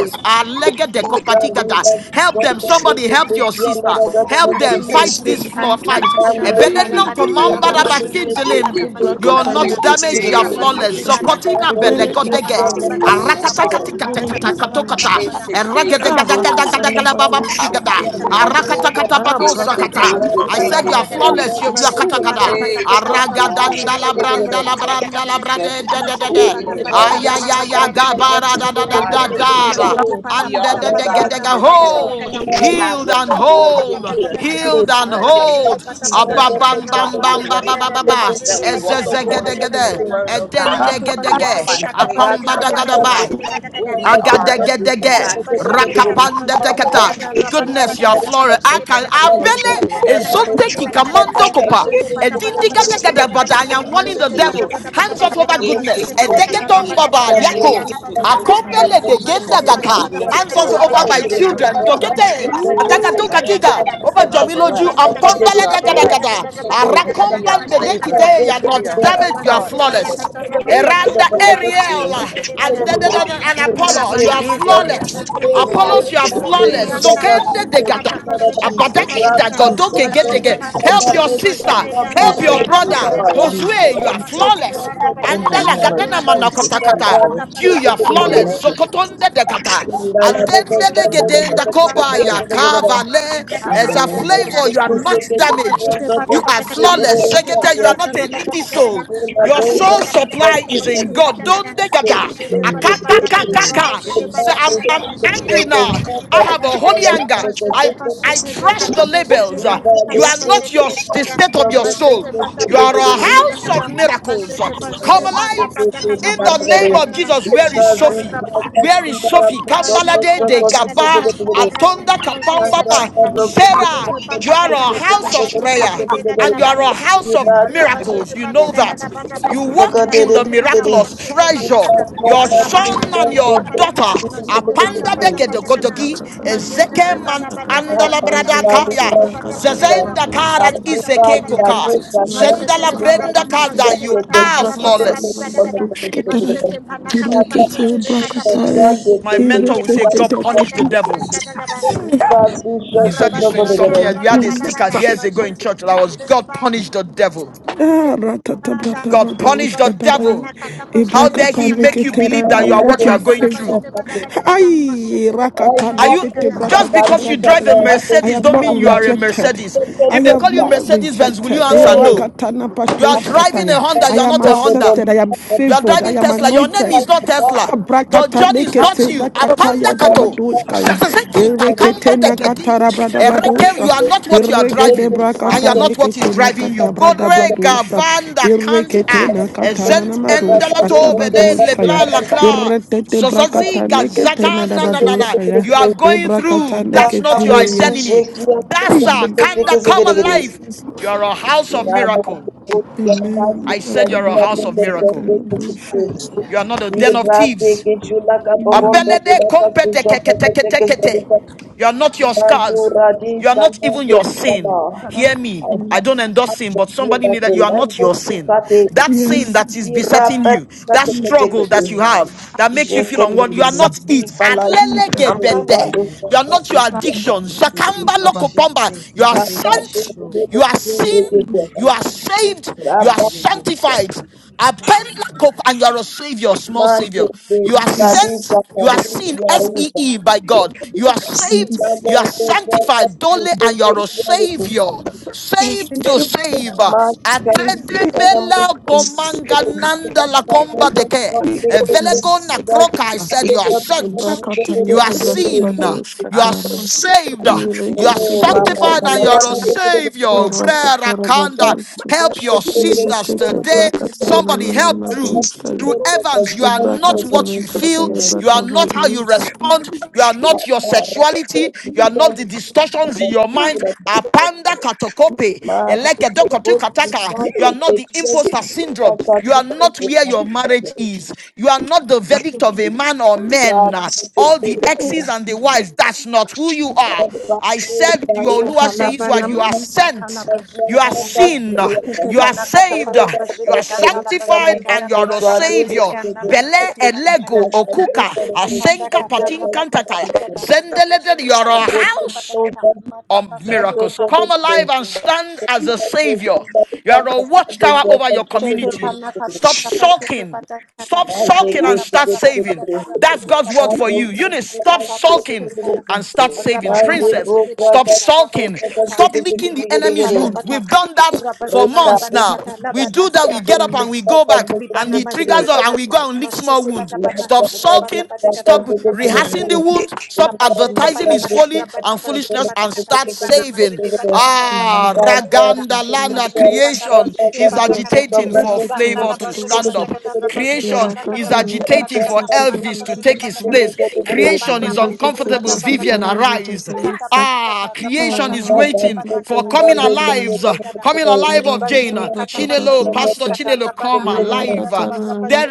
Speaker 6: you.
Speaker 1: Alege de
Speaker 6: Thank
Speaker 1: kopatigada. Help them. Somebody help your sister.
Speaker 9: We
Speaker 1: Help
Speaker 10: I
Speaker 9: did
Speaker 1: them
Speaker 10: am
Speaker 1: fight
Speaker 10: not
Speaker 9: we
Speaker 8: Mashete
Speaker 1: this
Speaker 10: damaged.
Speaker 1: flaw.
Speaker 8: pata
Speaker 1: Fight.
Speaker 10: I
Speaker 8: kata
Speaker 10: am
Speaker 1: Ebede
Speaker 8: rabada
Speaker 1: non
Speaker 10: flawless
Speaker 8: bati
Speaker 10: in the
Speaker 8: kata
Speaker 10: name
Speaker 1: komamba
Speaker 10: of
Speaker 1: da ba
Speaker 8: rabajene
Speaker 10: Jesus.
Speaker 8: pana
Speaker 1: chindilim.
Speaker 8: kata pajete
Speaker 9: go
Speaker 1: You're
Speaker 8: pata
Speaker 9: see
Speaker 1: not
Speaker 8: kata
Speaker 9: the day
Speaker 10: Ebrakatanikete
Speaker 1: damaged, you're
Speaker 9: is
Speaker 1: flawless.
Speaker 8: rabajete
Speaker 10: badosa.
Speaker 9: rich
Speaker 8: pata
Speaker 9: and
Speaker 1: Zokotina
Speaker 8: kata
Speaker 10: The
Speaker 9: mercy.
Speaker 8: mali
Speaker 10: very
Speaker 8: pana
Speaker 10: is
Speaker 1: belegodege.
Speaker 8: majete pata
Speaker 10: flawless.
Speaker 9: Hallelujah,
Speaker 8: kata
Speaker 9: Father.
Speaker 10: The
Speaker 8: rabajene
Speaker 9: We
Speaker 8: pana
Speaker 9: thank
Speaker 10: very
Speaker 8: kata
Speaker 10: is
Speaker 9: you.
Speaker 8: laba rabada
Speaker 10: flawless.
Speaker 1: Arakatakatikatakatakatokata.
Speaker 9: It's
Speaker 8: bata
Speaker 9: a big
Speaker 10: Ah,
Speaker 8: rabajete
Speaker 9: door,
Speaker 8: pana
Speaker 10: Rakatana
Speaker 8: kata
Speaker 9: a
Speaker 8: pajete
Speaker 10: Bados,
Speaker 9: house
Speaker 8: pata
Speaker 1: Eragadagadagadagadagalababababdigada.
Speaker 9: of
Speaker 8: pata kata
Speaker 10: Sikiri.
Speaker 9: miracle.
Speaker 8: majete pata
Speaker 10: Ah,
Speaker 8: pata
Speaker 9: It's a
Speaker 8: kata
Speaker 1: Arakatakatabadosakata.
Speaker 9: do
Speaker 10: Brakatana
Speaker 9: the
Speaker 8: rabajete
Speaker 1: I
Speaker 8: pata
Speaker 1: said
Speaker 8: pata
Speaker 1: you
Speaker 10: Basara
Speaker 1: are
Speaker 9: biggest
Speaker 8: kata
Speaker 9: tree.
Speaker 1: flawless. You, you are
Speaker 10: Bados.
Speaker 8: majete
Speaker 9: Ooh,
Speaker 8: pata
Speaker 1: katakada.
Speaker 8: pata
Speaker 9: hey,
Speaker 8: pata
Speaker 9: tough
Speaker 8: kata rabada
Speaker 9: lawless
Speaker 8: bata bata
Speaker 9: in the name
Speaker 8: rabajete
Speaker 9: of
Speaker 8: pata pata kata
Speaker 9: Jesus.
Speaker 8: Mazete
Speaker 9: Ooh,
Speaker 1: Aragadandalabrandalabrandalabrade.
Speaker 9: in
Speaker 8: pata
Speaker 9: the name
Speaker 8: pata katana pata
Speaker 1: Ayayaya
Speaker 8: pata katana
Speaker 1: gabara da
Speaker 8: bazete
Speaker 1: da da
Speaker 8: pata
Speaker 9: God
Speaker 1: da
Speaker 8: kata.
Speaker 9: says we are.
Speaker 1: da
Speaker 8: Mazete
Speaker 6: you.
Speaker 8: pata
Speaker 9: We
Speaker 1: and the,
Speaker 9: are
Speaker 8: pata
Speaker 1: the,
Speaker 9: who
Speaker 8: pata
Speaker 1: the,
Speaker 9: God
Speaker 1: the, the
Speaker 6: Thank
Speaker 8: katana
Speaker 9: says
Speaker 8: pata
Speaker 9: we are.
Speaker 8: pata
Speaker 1: hold,
Speaker 8: kata.
Speaker 9: We
Speaker 8: Mazete
Speaker 9: have
Speaker 1: healed
Speaker 9: what
Speaker 1: and
Speaker 9: the
Speaker 8: pazete
Speaker 9: Lord
Speaker 8: pata
Speaker 9: gives
Speaker 8: pata
Speaker 1: hold,
Speaker 9: us.
Speaker 8: pata kata.
Speaker 1: healed
Speaker 9: In
Speaker 1: and
Speaker 9: the name
Speaker 8: Rabazete
Speaker 1: hold.
Speaker 9: of
Speaker 8: pata pata
Speaker 1: Abba
Speaker 9: Jesus,
Speaker 8: pata
Speaker 1: bam
Speaker 8: katana
Speaker 9: Father,
Speaker 1: bam
Speaker 9: we
Speaker 8: pata
Speaker 1: bam ba
Speaker 8: pata
Speaker 9: bless
Speaker 1: ba ba
Speaker 8: kata.
Speaker 1: ba
Speaker 9: you
Speaker 1: ba.
Speaker 9: that
Speaker 8: Rabazete
Speaker 9: we
Speaker 8: pata
Speaker 9: walk
Speaker 8: kata
Speaker 9: according
Speaker 8: rabada
Speaker 9: to
Speaker 8: pata
Speaker 1: Ezezegedegede,
Speaker 9: your
Speaker 8: kata.
Speaker 9: word, oh God.
Speaker 8: Mazete
Speaker 9: We
Speaker 8: pazete
Speaker 9: walk
Speaker 1: edendegedege,
Speaker 8: le
Speaker 9: by
Speaker 8: kata
Speaker 9: faith and
Speaker 8: pazete
Speaker 9: not
Speaker 8: pana
Speaker 9: by
Speaker 8: kata
Speaker 1: apambadagadaba.
Speaker 9: sight.
Speaker 8: pazete pata
Speaker 9: Oh,
Speaker 8: kata.
Speaker 9: we are everything
Speaker 8: Mazete
Speaker 1: Agadegedege,
Speaker 9: God says we
Speaker 8: pazete
Speaker 9: are.
Speaker 6: you.
Speaker 8: kata pazete
Speaker 9: Father,
Speaker 8: le
Speaker 9: we
Speaker 1: rakapandedeketa.
Speaker 9: thank
Speaker 8: kata
Speaker 9: you for
Speaker 6: Randeji
Speaker 8: rabada
Speaker 1: Goodness,
Speaker 8: pata
Speaker 1: your
Speaker 6: Kumari
Speaker 8: kata
Speaker 9: justice.
Speaker 1: flora.
Speaker 9: We
Speaker 1: I
Speaker 8: rabazete
Speaker 1: can
Speaker 8: pata
Speaker 9: thank you
Speaker 6: Bakasuka
Speaker 8: kata.
Speaker 9: for
Speaker 1: abele
Speaker 6: Lita
Speaker 8: Mazete
Speaker 9: goodness.
Speaker 8: pana
Speaker 6: Kara
Speaker 8: kata
Speaker 9: Yes,
Speaker 1: ezonte
Speaker 8: pazete
Speaker 9: Lord,
Speaker 6: Dekali
Speaker 8: pata kata.
Speaker 9: in
Speaker 6: Bata
Speaker 1: kikamando
Speaker 9: the name
Speaker 1: kopa.
Speaker 9: of
Speaker 8: Majete
Speaker 6: Kajete
Speaker 8: pata
Speaker 6: Kete
Speaker 8: pata
Speaker 9: Jesus.
Speaker 6: Kete
Speaker 8: pata kata
Speaker 6: Kete
Speaker 9: In
Speaker 1: Edindigadegede,
Speaker 8: pata
Speaker 9: the
Speaker 1: But
Speaker 8: kata.
Speaker 1: I
Speaker 9: name
Speaker 6: Kete
Speaker 1: am
Speaker 9: of
Speaker 1: warning the
Speaker 8: Majete
Speaker 6: Kete Kete
Speaker 8: pata
Speaker 1: devil.
Speaker 9: Jesus.
Speaker 8: pata pata
Speaker 1: Hands off
Speaker 8: pata
Speaker 6: Kete
Speaker 8: kata.
Speaker 1: over
Speaker 6: Kajita
Speaker 9: Eche
Speaker 8: Majete
Speaker 1: goodness.
Speaker 8: pata kata.
Speaker 1: Edegeton
Speaker 9: dogide,
Speaker 8: Rabada
Speaker 1: baba
Speaker 8: bada bada
Speaker 10: Rakatana
Speaker 8: kada.
Speaker 6: Kajita
Speaker 1: yako.
Speaker 9: eche
Speaker 10: Kitana
Speaker 8: Rabajete
Speaker 10: Bados,
Speaker 8: bada
Speaker 6: Kajita
Speaker 8: kada.
Speaker 9: dogide
Speaker 1: Akombele
Speaker 6: Kajita
Speaker 9: section.
Speaker 1: negenda
Speaker 10: Rakatana
Speaker 8: Majete
Speaker 6: Madre
Speaker 8: pata
Speaker 1: gata.
Speaker 8: pata
Speaker 6: Kajita
Speaker 9: Yes,
Speaker 8: pata
Speaker 1: Hands
Speaker 8: kata.
Speaker 1: off
Speaker 6: Kete
Speaker 9: Lord,
Speaker 8: Rabada
Speaker 1: over my
Speaker 8: bada
Speaker 6: Kete
Speaker 8: kada.
Speaker 9: hallelujah.
Speaker 1: children.
Speaker 8: Rabajete bada
Speaker 1: Dogete.
Speaker 6: Errate
Speaker 8: kada.
Speaker 6: Kete
Speaker 8: Rabati
Speaker 6: Kete Kete
Speaker 9: Woo,
Speaker 8: pasete
Speaker 9: my and
Speaker 8: bada
Speaker 9: my
Speaker 1: Adagadogadiga.
Speaker 8: kada.
Speaker 6: Kete
Speaker 1: Over
Speaker 6: Kete
Speaker 9: children are
Speaker 8: Majene
Speaker 6: Kete
Speaker 1: Jomiloju.
Speaker 8: bana
Speaker 9: blessed.
Speaker 8: kata.
Speaker 6: Kete
Speaker 9: We
Speaker 1: Ampombele
Speaker 9: are
Speaker 8: Rabada bada
Speaker 9: blessed.
Speaker 1: degadagada.
Speaker 8: kada.
Speaker 6: Kete
Speaker 8: Rabadi bada
Speaker 9: Yes,
Speaker 8: kada.
Speaker 9: we are
Speaker 1: Arakombande
Speaker 8: Rabajene kata
Speaker 9: favored.
Speaker 1: dekite. You
Speaker 8: pasete
Speaker 1: are
Speaker 9: We
Speaker 1: not
Speaker 8: kata.
Speaker 9: are set
Speaker 1: damaged. You are
Speaker 9: apart.
Speaker 8: Majete pata
Speaker 1: flawless.
Speaker 8: kata. Rabata
Speaker 9: Eche
Speaker 1: Eranda
Speaker 8: pasete
Speaker 6: Kete
Speaker 8: pana kata
Speaker 1: Ariel
Speaker 9: dogide,
Speaker 8: pasete
Speaker 6: Esta
Speaker 1: and,
Speaker 8: kada.
Speaker 1: da-
Speaker 6: de
Speaker 1: da-
Speaker 6: que
Speaker 1: da- da-
Speaker 9: flawless
Speaker 1: and
Speaker 6: Thank
Speaker 9: in
Speaker 1: Apollo, you
Speaker 8: Rabana
Speaker 1: are
Speaker 9: Jesus' name.
Speaker 1: flawless.
Speaker 8: majete
Speaker 1: Apollos,
Speaker 8: patiata,
Speaker 9: Flawless
Speaker 1: you are
Speaker 9: in the name
Speaker 1: flawless.
Speaker 9: of
Speaker 8: liana
Speaker 1: Zokende de
Speaker 8: pasune
Speaker 9: Jesus,
Speaker 1: gada.
Speaker 8: kata pajete pata
Speaker 9: Jesus,
Speaker 8: pata
Speaker 1: Abadagi da
Speaker 8: kata,
Speaker 9: Jesus,
Speaker 1: godoke
Speaker 8: majete
Speaker 1: gedege.
Speaker 9: Jesus,
Speaker 8: pata
Speaker 1: Help
Speaker 9: Jesus,
Speaker 1: your
Speaker 8: pati
Speaker 1: sister.
Speaker 8: pajete gana
Speaker 1: Help
Speaker 8: la
Speaker 1: your
Speaker 9: Jesus,
Speaker 8: bari pata
Speaker 1: brother.
Speaker 9: Jesus,
Speaker 8: gada,
Speaker 9: Jesus,
Speaker 1: Josue, you
Speaker 8: majete
Speaker 1: are
Speaker 9: Jesus.
Speaker 8: pasete
Speaker 1: flawless.
Speaker 8: lebara barra pata
Speaker 9: In the
Speaker 1: Anda
Speaker 8: gada,
Speaker 1: la
Speaker 9: name of
Speaker 1: gadana
Speaker 8: majete
Speaker 9: Jesus,
Speaker 8: pata
Speaker 1: manakotakata.
Speaker 9: flawless
Speaker 8: pata
Speaker 1: You,
Speaker 8: pata
Speaker 3: This
Speaker 1: you are
Speaker 8: pata
Speaker 9: In the
Speaker 8: pata
Speaker 1: flawless.
Speaker 9: name
Speaker 1: Zokotonde de kata. Adende de
Speaker 9: of
Speaker 1: gedenda
Speaker 8: Mazete
Speaker 1: koba.
Speaker 8: pata
Speaker 1: You are
Speaker 8: pata
Speaker 1: kavale.
Speaker 8: kata
Speaker 9: in
Speaker 1: As
Speaker 9: the
Speaker 1: a
Speaker 8: rabada
Speaker 9: name of
Speaker 1: flavor, you are
Speaker 9: Jesus,
Speaker 1: not damaged. You are
Speaker 8: kata
Speaker 1: flawless.
Speaker 8: mashete pashete
Speaker 1: Secretary,
Speaker 8: pata
Speaker 1: you
Speaker 8: pata kata, mazete pazete pata
Speaker 1: are
Speaker 6: you.
Speaker 8: kata
Speaker 1: not a
Speaker 8: rabada
Speaker 1: needy
Speaker 8: pata
Speaker 1: soul. Your soul
Speaker 8: pata kata
Speaker 1: supply is
Speaker 8: pazete
Speaker 1: in God.
Speaker 8: pata, kata
Speaker 1: Don't they gather?
Speaker 8: mashete
Speaker 9: in
Speaker 8: pata
Speaker 1: Akata
Speaker 8: pata
Speaker 9: the
Speaker 8: kata
Speaker 9: name of Jesus, in the name of
Speaker 1: kakaka.
Speaker 8: rabashete
Speaker 1: Z-
Speaker 8: pata
Speaker 1: I'm,
Speaker 8: kata
Speaker 9: Jesus,
Speaker 1: I'm
Speaker 8: rabashene
Speaker 1: angry
Speaker 8: kata
Speaker 1: now.
Speaker 8: pashete le
Speaker 1: I have
Speaker 8: pata
Speaker 1: a
Speaker 8: kata
Speaker 1: holy anger.
Speaker 8: mashete
Speaker 1: I, I
Speaker 8: pashete le
Speaker 1: trash
Speaker 8: kata
Speaker 1: the
Speaker 8: pashete
Speaker 1: labels. Uh,
Speaker 8: pali
Speaker 1: You
Speaker 8: kata
Speaker 1: are not your
Speaker 8: pashete
Speaker 1: s- the
Speaker 8: kata
Speaker 1: state of your soul.
Speaker 8: mashete pata
Speaker 1: You are
Speaker 8: pata
Speaker 1: a
Speaker 8: pata pata
Speaker 1: house of
Speaker 8: kata
Speaker 1: miracles. Uh,
Speaker 8: mashete
Speaker 1: Come
Speaker 8: pashete pata
Speaker 1: alive.
Speaker 8: pata kata
Speaker 1: In the
Speaker 8: pashete
Speaker 1: name of
Speaker 8: pata
Speaker 1: Jesus, where is
Speaker 9: Jesus,
Speaker 1: Sophie? Where is Sophie?
Speaker 8: Bazete
Speaker 1: Kambalade de Gaba,
Speaker 8: badakadala barra
Speaker 1: Atonda
Speaker 8: bazete
Speaker 1: Kapambaba,
Speaker 8: kadam
Speaker 1: Sarah,
Speaker 8: mazete
Speaker 1: you
Speaker 8: pata
Speaker 1: are
Speaker 8: pata
Speaker 1: a
Speaker 8: kata
Speaker 1: house of
Speaker 8: rabati
Speaker 1: prayer
Speaker 8: bazete
Speaker 1: and
Speaker 8: kadala
Speaker 1: you
Speaker 8: ba
Speaker 1: are a house of
Speaker 6: Thank you.
Speaker 1: miracles.
Speaker 8: rabazete
Speaker 1: You know that.
Speaker 8: badakadala barra
Speaker 1: You
Speaker 10: Bados.
Speaker 8: badika
Speaker 1: walk
Speaker 6: Thank
Speaker 8: nala
Speaker 1: in the
Speaker 8: bazete pata
Speaker 1: miraculous
Speaker 8: mazete pata
Speaker 1: treasure.
Speaker 8: kata
Speaker 1: Your
Speaker 10: Watching
Speaker 1: son
Speaker 10: these
Speaker 8: rabana la
Speaker 1: and your
Speaker 8: bazete pata kata
Speaker 1: daughter are
Speaker 8: mazete
Speaker 10: Walk in the
Speaker 8: pata
Speaker 1: panda
Speaker 8: pata
Speaker 1: deke de
Speaker 8: pata
Speaker 10: miracles in
Speaker 8: kata
Speaker 1: godogi,
Speaker 10: Bakatane it
Speaker 8: mazete
Speaker 10: is
Speaker 1: ezeke
Speaker 10: the
Speaker 1: man
Speaker 8: rebana
Speaker 10: Shaddai.
Speaker 8: badabada
Speaker 1: andala
Speaker 10: Every
Speaker 1: brada
Speaker 8: mazete
Speaker 1: kaya,
Speaker 8: pazete
Speaker 10: Tetina
Speaker 8: pata pata
Speaker 10: Kataria
Speaker 8: kata
Speaker 1: zezenda
Speaker 10: Badu is
Speaker 8: mazete
Speaker 1: karat
Speaker 10: coming.
Speaker 8: pata pata
Speaker 1: iseke
Speaker 8: pata
Speaker 10: Every
Speaker 8: kata
Speaker 1: koka,
Speaker 10: Tetina
Speaker 8: mazete
Speaker 1: zendala
Speaker 8: le
Speaker 10: Katara
Speaker 8: barra
Speaker 1: brenda
Speaker 8: bana
Speaker 10: Badushi.
Speaker 1: kada.
Speaker 8: mazete
Speaker 1: You
Speaker 8: pata
Speaker 10: The
Speaker 8: kata
Speaker 1: are
Speaker 8: la barra
Speaker 10: Brakatari
Speaker 8: badi
Speaker 1: flawless.
Speaker 8: badakada
Speaker 10: Badu Shaddai.
Speaker 8: mazete
Speaker 10: Every
Speaker 8: panakata
Speaker 10: Tetina
Speaker 8: bazete le kata.
Speaker 10: Brakataria.
Speaker 1: my
Speaker 10: Every
Speaker 1: mentor will say,
Speaker 8: Pashete
Speaker 1: God
Speaker 10: Tetina
Speaker 1: punished the
Speaker 10: Badu.
Speaker 1: devil.
Speaker 8: Patakalaba,
Speaker 1: He said this 20
Speaker 8: Rabashana
Speaker 1: something years. We had a sticker
Speaker 8: Labarabadam,
Speaker 1: years ago in
Speaker 8: Mashete
Speaker 1: church that was God punished
Speaker 8: Pata,
Speaker 1: the devil.
Speaker 10: Ah, Ratata Brata
Speaker 1: God
Speaker 10: Badu
Speaker 1: punished the
Speaker 8: Pashete
Speaker 10: Shaddai.
Speaker 1: devil.
Speaker 8: Banakata,
Speaker 1: How
Speaker 8: Pashete
Speaker 1: dare he
Speaker 10: Ibrakatane
Speaker 8: Patakata,
Speaker 1: make you believe
Speaker 10: Ketera. I
Speaker 1: that you are what
Speaker 10: walk
Speaker 1: you
Speaker 10: in
Speaker 1: are
Speaker 8: Rabana
Speaker 1: going
Speaker 10: favor.
Speaker 1: through?
Speaker 8: Labashete
Speaker 6: you.
Speaker 8: Badabadakata,
Speaker 10: Ay,
Speaker 8: Mashete
Speaker 10: rakata
Speaker 1: Are you
Speaker 8: Lebarabashete
Speaker 10: lekete
Speaker 6: Emakusa
Speaker 1: just
Speaker 10: bratata
Speaker 1: because you
Speaker 6: balita
Speaker 10: bratata.
Speaker 1: drive a
Speaker 6: barado
Speaker 10: I
Speaker 1: Mercedes
Speaker 10: am
Speaker 1: don't
Speaker 10: not
Speaker 6: shinta
Speaker 1: mean you are a
Speaker 6: basita
Speaker 10: rejected.
Speaker 1: Mercedes.
Speaker 10: I
Speaker 1: If they
Speaker 10: am
Speaker 1: call you
Speaker 6: teketenda.
Speaker 10: not
Speaker 1: Mercedes Benz, will you
Speaker 10: rejected. Eh,
Speaker 1: answer no?
Speaker 6: Hey,
Speaker 10: rakata
Speaker 1: You are driving
Speaker 6: masuka
Speaker 1: a
Speaker 10: napatoshkataya.
Speaker 1: Honda,
Speaker 10: I
Speaker 1: you are
Speaker 10: am
Speaker 1: not
Speaker 6: bandito
Speaker 1: a Honda.
Speaker 10: accepted. I am
Speaker 6: bodolita
Speaker 1: You are
Speaker 10: favored.
Speaker 6: bandita
Speaker 10: I
Speaker 1: driving
Speaker 10: am
Speaker 1: Tesla. Your
Speaker 10: anointed.
Speaker 1: name
Speaker 6: basuka
Speaker 1: is not Tesla.
Speaker 6: nebada.
Speaker 1: The
Speaker 10: Abrakata
Speaker 1: journey is not
Speaker 10: nekete
Speaker 1: you.
Speaker 6: Masuka
Speaker 10: nakataya
Speaker 1: Apanda kato.
Speaker 6: zibalita
Speaker 10: darabadoshkaya.
Speaker 6: nito
Speaker 1: Zasaseki
Speaker 6: shinta
Speaker 8: Kata,
Speaker 10: Irekete
Speaker 1: takamba
Speaker 10: na
Speaker 6: delabada.
Speaker 1: degedi.
Speaker 10: katara brada
Speaker 6: Nebada
Speaker 1: Ereke, you
Speaker 10: badosha.
Speaker 1: are not
Speaker 6: sito
Speaker 1: what you are
Speaker 10: Iregede
Speaker 6: sileke
Speaker 1: driving, and you
Speaker 10: brakata
Speaker 1: are
Speaker 6: sate
Speaker 1: not what
Speaker 6: kita
Speaker 1: is
Speaker 10: nekete
Speaker 1: driving
Speaker 6: kita
Speaker 1: you.
Speaker 10: nakata
Speaker 6: kita kita
Speaker 1: Godre
Speaker 6: kita.
Speaker 10: badosha.
Speaker 1: gavanda kant
Speaker 10: Irekete
Speaker 1: a
Speaker 6: Imbada
Speaker 10: nakata
Speaker 6: nito
Speaker 1: ezent
Speaker 6: bodada
Speaker 10: kata
Speaker 1: endelato
Speaker 6: lebo
Speaker 1: vede
Speaker 6: bodada lebo
Speaker 10: katabadoshkaya.
Speaker 1: lebla
Speaker 6: bodada.
Speaker 1: lakla.
Speaker 10: Iretete
Speaker 6: Imbada
Speaker 1: Zozozi
Speaker 10: brakata
Speaker 6: sito
Speaker 10: nekete
Speaker 1: gazata na
Speaker 6: sito
Speaker 1: na na
Speaker 6: sito
Speaker 1: na.
Speaker 6: sito
Speaker 10: narabadoshaya.
Speaker 1: You
Speaker 6: sito
Speaker 1: are
Speaker 6: sito.
Speaker 1: going through.
Speaker 10: Ebrakata
Speaker 1: That's not your
Speaker 6: Kapo
Speaker 10: nekete ya.
Speaker 6: suše
Speaker 1: identity.
Speaker 6: kia
Speaker 1: That's
Speaker 10: Ay,
Speaker 6: suše
Speaker 1: a
Speaker 6: kete kete
Speaker 1: kanda
Speaker 6: kete
Speaker 1: come
Speaker 6: kete kete.
Speaker 1: alive.
Speaker 10: yes
Speaker 1: You
Speaker 10: Lord,
Speaker 1: are a
Speaker 10: yes
Speaker 1: house of
Speaker 10: Lord.
Speaker 6: Kapo
Speaker 1: miracle.
Speaker 6: kapo kapo
Speaker 10: Amen.
Speaker 1: I
Speaker 6: suše
Speaker 1: said you
Speaker 6: kia
Speaker 1: are a
Speaker 6: kapo
Speaker 1: house of
Speaker 10: Akabados
Speaker 6: kapo
Speaker 10: kata
Speaker 1: miracle.
Speaker 6: keke seke seke.
Speaker 10: badosha.
Speaker 1: You
Speaker 9: Hallelujah!
Speaker 1: are not a den
Speaker 10: Yes
Speaker 1: of
Speaker 10: Lord.
Speaker 6: Ira
Speaker 1: thieves.
Speaker 6: teke shula kapo
Speaker 10: Amen.
Speaker 1: Abelede kompete
Speaker 6: suše
Speaker 1: keke
Speaker 6: kete kete kete kete kete.
Speaker 1: You are not
Speaker 6: I
Speaker 1: your
Speaker 6: rapet
Speaker 1: scars. You are
Speaker 6: kia
Speaker 1: not
Speaker 6: suše kia
Speaker 1: even
Speaker 6: suše
Speaker 1: your sin. Hear me. I
Speaker 10: Yes.
Speaker 1: don't endorse sin, but somebody need that you are not your sin. That sin that
Speaker 10: Yes.
Speaker 6: kete
Speaker 1: is besetting you, that
Speaker 6: kete kete kete
Speaker 1: struggle
Speaker 9: I
Speaker 1: that you
Speaker 6: kete.
Speaker 9: Take
Speaker 1: have, that makes you feel
Speaker 6: Jeket
Speaker 1: unworthy, you are
Speaker 6: suše
Speaker 1: not it.
Speaker 6: kia suše
Speaker 9: a house of
Speaker 1: Alelegebede. You are not
Speaker 9: miracles.
Speaker 1: your addiction.
Speaker 9: In the big
Speaker 1: Zakamba
Speaker 9: shit, the
Speaker 1: lokopamba. You
Speaker 9: heat
Speaker 1: are
Speaker 9: of the
Speaker 6: kete
Speaker 1: sent.
Speaker 9: show.
Speaker 6: kete
Speaker 1: You are
Speaker 6: kete kete
Speaker 1: seen,
Speaker 9: In the
Speaker 6: kete.
Speaker 1: you
Speaker 9: big
Speaker 1: are
Speaker 9: show,
Speaker 1: saved, you are
Speaker 6: Rapa
Speaker 1: sanctified. A
Speaker 3: is
Speaker 9: Thank you, Lord.
Speaker 1: pentlacope and you are a savior, small
Speaker 6: mante
Speaker 1: savior.
Speaker 6: de
Speaker 1: You are
Speaker 3: Thank
Speaker 1: sent,
Speaker 10: Yes.
Speaker 6: badusa
Speaker 1: you are seen,
Speaker 6: familia
Speaker 1: S E
Speaker 6: rusa.
Speaker 1: E by God. You are saved,
Speaker 10: Yes.
Speaker 1: you are
Speaker 6: Mtamando braka
Speaker 1: sanctified, dole, and you
Speaker 6: suteke
Speaker 1: are a
Speaker 6: diaribu.
Speaker 1: savior.
Speaker 10: Yes.
Speaker 1: Saved to save.
Speaker 6: Maji
Speaker 10: Yes.
Speaker 6: katika karamu
Speaker 1: Atedebela
Speaker 10: Yes.
Speaker 1: komanga
Speaker 10: Yes.
Speaker 1: nanda la
Speaker 6: kubasa
Speaker 1: komba
Speaker 6: mone
Speaker 1: deke.
Speaker 6: mwateke
Speaker 1: Evelego
Speaker 10: Yes.
Speaker 1: na kroka,
Speaker 6: kujaji
Speaker 1: I
Speaker 6: katika
Speaker 1: said you are
Speaker 6: pita
Speaker 1: sent.
Speaker 6: jide
Speaker 10: Ibrakata
Speaker 1: You
Speaker 6: kere
Speaker 1: are
Speaker 10: miti
Speaker 6: kere
Speaker 10: brata
Speaker 6: kere.
Speaker 1: seen,
Speaker 10: badosh
Speaker 1: you are
Speaker 10: katani.
Speaker 1: saved, you are
Speaker 10: Irekete
Speaker 6: Oh, ma
Speaker 10: brakata
Speaker 1: sanctified,
Speaker 6: papa
Speaker 1: and
Speaker 6: la
Speaker 1: you are
Speaker 6: baka
Speaker 1: a
Speaker 10: miti.
Speaker 6: te kere kere kere.
Speaker 1: savior. Brother
Speaker 10: Irakata
Speaker 6: Ika
Speaker 1: Kanda,
Speaker 10: rabadosh.
Speaker 1: help your
Speaker 6: kente te kere
Speaker 1: sisters
Speaker 10: Irekete
Speaker 6: kere kere
Speaker 1: today.
Speaker 6: kere kere kere
Speaker 10: brakata
Speaker 6: kere kere
Speaker 1: Somebody
Speaker 10: nanana
Speaker 1: help Drew.
Speaker 10: madosh kali.
Speaker 1: Drew Evans, you are
Speaker 6: kere
Speaker 1: not
Speaker 6: kere
Speaker 10: Ibrakata
Speaker 1: what you
Speaker 6: kere
Speaker 1: feel,
Speaker 10: miti
Speaker 6: kere kere.
Speaker 1: you are
Speaker 10: brata
Speaker 1: not how you
Speaker 10: badosh.
Speaker 1: respond, you are not your
Speaker 6: Thank
Speaker 1: sexuality, you are not the distortions in your
Speaker 3: you.
Speaker 1: mind. Apanda
Speaker 3: I'm not
Speaker 1: katokope, elekedokotokataka. You are not the imposter imposter syndrome. You are not where your marriage is. You are not the verdict of a man or men. All the exes and the wives, that's not who you are. I said, your Oluwaseyi's wife,
Speaker 8: Katalabana
Speaker 1: you are
Speaker 8: mani katala
Speaker 1: sent. You
Speaker 8: bajede
Speaker 1: are
Speaker 8: gada.
Speaker 1: seen,
Speaker 8: Mashkete
Speaker 1: you are
Speaker 8: pana kata
Speaker 1: saved,
Speaker 8: pati
Speaker 1: you
Speaker 8: bajede
Speaker 1: are
Speaker 8: gana la bajede
Speaker 1: sanctified,
Speaker 8: gada
Speaker 1: and you
Speaker 8: la
Speaker 1: are a
Speaker 8: barra bajede
Speaker 1: savior.
Speaker 8: gana la
Speaker 1: Bele
Speaker 8: bajede pata kata.
Speaker 1: elego okuka
Speaker 8: Mashkete pata
Speaker 1: asenka
Speaker 8: kata rabada
Speaker 1: patinkantakaya
Speaker 8: pati kata.
Speaker 1: zendelede.
Speaker 8: Rabajene
Speaker 1: You are
Speaker 8: kata
Speaker 1: a
Speaker 8: bajede pata
Speaker 1: house.
Speaker 8: kata. Mata
Speaker 1: Of
Speaker 8: pashete le
Speaker 1: miracles.
Speaker 8: kata.
Speaker 1: Come alive
Speaker 6: you.
Speaker 1: and stand as a savior. You are a watchtower over your
Speaker 8: Shete
Speaker 1: community.
Speaker 8: pana
Speaker 1: Stop
Speaker 8: kata pashete
Speaker 1: sulking.
Speaker 8: pata kata.
Speaker 1: Stop sulking
Speaker 8: Mana
Speaker 1: and
Speaker 8: la
Speaker 1: start
Speaker 8: barra badi
Speaker 1: saving.
Speaker 8: gada la
Speaker 6: Mande
Speaker 1: That's
Speaker 8: bajede
Speaker 1: God's word
Speaker 8: gada.
Speaker 1: for you. Eunice, stop
Speaker 8: Rekata pashete
Speaker 1: sulking
Speaker 8: le kata.
Speaker 1: and start saving.
Speaker 8: Rabana la
Speaker 1: Princess,
Speaker 8: bajede bada
Speaker 1: stop
Speaker 8: gada.
Speaker 1: sulking.
Speaker 8: Rabajete kata.
Speaker 1: Stop licking the enemy's wound.
Speaker 8: Rekatapata.
Speaker 1: We've done that for
Speaker 8: Rabazana
Speaker 10: Yes.
Speaker 1: months
Speaker 8: labana
Speaker 1: now.
Speaker 8: kata
Speaker 1: We
Speaker 8: labana
Speaker 1: do that, we
Speaker 8: kata.
Speaker 1: get up and
Speaker 10: Yes.
Speaker 1: we go back,
Speaker 6: proka
Speaker 1: and
Speaker 8: Libana
Speaker 1: he
Speaker 8: majede
Speaker 1: triggers us, and
Speaker 8: kada
Speaker 1: we go and lick big small
Speaker 8: machete
Speaker 1: wounds.
Speaker 8: pata
Speaker 6: Thank
Speaker 8: pata
Speaker 1: Stop
Speaker 8: rabanda
Speaker 1: sulking.
Speaker 8: pata kada
Speaker 1: Stop
Speaker 8: rabajede
Speaker 1: rehearsing the
Speaker 8: pata kada
Speaker 1: wounds.
Speaker 8: la
Speaker 1: Stop
Speaker 10: Yes.
Speaker 8: pachete
Speaker 1: advertising
Speaker 8: pata
Speaker 1: his
Speaker 8: pata
Speaker 1: folly
Speaker 8: rabata
Speaker 1: and
Speaker 8: pajete
Speaker 1: foolishness
Speaker 8: pata
Speaker 1: and
Speaker 8: kata
Speaker 1: start
Speaker 8: ribana
Speaker 1: saving.
Speaker 8: majete pata kata
Speaker 1: Ah,
Speaker 10: Yes.
Speaker 8: rabajede pana kata
Speaker 1: Raganda
Speaker 10: Yes. Lord.
Speaker 1: Lana
Speaker 8: majete pata
Speaker 1: creation
Speaker 8: pajete
Speaker 1: is
Speaker 8: pata kata
Speaker 10: Ibrakata
Speaker 1: agitating for
Speaker 10: miti
Speaker 8: libana
Speaker 10: brata
Speaker 1: flavor
Speaker 8: la
Speaker 1: to
Speaker 8: pajede
Speaker 1: stand
Speaker 10: badosh.
Speaker 8: pata
Speaker 1: up.
Speaker 8: kata rabajede
Speaker 1: Creation
Speaker 8: pana kata
Speaker 1: is
Speaker 10: Yarakata
Speaker 8: pajete
Speaker 10: nekete
Speaker 8: pata
Speaker 1: agitating for
Speaker 8: kata
Speaker 10: prakata
Speaker 8: mata
Speaker 1: Elvis to
Speaker 10: prakata
Speaker 8: pajete
Speaker 1: take
Speaker 8: pata
Speaker 1: his
Speaker 8: kata
Speaker 1: place.
Speaker 10: prash.
Speaker 1: Creation
Speaker 8: rabana
Speaker 1: is
Speaker 8: majete
Speaker 10: Yarakete
Speaker 1: uncomfortable.
Speaker 3: a
Speaker 8: pata pata
Speaker 10: prakata
Speaker 1: Vivian,
Speaker 8: kata
Speaker 1: arise.
Speaker 8: majete
Speaker 3: man.
Speaker 10: yarakata
Speaker 8: pata pati
Speaker 10: sapa
Speaker 8: kata
Speaker 1: Ah, creation
Speaker 8: rabata
Speaker 1: is
Speaker 8: pajete
Speaker 1: waiting
Speaker 10: prakata
Speaker 8: pata
Speaker 1: for
Speaker 8: kata
Speaker 10: prash
Speaker 1: coming
Speaker 8: rabana
Speaker 10: kitini.
Speaker 1: alive, uh,
Speaker 8: majede kada
Speaker 1: coming alive of Jane.
Speaker 10: Yarakata
Speaker 1: uh,
Speaker 8: Ribazene
Speaker 10: prakata
Speaker 1: Chinelo,
Speaker 8: katapashete
Speaker 1: Pastor
Speaker 10: pradosa.
Speaker 8: patikata
Speaker 1: Chinelo, come
Speaker 8: rabanamandika
Speaker 6: you.
Speaker 1: alive. uh,
Speaker 10: Yarakata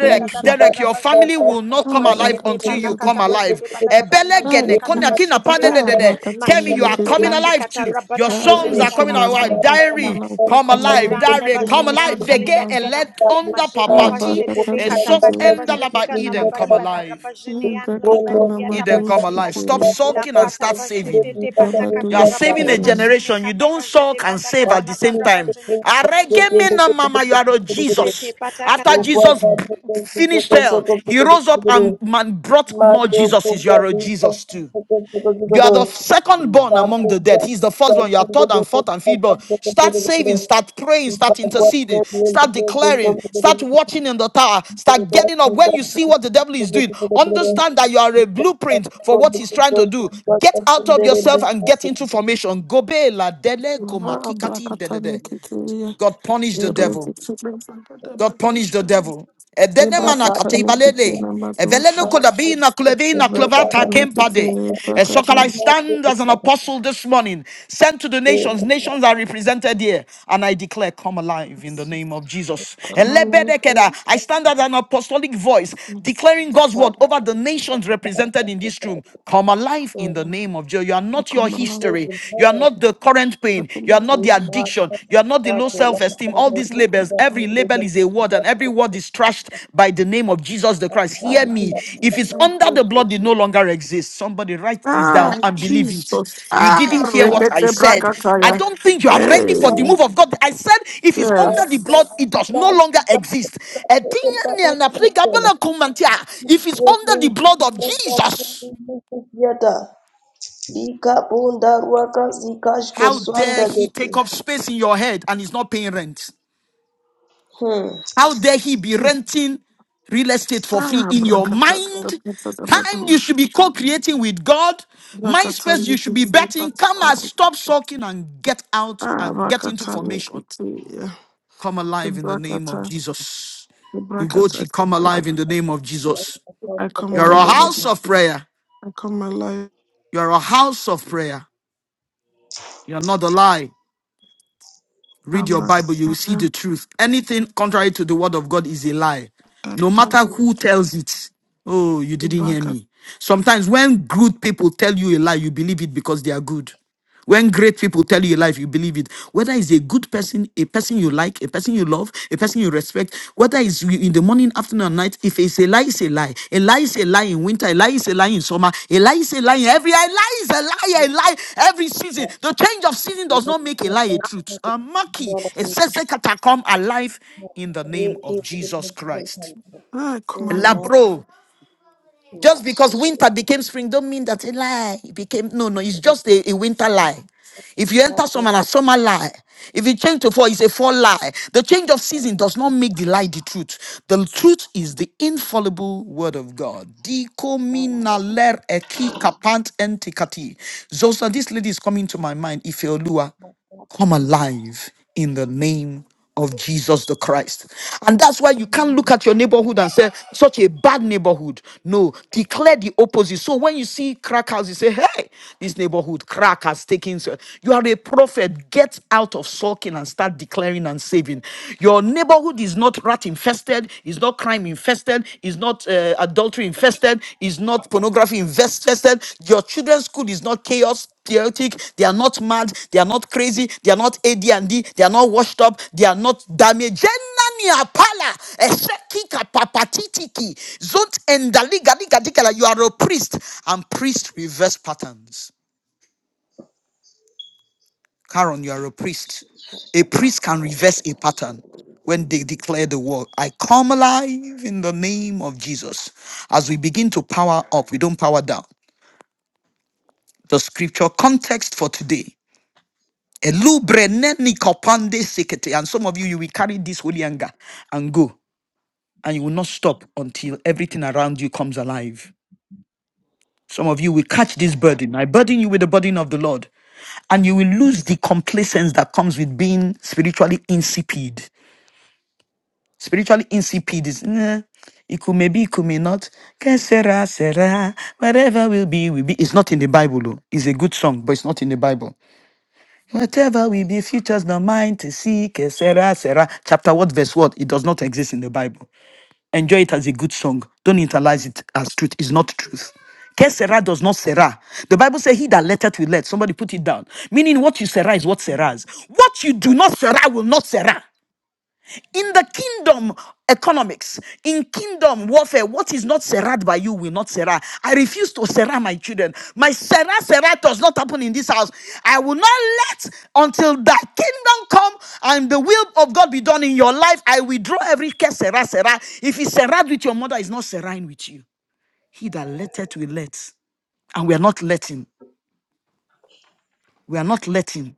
Speaker 6: Thank
Speaker 8: kata
Speaker 1: Derek, your
Speaker 8: rabarabazete
Speaker 1: family
Speaker 8: kata
Speaker 1: will not
Speaker 10: Ah
Speaker 1: come alive
Speaker 8: mashete
Speaker 1: until
Speaker 10: prakata
Speaker 1: you
Speaker 10: prakata.
Speaker 1: come
Speaker 8: panakata
Speaker 1: alive.
Speaker 8: pazete patakata
Speaker 1: Ebele
Speaker 10: Ah
Speaker 8: mazene
Speaker 1: gene, konya
Speaker 10: please.
Speaker 1: kina
Speaker 8: katapashete
Speaker 1: pande de
Speaker 10: Ah
Speaker 8: kata
Speaker 1: de de.
Speaker 10: rakata
Speaker 1: Tell you are
Speaker 8: mashete te
Speaker 1: coming
Speaker 10: milebedos.
Speaker 1: alive
Speaker 8: patikata
Speaker 1: too. Your
Speaker 8: rabata
Speaker 10: Ah
Speaker 1: songs
Speaker 10: I
Speaker 8: pazete
Speaker 1: are
Speaker 10: come
Speaker 1: coming
Speaker 8: kana
Speaker 10: my
Speaker 8: labari
Speaker 1: alive.
Speaker 10: life. I come
Speaker 8: patakata
Speaker 10: my
Speaker 1: Diary,
Speaker 10: life. I
Speaker 1: come
Speaker 10: come my
Speaker 1: alive.
Speaker 10: life. I
Speaker 8: Ranne
Speaker 1: Diary,
Speaker 10: come my
Speaker 1: come
Speaker 8: bajene
Speaker 10: life. I
Speaker 1: alive.
Speaker 10: come my
Speaker 8: andali
Speaker 1: Vege
Speaker 10: life.
Speaker 8: badigada
Speaker 1: elect under
Speaker 8: majete
Speaker 10: Ah
Speaker 1: papati,
Speaker 8: pashete
Speaker 10: prakata
Speaker 8: le
Speaker 1: a soft
Speaker 8: katapati
Speaker 10: milebedos
Speaker 1: end
Speaker 8: pashete
Speaker 1: laba
Speaker 8: kana la
Speaker 10: kitini.
Speaker 1: Eden, come
Speaker 8: badibada
Speaker 1: alive.
Speaker 8: rabajene andale
Speaker 10: Prakata
Speaker 8: batiata
Speaker 1: Eden, come
Speaker 10: namados
Speaker 8: pashete
Speaker 1: alive.
Speaker 8: kada
Speaker 1: Stop
Speaker 10: kitini.
Speaker 8: la
Speaker 1: sulking and
Speaker 8: kata
Speaker 1: start
Speaker 8: pashete
Speaker 1: saving.
Speaker 8: te
Speaker 1: You
Speaker 8: patakata
Speaker 1: are saving
Speaker 8: rabana
Speaker 1: a
Speaker 10: Gabadushkete.
Speaker 8: majene
Speaker 1: generation. You
Speaker 8: kata
Speaker 1: don't
Speaker 8: pashete
Speaker 1: suck and save
Speaker 8: patakata
Speaker 1: at the
Speaker 8: la
Speaker 1: same time.
Speaker 8: barabajene kata pashete
Speaker 1: Aregemena
Speaker 8: kada
Speaker 1: mama, you are a
Speaker 8: shete
Speaker 1: Jesus. After
Speaker 8: patakata
Speaker 1: Jesus b- finished hell, he rose up
Speaker 6: you.
Speaker 1: and man brought more
Speaker 6: Mado
Speaker 1: Jesuses. You
Speaker 6: kubwa
Speaker 1: are a
Speaker 6: duka
Speaker 1: Jesus too.
Speaker 6: sitoko sitoko
Speaker 1: You are
Speaker 6: sitoko.
Speaker 1: the second born among
Speaker 6: Tapo
Speaker 1: the
Speaker 6: kwa
Speaker 1: dead. He's the
Speaker 6: sita
Speaker 1: first one. You are
Speaker 6: kunde
Speaker 1: third and
Speaker 6: dodo
Speaker 1: fourth and fifth
Speaker 6: sitoko
Speaker 1: born.
Speaker 6: sitoko
Speaker 1: Start
Speaker 6: sitoko sitoko.
Speaker 1: saving, start praying, start
Speaker 6: Bagwa
Speaker 1: interceding,
Speaker 6: tebi
Speaker 1: start
Speaker 6: sitoko
Speaker 1: declaring,
Speaker 6: sitoko sitoko
Speaker 1: start
Speaker 6: sitoko.
Speaker 1: watching in the tower, start
Speaker 6: Sika
Speaker 1: getting up. When
Speaker 6: sika
Speaker 1: you see what the devil is
Speaker 6: sitoko
Speaker 1: doing,
Speaker 6: sitoko sitoko sitoko.
Speaker 1: understand that you are a
Speaker 6: Sika
Speaker 1: blueprint for
Speaker 6: siko
Speaker 1: what he's
Speaker 6: buku
Speaker 1: trying to
Speaker 6: kosh
Speaker 1: do.
Speaker 6: sika
Speaker 1: Get out of
Speaker 6: kundere
Speaker 1: yourself and
Speaker 6: buka
Speaker 1: get into
Speaker 6: sitoko.
Speaker 1: formation. Gobe la dele komakikati dedede.
Speaker 10: Abrakatanikitiya.
Speaker 1: God punish the devil.
Speaker 10: Erekitira
Speaker 1: God punish the
Speaker 10: Bagadabadushka.
Speaker 1: devil. Edene mana
Speaker 6: Tapa tapa.
Speaker 1: katibalele.
Speaker 10: Ebrakatanikitina
Speaker 1: Evele no
Speaker 10: Madusha.
Speaker 1: koda
Speaker 6: Masi
Speaker 1: na kuleve
Speaker 6: sitoko
Speaker 1: na
Speaker 6: beda
Speaker 1: klovata
Speaker 6: bahu sitoko
Speaker 1: kempade.
Speaker 10: Ebrakatanikitina
Speaker 1: And
Speaker 6: sitoko
Speaker 1: so can
Speaker 10: Ebrakatan.
Speaker 1: I stand
Speaker 6: sitoko.
Speaker 1: as an
Speaker 6: Sika
Speaker 1: apostle this morning, sent to the nations. Nations are represented here. And I declare, come alive in the name of Jesus.
Speaker 6: sika
Speaker 10: Come alive.
Speaker 1: Elebedekeda.
Speaker 6: sitoko.
Speaker 1: I stand as an apostolic voice,
Speaker 10: Yes.
Speaker 1: declaring
Speaker 6: the
Speaker 1: God's
Speaker 6: top
Speaker 1: word over the
Speaker 6: of the
Speaker 1: nations
Speaker 6: back
Speaker 1: represented
Speaker 6: of
Speaker 1: in
Speaker 6: the
Speaker 1: this room.
Speaker 6: back.
Speaker 1: Come alive in
Speaker 6: So
Speaker 1: the name of Jesus. You are
Speaker 10: I
Speaker 1: not your
Speaker 10: come alive.
Speaker 6: praise
Speaker 1: history.
Speaker 6: the
Speaker 1: You are
Speaker 6: Lord,
Speaker 1: not the current
Speaker 10: I
Speaker 1: pain.
Speaker 10: come
Speaker 1: You are not the
Speaker 6: praise
Speaker 10: alive.
Speaker 6: my
Speaker 1: addiction.
Speaker 6: Father,
Speaker 1: You are not the
Speaker 6: God,
Speaker 1: low
Speaker 6: the
Speaker 1: self
Speaker 6: Lord, my
Speaker 1: esteem.
Speaker 6: Lord,
Speaker 1: All
Speaker 10: I
Speaker 6: the
Speaker 1: these
Speaker 10: come
Speaker 6: Lord,
Speaker 1: labels,
Speaker 6: the Lord, the
Speaker 1: every
Speaker 6: Lord,
Speaker 10: alive.
Speaker 6: the Lord,
Speaker 1: label
Speaker 6: the
Speaker 1: is a
Speaker 6: Lord,
Speaker 1: word, and every word is trashed by the name of Jesus the Christ. Hear me.
Speaker 6: the
Speaker 1: If
Speaker 6: Lord,
Speaker 1: it's
Speaker 10: Um,
Speaker 6: the
Speaker 1: under the
Speaker 6: Lord.
Speaker 1: blood, it no longer exists. Somebody write this
Speaker 10: Ah,
Speaker 6: Ah,
Speaker 1: down and believe it.
Speaker 10: Jesus.
Speaker 1: You
Speaker 6: my
Speaker 10: Ah,
Speaker 1: didn't hear what
Speaker 6: God,
Speaker 1: I
Speaker 10: Rekete
Speaker 6: praise
Speaker 1: said.
Speaker 6: my
Speaker 1: I
Speaker 10: Brakataya.
Speaker 1: don't think you are ready for the
Speaker 10: Hey,
Speaker 6: God,
Speaker 1: move of God. I said, if it's
Speaker 6: my
Speaker 1: under the
Speaker 10: yes.
Speaker 6: son,
Speaker 1: blood, it
Speaker 6: my
Speaker 1: does no
Speaker 6: God, my
Speaker 1: longer
Speaker 6: God, my
Speaker 1: exist.
Speaker 6: God, my God, my God. Praise the Lord,
Speaker 1: If it's
Speaker 6: praise the
Speaker 1: under the blood of
Speaker 6: Lord,
Speaker 1: Jesus,
Speaker 6: praise the Lord. Ika bunda ruaka
Speaker 1: how dare he take up space in your head and he's not paying rent?
Speaker 6: Hmm.
Speaker 1: How dare he be renting real estate for free
Speaker 10: Ah,
Speaker 1: in your
Speaker 10: brakata
Speaker 1: mind?
Speaker 10: brakata
Speaker 1: Time you
Speaker 10: dabadosh
Speaker 1: should be co
Speaker 10: katan.
Speaker 1: creating with God. Mind
Speaker 10: Brakata
Speaker 1: space you should be
Speaker 10: nikiti
Speaker 1: betting. Come and stop
Speaker 10: brakata.
Speaker 1: sulking and get out
Speaker 10: Ah,
Speaker 1: and get into
Speaker 10: brakata
Speaker 1: formation.
Speaker 10: nikiti.
Speaker 1: Come alive in the name of
Speaker 10: Brakata,
Speaker 1: Jesus.
Speaker 10: brakata.
Speaker 1: Ugochi, come alive in the name of Jesus.
Speaker 10: I come
Speaker 1: You're a
Speaker 10: alive.
Speaker 1: house of prayer.
Speaker 10: I come alive.
Speaker 1: You're a house of prayer. You're not a lie.
Speaker 10: Ah,
Speaker 1: read your Bible, you will see
Speaker 10: brakata.
Speaker 1: the truth. Anything contrary to the word of God is a lie. No matter
Speaker 10: Brakata.
Speaker 1: who tells it. Oh, you didn't hear
Speaker 10: Brakata.
Speaker 1: me. Sometimes when good people tell you a lie, you believe it because they are good. When great people tell you a lie, you believe it. Whether it's a good person, a person you like, a person you love, a person you respect, whether it's you in the morning, afternoon, or night, if it's a lie, it's a lie. A lie is a lie in winter, a lie is a lie in summer, a lie is a lie in every a lie is a lie, a lie every season.
Speaker 6: All
Speaker 1: The change of season does not make a lie a truth. Uh, Maki, it says they come alive in the name of Jesus Christ.
Speaker 10: Ah, I come
Speaker 1: Labro. Just because winter became spring, don't mean that's a lie. It became no, no, it's just a, a winter lie. If you enter summer, a summer lie. If you change to fall, it's a fall lie. The change of season does not make the lie the truth. The truth is the infallible word of God. Dikomina ler eki kapant entikati. Zosa, this lady is coming to my mind. Ifeoluwa come alive in the name of Jesus the Christ. And that's why you can't look at your neighborhood and say, such a bad neighborhood. No, declare the opposite. So when you see crack house, you say, hey, this neighborhood crack has taken. so-" You are a prophet. Get out of sulking and start declaring and saving. Your neighborhood is not rat infested, is not crime infested, is not uh, adultery infested, is not pornography infested. Your children's school is not chaos chaotic, they are not mad, they are not crazy, they are not AD&D, they are not washed up, they are not damaged. Jenani apala, esekika papatitiki, zot endaliga liga dikala. You are a priest, and priest reverse patterns. Karen, you are a priest. A priest can reverse a pattern when they declare the word, I come alive in the name of Jesus. As we begin to power up, we don't power down. The scripture context for today. Elubre neni kopande sekete. And some of you, you will carry this holy anger and go, and you will not stop until everything around you comes alive. Some of you will catch this burden. I burden you with the burden of the Lord, and you will lose the complacence that comes with being spiritually insipid. Spiritually insipid is, "Nah, it could maybe, it could may not. Que sera, sera. Whatever will be, will be. It's not in the Bible, though. It's a good song, but it's not in the Bible. Whatever will be, futures not mine to seek, etc., etc. Chapter what, verse what? It does not exist in the Bible. Enjoy it as a good song. Don't internalize it as truth. It's not truth. Que sera does not sera. The Bible says, He that letteth will let. Somebody put it down. Meaning, what you sera is what seras. What you do not sera will not sera. In the kingdom economics, in kingdom warfare, what is not serrat by you will not serrat. I refuse to serrat my children. My serrat serrat does not happen in this house. I will not let until thy kingdom come and the will of God be done in your life. I withdraw every care serrat serrat. If it's serrat with your mother, it's not serrat with you. He that letteth will let, and we are not letting. We are not letting.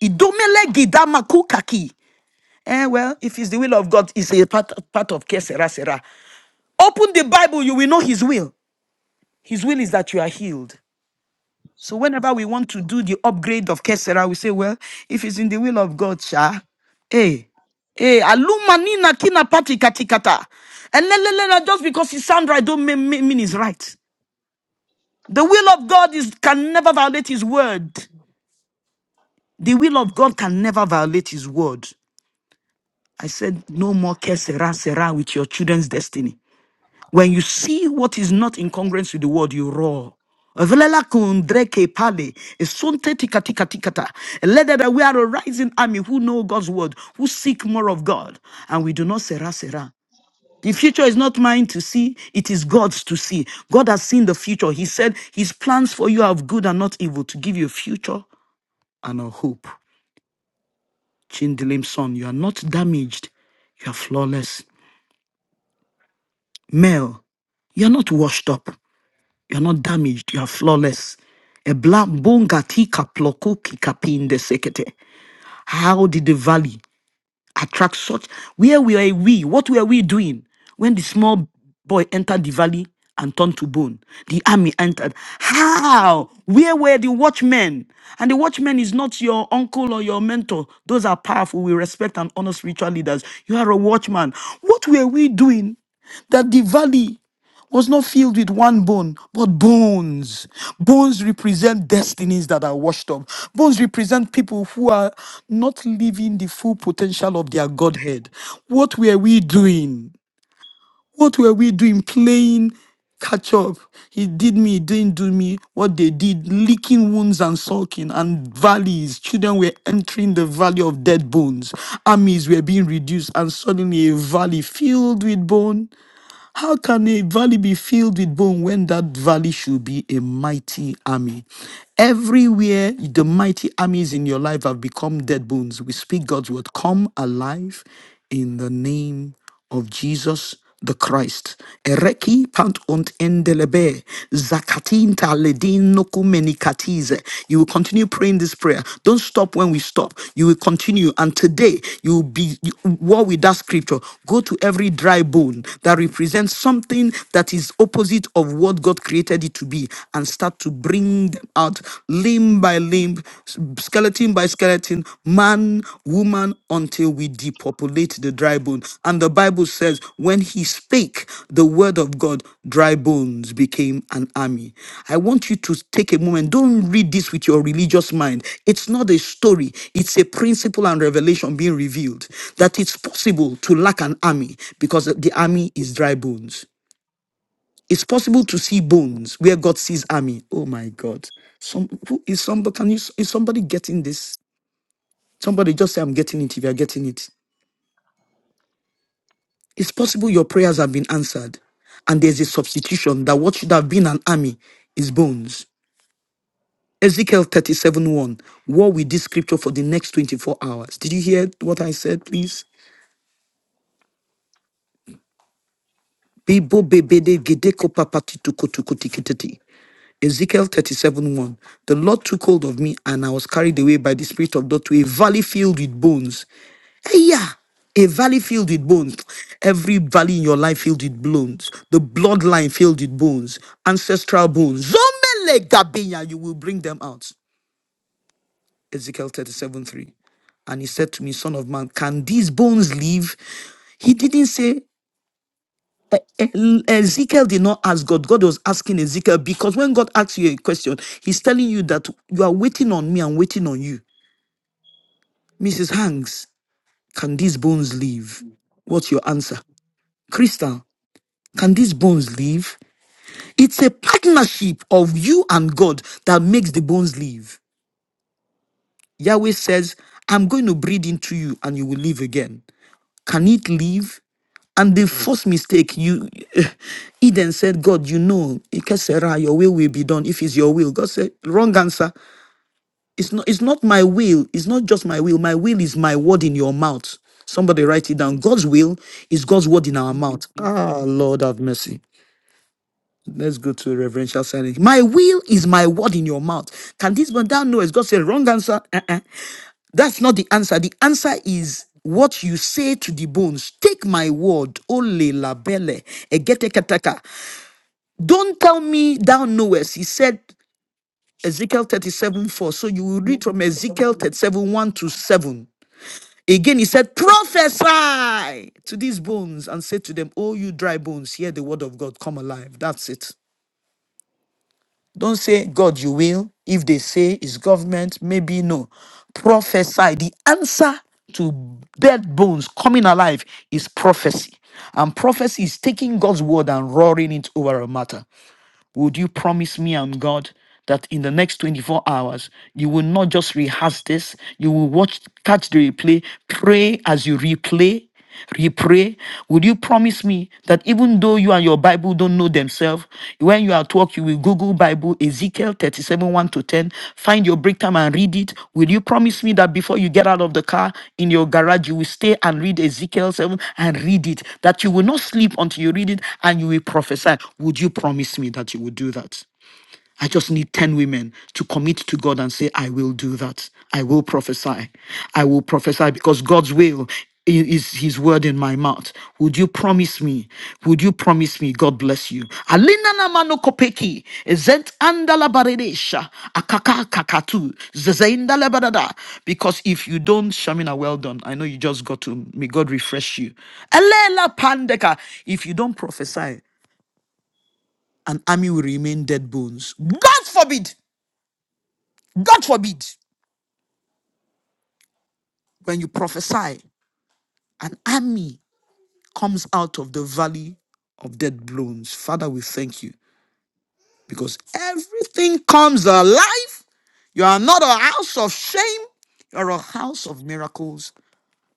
Speaker 1: Idomele gidama kukaki. Eh, well, if it's the will of God, it's a part, part of Kesera Open the Bible, you will know His will. His will is that you are healed. So whenever we want to do the upgrade of Kesera, we say, well, if it's in the will of God, sha, hey, hey, aluma nina kina pati katikata. And le- le- le- le, just because it sounds right, don't mean, mean mean it's right. The will of God is can never violate His word. The will of God can never violate His word. I said, no more Kesera, Sera with your children's destiny. When you see what is not in congruence with the word, you roar. Velela kundreke pale, esunte tika tika tika ta. Let that we are a rising army who know God's word, who seek more of God, and we do not sera sera. The future is not mine to see, it is God's to see. God has seen the future. He said his plans for you are of good and not evil, to give you a future and a hope. Chindilim son, you are not damaged, you are flawless. Mel, you are not washed up. You're not damaged. You're flawless. Eblambongatika plokokikapinde sekete. How did the valley attract such? Where were we? What were we doing when the small boy entered the valley and turned to bone? The army entered. How? Where were the watchmen? And the watchman is not your uncle or your mentor. Those are powerful. We respect and honor spiritual leaders. You are a watchman. What were we doing that the valley? was not filled with one bone, but bones. Bones represent destinies that are washed up. Bones represent people who are not living the full potential of their Godhead. What were we doing? What were we doing? Playing catch up. He did me, he didn't do me. What they did, licking wounds and sulking and valleys. Children were entering the valley of dead bones. Armies were being reduced, and suddenly a valley filled with bone. How can a valley be filled with bone when that valley should be a mighty army? Everywhere the mighty armies in your life have become dead bones, we speak God's word. Come alive in the name of Jesus the Christ. Ereki pant und endelebe. Zakatin taledin Nikatize. You will continue praying this prayer. Don't stop when we stop. You will continue. And today, you will be you, war with that scripture. Go to every dry bone that represents something that is opposite of what God created it to be and start to bring them out limb by limb, s- skeleton by skeleton, man, woman, until we depopulate the dry bones. And the Bible says, when he spake the word of God, dry bones became an army. I want you to take a moment. Don't read this with your religious mind. It's not a story, it's a principle and revelation being revealed that it's possible to lack an army because the army is dry bones. It's possible to see bones where God sees army. Oh my God. Some, who is somebody, can you, is somebody getting this? Somebody just say, I'm getting it if you're getting it. It's possible your prayers have been answered, and there's a substitution that what should have been an army is bones. Ezekiel 37 1. War with this scripture for the next 24 hours. Did you hear what I said, please? Bibo bebede gedeko papatitukotukotikititi. Ezekiel 37 1. The Lord took hold of me, and I was carried away by the Spirit of God to a valley filled with bones. Hey, yeah. A valley filled with bones. Every valley in your life filled with bones. The bloodline filled with bones. Ancestral bones. Zomele gabinya, you will bring them out. Ezekiel 37 3. And he said to me, Son of man, can these bones live? He didn't say E- Ezekiel did not ask God. God was asking Ezekiel because when God asks you a question, He's telling you that you are waiting on me and waiting on you. Mrs. Hanks, can these bones live? What's your answer? Crystal, can these bones live? It's a partnership of you and God that makes the bones live. Yahweh says, I'm going to breathe into you and you will live again. Can it live? And the first mistake, you Eden said, God, you know, Ikesera, your will will be done. If it's your will, God said, wrong answer. It's not, it's not my will. It's not just my will. My will is my word in your mouth. Somebody write it down. God's will is God's word in our mouth. Ah, Lord have mercy. Let's go to reverential silence. My will is my word in your mouth. Can this man thou knowest? God said, wrong answer. Uh-uh. That's not the answer. The answer is what you say to the bones. Take my word, ole labele, egetekataka. Don't tell me thou knowest. He said, Ezekiel 37 4. So you will
Speaker 10: alive.
Speaker 1: read from Ezekiel 37 1 to 7. Again, he said, Prophesy to these bones and say to them, Oh, you dry bones, hear the word of God, come alive. That's it. Don't say, God, you will. If they say it's government, maybe no. Prophesy. The answer to dead bones coming alive is prophecy. And prophecy is taking God's word and roaring it over a matter. Would you promise me and God that in the next 24 hours, you will not just rehearse this, you will watch, catch the replay, pray as you replay, repray. would you promise me that even though you and your Bible don't know themselves, when you are at work, book, you will Google Bible, Ezekiel 37, 1 to 10. Find your break time and read it. Will you promise me that before you get out of the car in your garage, you will stay and read Ezekiel 7 and read it? That you will not sleep until you read it and you will prophesy. Would you promise me that you will do that? I just need 10 women to commit to God and say, I will do that. I will prophesy. I will prophesy because God's will i- is his word in my mouth. Would you promise me? Would you promise me? God bless you. Alina na mano kopeki, ezent andala baredesha, akaka kakatu, zezeinda lebarada. Because if you don't, Shamina, well done. I know you just got to, may God refresh you. Elela pandeka, if you don't prophesy, an army will remain dead bones. God forbid. God forbid when you prophesy, an army comes out of the valley of dead bones. Father, we thank you because everything comes alive. You are not a house of shame, you're a house of miracles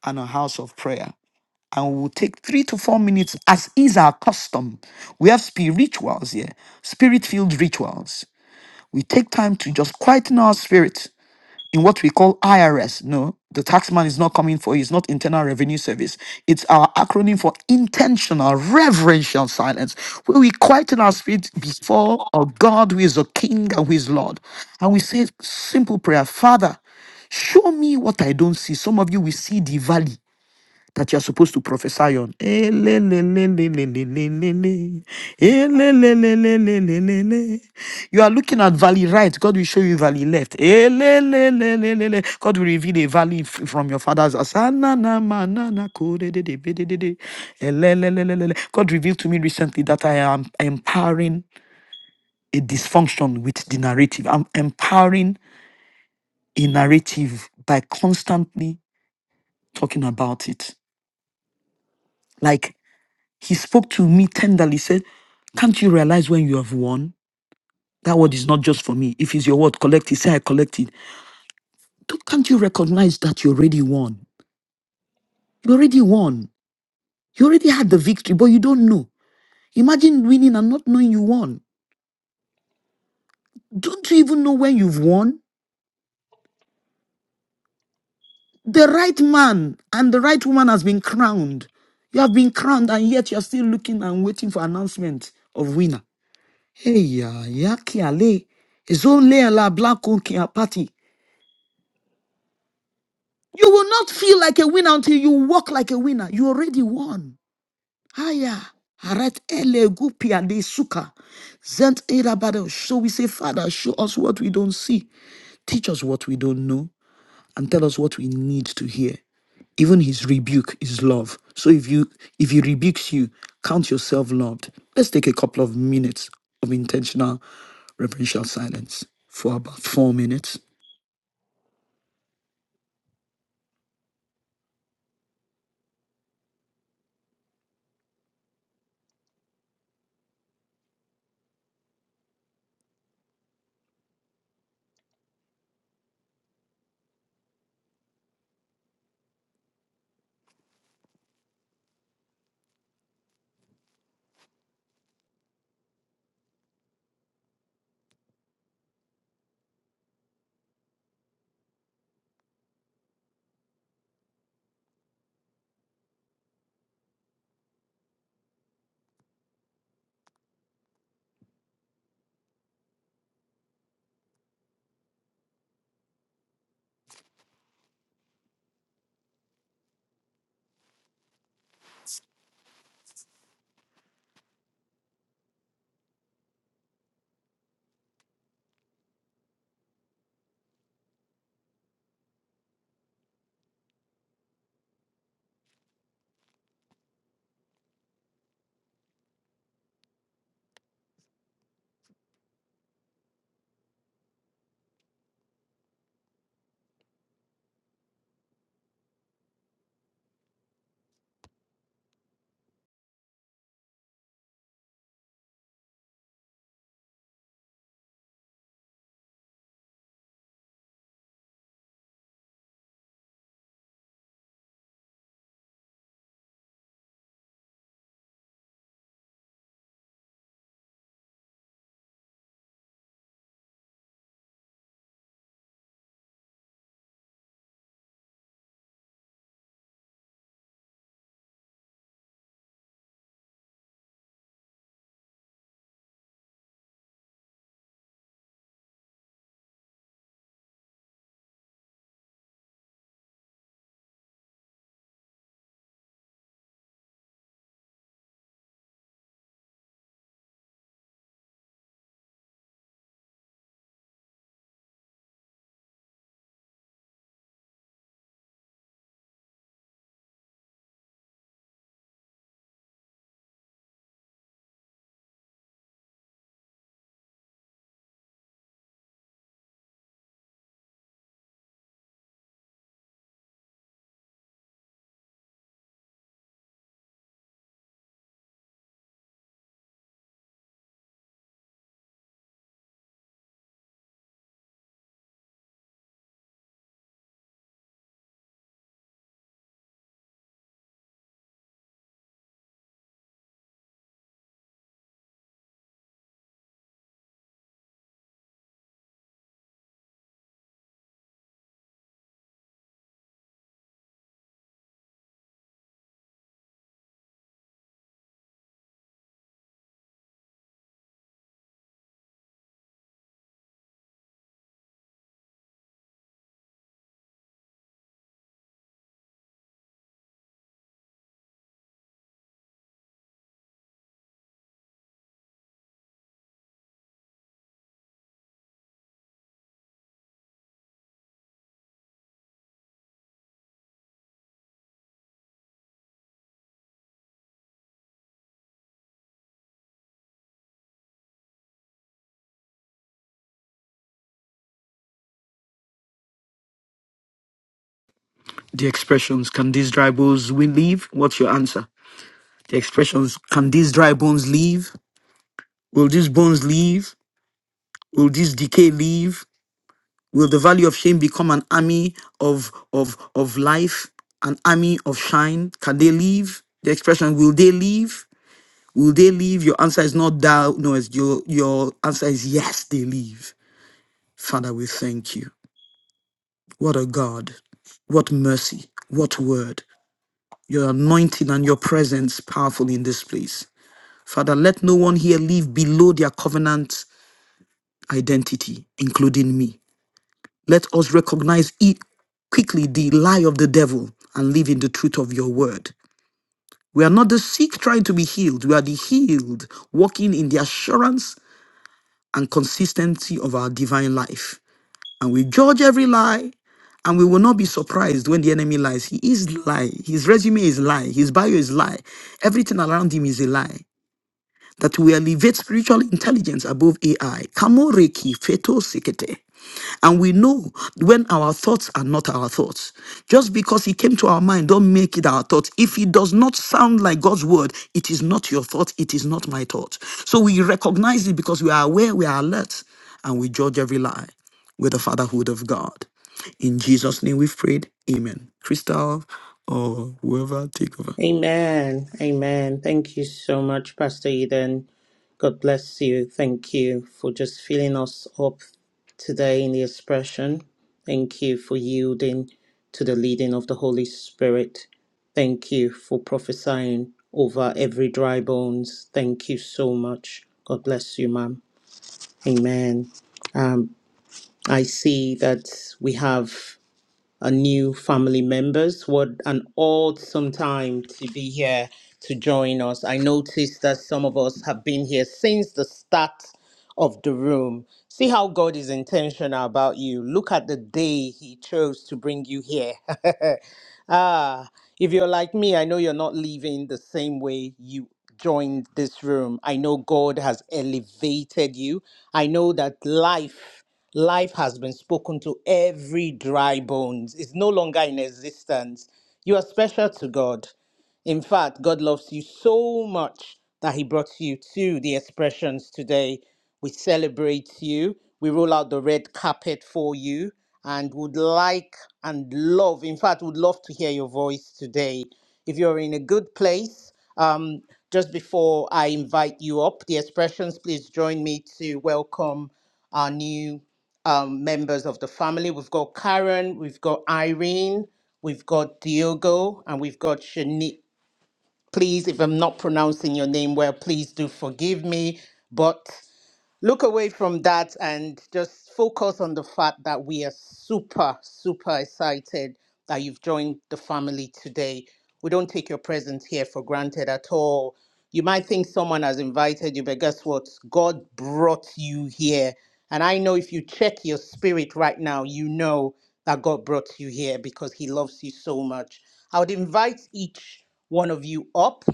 Speaker 1: and a house of prayer. And we will take three to four minutes, as is our custom. We have spirituals here, spirit filled rituals. We take time to just quieten our spirit in what we call IRS. No, the taxman is not coming for you. It's not Internal Revenue Service. It's our acronym for intentional reverential silence, where we quieten our spirit before a God, who is a King and who is Lord. And we say simple prayer Father, show me what I don't see. Some of you will see the valley that you are supposed to prophesy on. Elelelelelelelele. Elelelelelelelele. You are looking at valley right, God will show you valley left. Elelelelelele. God will reveal a valley f- from your father's house. Ananamananakodededebededede. Elelelelelele. God revealed to me recently that I am empowering a dysfunction with the narrative. I'm empowering a narrative by constantly talking about it. like. He spoke to me tenderly, said, Can't you realize when you have won? That word is not just for me. If it's your word, collect it. Say, I collect it. Don't- Can't you recognize that you already won? You already won. You already had the victory, but you don't know. Imagine winning and not knowing you won. Don't you even know when you've won? The right man and the right woman has been crowned. You have been crowned, and yet you're still looking and waiting for announcement of winner. Hey, ya, ya, ki ale. It's le a la black party. You will not feel like a winner until you walk like a winner. You already won. Haya. Harat ele gupia de suka. Zent era badel. So we say, Father, show us what we don't see. Teach us what we don't know. And tell us what we need to hear. Even his rebuke is love. So if you if he rebukes you, count yourself loved. Let's take a couple of minutes of intentional reverential silence for about four minutes. The expressions, can these dry bones we leave? What's your answer? The expressions can these dry bones leave? Will these bones leave? Will this decay leave? Will the valley of shame become an army of of of life, an army of shine? Can they leave? The expression will they leave? Will they leave? Your answer is not thou, no, it's your your answer is yes, they leave. Father, we thank you. What a God. What mercy. What word. Your anointing and your presence powerful in this place. Father, let no one here leave below their covenant identity, including me. Let us recognize e- quickly the lie of the devil and live in the truth of your word. We are not the sick trying to be healed, we are the healed, walking in the assurance and consistency of our divine life. And we judge every lie and we will not be surprised when the enemy lies. He is lie. His resume is lie. His bio is lie. Everything around him is a lie. That we elevate spiritual intelligence above AI. Kamoreki feto sekete. And we know when our thoughts are not our thoughts. Just because it came to our mind, don't make it our thought. If it does not sound like God's word, it is not your thought, it is not my thought. So we recognize it because we are aware, we are alert, and we judge every lie with the fatherhood of God. In Jesus' name we've prayed. Amen. Crystal or whoever, take over.
Speaker 2: Amen. Amen. Thank you so much, Pastor Eden. God bless you. Thank you for just filling us up today in the expression. Thank you for yielding to the leading of the Holy Spirit. Thank you for prophesying over every dry bones. Thank you so much. God bless you, ma'am. Amen. Um, I see that we have uh, new family members. What an awesome time to be here to join us. I noticed that some of us have been here since the start of the room. See how God is intentional about you. Look at the day He chose to bring you here. Ah, if you're like me, I know you're not leaving the same way you joined this room. I know God has elevated you. I know that life life has been spoken to every dry bones. It's no longer in existence. You are special to God. In fact, God loves you so much that He brought you to the expressions today. We celebrate you, we roll out the red carpet for you, and would like and love, in fact, would love to hear your voice today. If you're in a good place, um, just before I invite you up, the expressions, please join me to welcome our new um, members of the family. We've got Karen, we've got Irene, we've got Diogo, and we've got Shani. Please, if I'm not pronouncing your name well, please do forgive me. But look away from that and just focus on the fact that we are super, super excited that you've joined the family today. We don't take your presence here for granted at all. You might think someone has invited you, but guess what? God brought you here. And I know if you check your spirit right now, you know that God brought you here because He loves you so much. I would invite each one of you up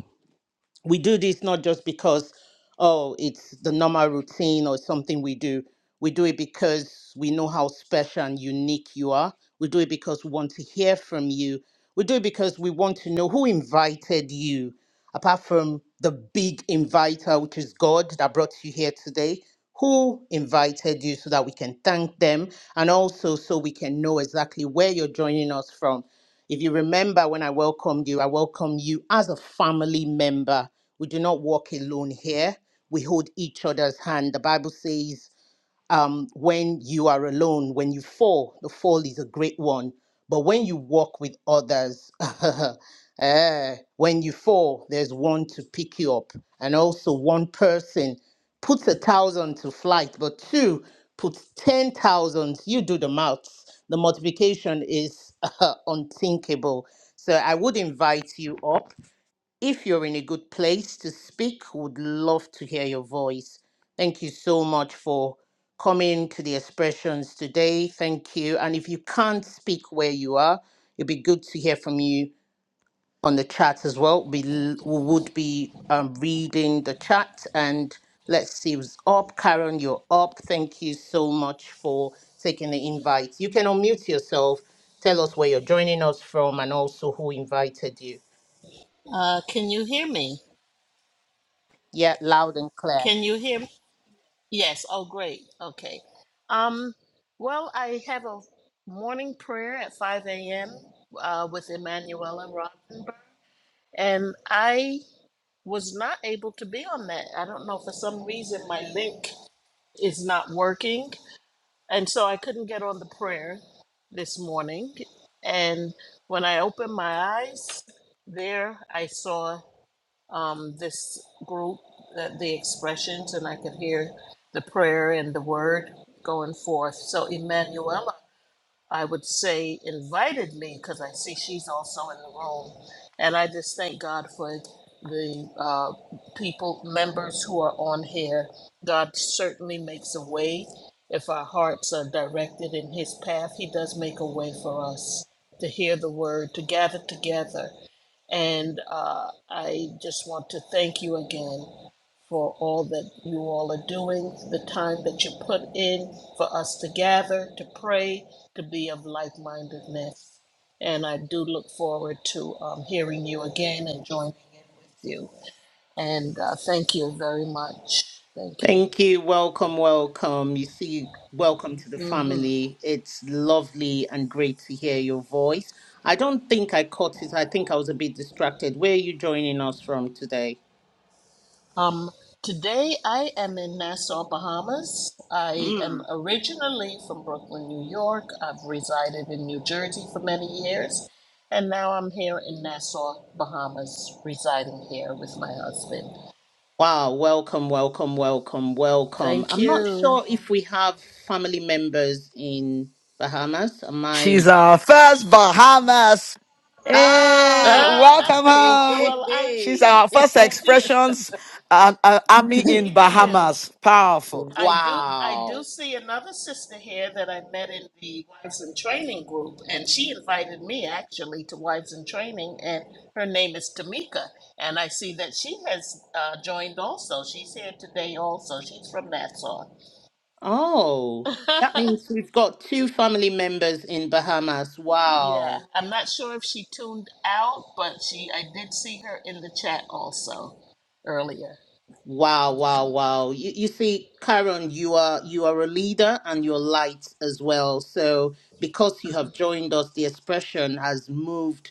Speaker 2: we do this not just because oh it's the normal routine or something we do we do it because we know how special and unique you are we do it because we want to hear from you we do it because we want to know who invited you apart from the big inviter which is god that brought you here today who invited you so that we can thank them and also so we can know exactly where you're joining us from if you remember when I welcomed you, I welcome you as a family member. We do not walk alone here. We hold each other's hand. The Bible says um, when you are alone, when you fall, the fall is a great one. But when you walk with others, eh, when you fall, there's one to pick you up. And also, one person puts a thousand to flight, but two puts 10,000. You do the maths. The multiplication is unthinkable. So I would invite you up. If you're in a good place to speak, would love to hear your voice. Thank you so much for coming to the expressions today. Thank you. And if you can't speak where you are, it'd be good to hear from you on the chat as well. We, l- we would be um, reading the chat and let's see who's up. Karen, you're up. Thank you so much for taking the invite. You can unmute yourself, tell us where you're joining us from, and also who invited you.
Speaker 11: Uh, can you hear me?
Speaker 2: Yeah, loud and clear.
Speaker 11: Can you hear? Me? Yes. Oh, great. Okay. Um, well, I have a morning prayer at 5 a.m. Uh, with Emanuela Rothenberg, and I was not able to be on that. I don't know for some reason my link is not working, and so I couldn't get on the prayer this morning. And when I opened my eyes, there I saw. um, this group, the, the expressions, and I could hear the prayer and the word going forth. So, Emanuela, I would say, invited me because I see she's also in the room. And I just thank God for the uh, people, members who are on here. God certainly makes a way. If our hearts are directed in His path, He does make a way for us to hear the word, to gather together and uh, I just want to thank you again for all that you all are doing, the time that you put in for us to gather, to pray, to be of like mindedness. And I do look forward to um, hearing you again and joining in with you. And uh, thank you very much. Thank you.
Speaker 2: Thank you. Welcome, welcome. You see, welcome to the
Speaker 11: hmm
Speaker 2: family. It's lovely and great to hear your voice. I don't think I caught it. I think I was a bit distracted. Where are you joining us from today?
Speaker 11: Um, today I am in Nassau, Bahamas. I am originally from Brooklyn, New York. I've resided in New Jersey for many years, and now I'm here in Nassau, Bahamas, residing here with my husband.
Speaker 2: Wow, welcome, welcome, welcome, welcome.
Speaker 11: Thank
Speaker 2: I'm not
Speaker 11: you.
Speaker 2: sure if we have family members in Bahamas. Am
Speaker 1: She's
Speaker 2: I?
Speaker 1: our first Bahamas. Hey,
Speaker 2: Ah!
Speaker 1: welcome
Speaker 2: Hey,
Speaker 1: home.
Speaker 2: hey,
Speaker 11: well, I
Speaker 1: She's our
Speaker 2: hey.
Speaker 1: first
Speaker 11: I think
Speaker 1: expressions and uh, army in
Speaker 11: thank you.
Speaker 1: Bahamas. Powerful.
Speaker 11: I do I
Speaker 2: Wow.
Speaker 11: do see another sister here that I met in the Wives in Training group, and she invited me actually to Wives in Training, and her name is Tamika, and I see that she has uh, joined also. She's here today also. She's from Nassau.
Speaker 2: Oh, that means we've got two family members in Bahamas.
Speaker 11: yeah,
Speaker 2: Wow.
Speaker 11: I'm not sure if she tuned out, but she I did see her in the chat also earlier.
Speaker 2: Wow, wow,
Speaker 11: hmm
Speaker 2: wow. You, you see, Karen, you are you are a leader and you're light as well. So because you have joined us, the expression has moved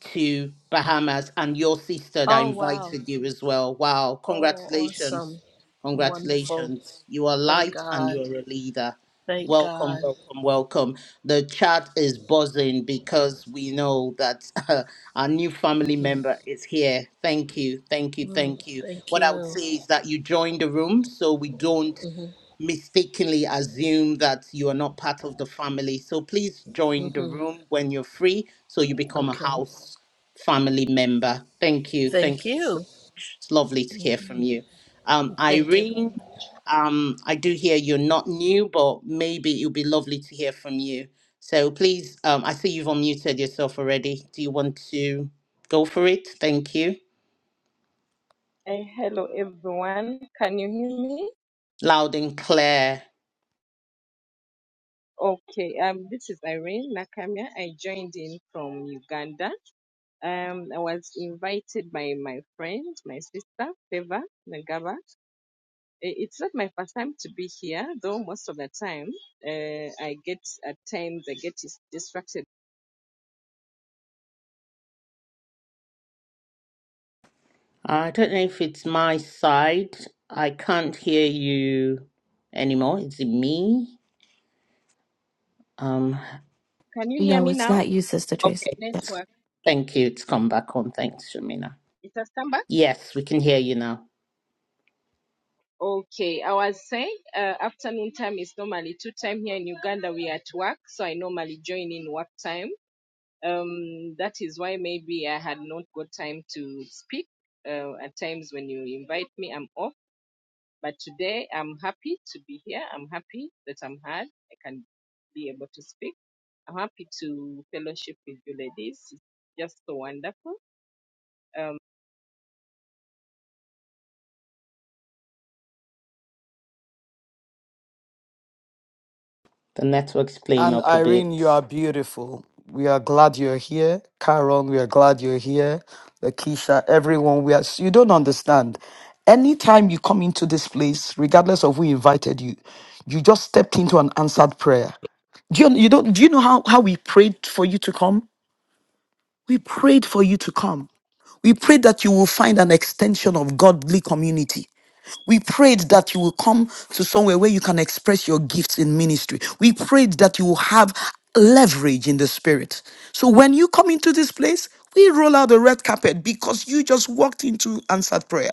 Speaker 2: to Bahamas and your sister that
Speaker 11: Oh, wow.
Speaker 2: invited you as well. Wow,
Speaker 11: Oh,
Speaker 2: congratulations.
Speaker 11: awesome. Wonderful.
Speaker 2: Congratulations. You are
Speaker 11: Thank
Speaker 2: light and
Speaker 11: God.
Speaker 2: you are a leader.
Speaker 11: Thank
Speaker 2: Welcome,
Speaker 11: God.
Speaker 2: welcome, welcome. The chat is buzzing because we know that our new family
Speaker 11: hmm
Speaker 2: member is here. Thank you, thank you,
Speaker 11: Mm,
Speaker 2: thank you.
Speaker 11: thank
Speaker 2: What I would
Speaker 11: you.
Speaker 2: say is that you join the room so we don't
Speaker 11: hmm
Speaker 2: mistakenly assume that you are not part of the family. So please join the
Speaker 11: hmm
Speaker 2: room when you're free so you become a
Speaker 11: Okay.
Speaker 2: house family member. Thank you. Thank
Speaker 11: Thank
Speaker 2: you so
Speaker 11: you.
Speaker 2: much. It's lovely to hear from you. Um,
Speaker 11: Thank you very
Speaker 2: Irene,
Speaker 11: much.
Speaker 2: um, I do hear you're not new, but maybe it'll be lovely to hear from you. So please, um, I see you've unmuted yourself already. Do you want to go for it? Thank you.
Speaker 12: Eh, hello everyone. Can you hear me?
Speaker 2: Loud and clear.
Speaker 12: Okay, um, this is Irene Nakamia. I joined in from Uganda. Um, I was invited by my friend, my sister, Feva Nagaba. Eh, It's not my first time to be here, though most of the time uh, I get at times I get dis- distracted.
Speaker 2: I don't know if it's my side. I can't hear you anymore. Is it me? Um,
Speaker 12: Can you hear
Speaker 13: No,
Speaker 12: me
Speaker 13: it's
Speaker 12: now?
Speaker 13: not you, Sister Tracy.
Speaker 2: okay.
Speaker 13: Yeah.
Speaker 12: Network.
Speaker 2: Thank you. It's come back on. Thanks, Shamina.
Speaker 12: It has come back.
Speaker 2: Yes, we can hear you now.
Speaker 12: Okay, I was saying uh, afternoon time is normally two time here in Uganda. We are at work, so I normally join in work time um, that is why maybe I had not got time to speak. Uh, at times when you invite me, I'm off. But today, I'm happy to be here. I'm happy that I'm heard. I can be able to speak. I'm happy to fellowship with you ladies. It's just so wonderful. Um,
Speaker 2: The network's playing
Speaker 1: And
Speaker 2: up a
Speaker 1: Irene,
Speaker 2: bit.
Speaker 1: you are beautiful. We are glad you're here. Karen, we are glad you're here. Lakeisha, everyone, we are. You don't understand. Anytime you come into this place, regardless of who invited you, you just stepped into an answered prayer. Do you, you don't? Do you know how how we prayed for you to come? We prayed for you to come. We pray that you will find an extension of godly community. We prayed that you will come to somewhere where you can express your gifts in ministry. We prayed that you will have leverage in the spirit. So when you come into this place, we roll out the red carpet because you just walked into answered prayer.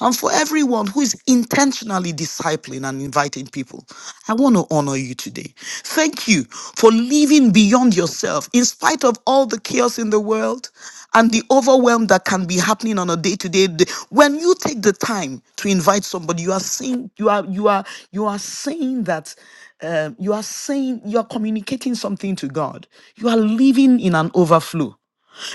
Speaker 1: And for everyone who is intentionally discipling and inviting people, I want to honor you today. Thank you for living beyond yourself in spite of all the chaos in the world and the overwhelm that can be happening on a day-to-day d- when you take the time to invite somebody you are saying you are you are you are saying that um, you are saying you are communicating something to god you are living in an overflow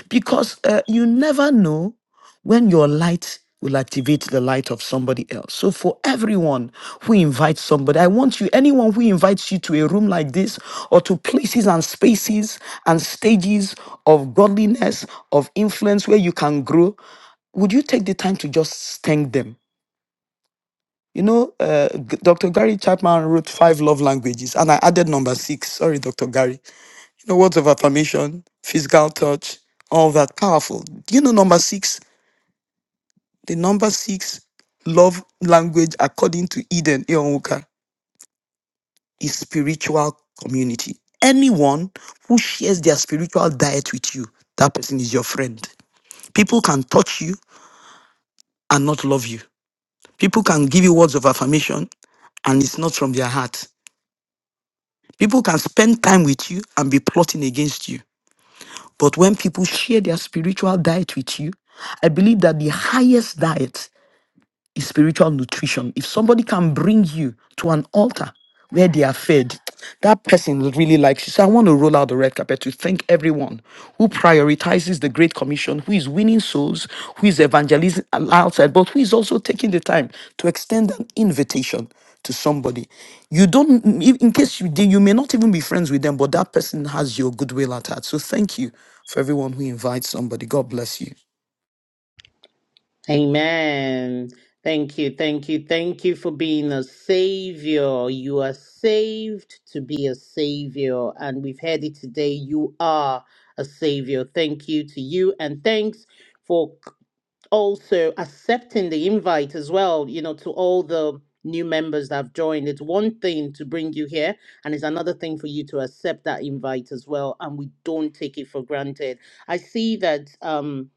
Speaker 1: because uh, you never know when your light will activate the light of somebody else. So for everyone who invites somebody, I want you, anyone who invites you to a room like this or to places and spaces and stages of godliness, of influence where you can grow, would you take the time to just thank them? You know, uh, G- Dr. Gary Chapman wrote five love languages, and I added number six. Sorry, Dr. Gary the words of affirmation, physical touch, all that powerful. Do you know number six? The number six love language, according to Eden Eonwuka, is spiritual community. Anyone who shares their spiritual diet with you, that person is your friend. People can touch you and not love you. People can give you words of affirmation and it's not from their heart. People can spend time with you and be plotting against you. But when people share their spiritual diet with you, I believe that the highest diet is spiritual nutrition. If somebody can bring you to an altar where they are fed, that person really likes you. So I want to roll out the red carpet to thank everyone who prioritizes the Great Commission, who is winning souls, who is evangelizing outside, but who is also taking the time to extend an invitation to somebody. You don't, in in case you did, you may not even be friends with them, but that person has your goodwill at heart. So thank you for everyone who invites somebody. God bless you.
Speaker 2: Amen. Thank you, thank you, thank you for being a savior. You are saved to be a savior. And we've heard it today. You are a savior. Thank you to you. And thanks for also accepting the invite as well, you know, to all the new members that have joined. It's one thing to bring you here, and it's another thing for you to accept that invite as well. And we don't take it for granted. I see that um,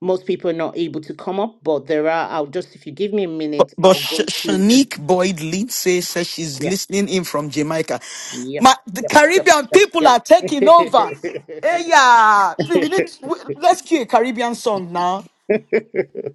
Speaker 2: most people are not able to come up, but there are, I'll just, if you give me a
Speaker 1: But,
Speaker 2: minute,
Speaker 1: but
Speaker 2: I'll
Speaker 1: Sh-
Speaker 2: go through.
Speaker 1: Shanique Boyd Lindsay says she's
Speaker 2: Yeah.
Speaker 1: listening in from Jamaica.
Speaker 2: Yep.
Speaker 1: My, the
Speaker 2: Yep. Yep.
Speaker 1: Caribbean people
Speaker 2: Yep.
Speaker 1: are
Speaker 2: Yep.
Speaker 1: taking over. Hey, yeah. Please, we need, we, let's cue a Caribbean song now.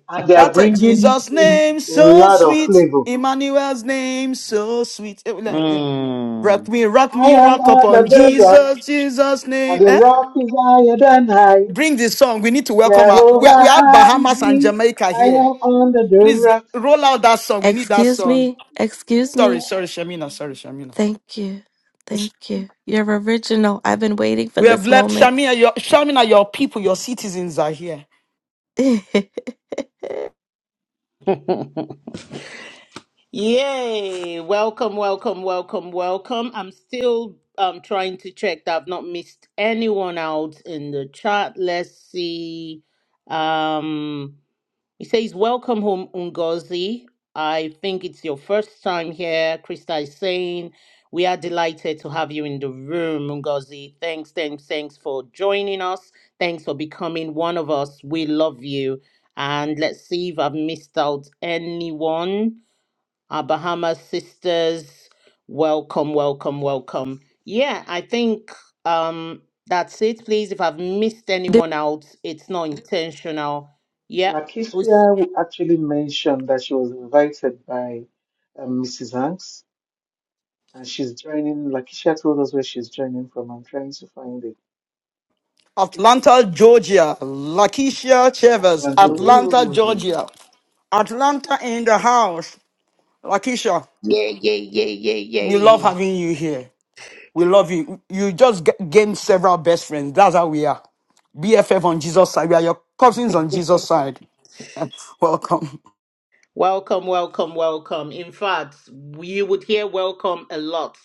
Speaker 14: and they are
Speaker 1: That uh,
Speaker 14: bringing
Speaker 1: Jesus'
Speaker 14: in
Speaker 1: name
Speaker 14: a
Speaker 1: so
Speaker 14: lot of
Speaker 1: sweet,
Speaker 14: flavor.
Speaker 1: Emmanuel's name so sweet. Eh, well, eh, yeah.
Speaker 2: mm.
Speaker 1: Rock me, rock
Speaker 14: I
Speaker 1: me,
Speaker 14: am
Speaker 1: rock
Speaker 14: on the
Speaker 1: upon
Speaker 14: good rock,
Speaker 1: Jesus, Jesus'
Speaker 14: and
Speaker 1: name.
Speaker 14: the
Speaker 1: Eh?
Speaker 14: rock is higher than high.
Speaker 1: Bring this song. We need to welcome our. We,
Speaker 14: Jehovah
Speaker 1: we have
Speaker 14: hide
Speaker 1: Bahamas and
Speaker 14: me.
Speaker 1: Jamaica
Speaker 14: I
Speaker 1: here.
Speaker 14: am on the good
Speaker 1: Please g-
Speaker 14: rock.
Speaker 1: roll out that song. We need that
Speaker 13: Excuse
Speaker 1: song.
Speaker 13: me. Excuse
Speaker 1: Sorry,
Speaker 13: me.
Speaker 1: sorry, Shamina. Sorry, Shamina.
Speaker 13: Thank you. Thank you. You're original. I've been waiting for
Speaker 1: We have
Speaker 13: this
Speaker 1: left
Speaker 13: moment.
Speaker 1: Shamina. Your Shamina, your people, your citizens are here.
Speaker 2: Yay! Welcome, welcome, welcome, welcome. I'm still um trying to check that I've not missed anyone out in the chat. Let's see. Um it says welcome home Ungozi. I think it's your first time here. Krista is saying we are delighted to have you in the room, Ungozi. Thanks, thanks, thanks for joining us. Thanks for becoming one of us. We love you. And let's see if I've missed out anyone our Bahama sisters, welcome, welcome, welcome. Yeah, I think um that's it. Please, if I've missed anyone out, it's not intentional. Yeah.
Speaker 14: Lakeisha actually mentioned that she was invited by um, Mrs. Hanks, and she's joining. Lakeisha told us where she's joining from. I'm trying to find it.
Speaker 1: Atlanta, Georgia. Lakeisha Chavez,
Speaker 14: Atlantic.
Speaker 1: Atlanta, Georgia. Atlanta in the house. Lakeisha, we love
Speaker 2: Okay.
Speaker 1: having you here. We love you. You just g- gained several best friends. That's how we are. BFF on Jesus' side. We are your cousins on Jesus' side. Welcome.
Speaker 2: Welcome, welcome, welcome. In fact, you would hear welcome a lot.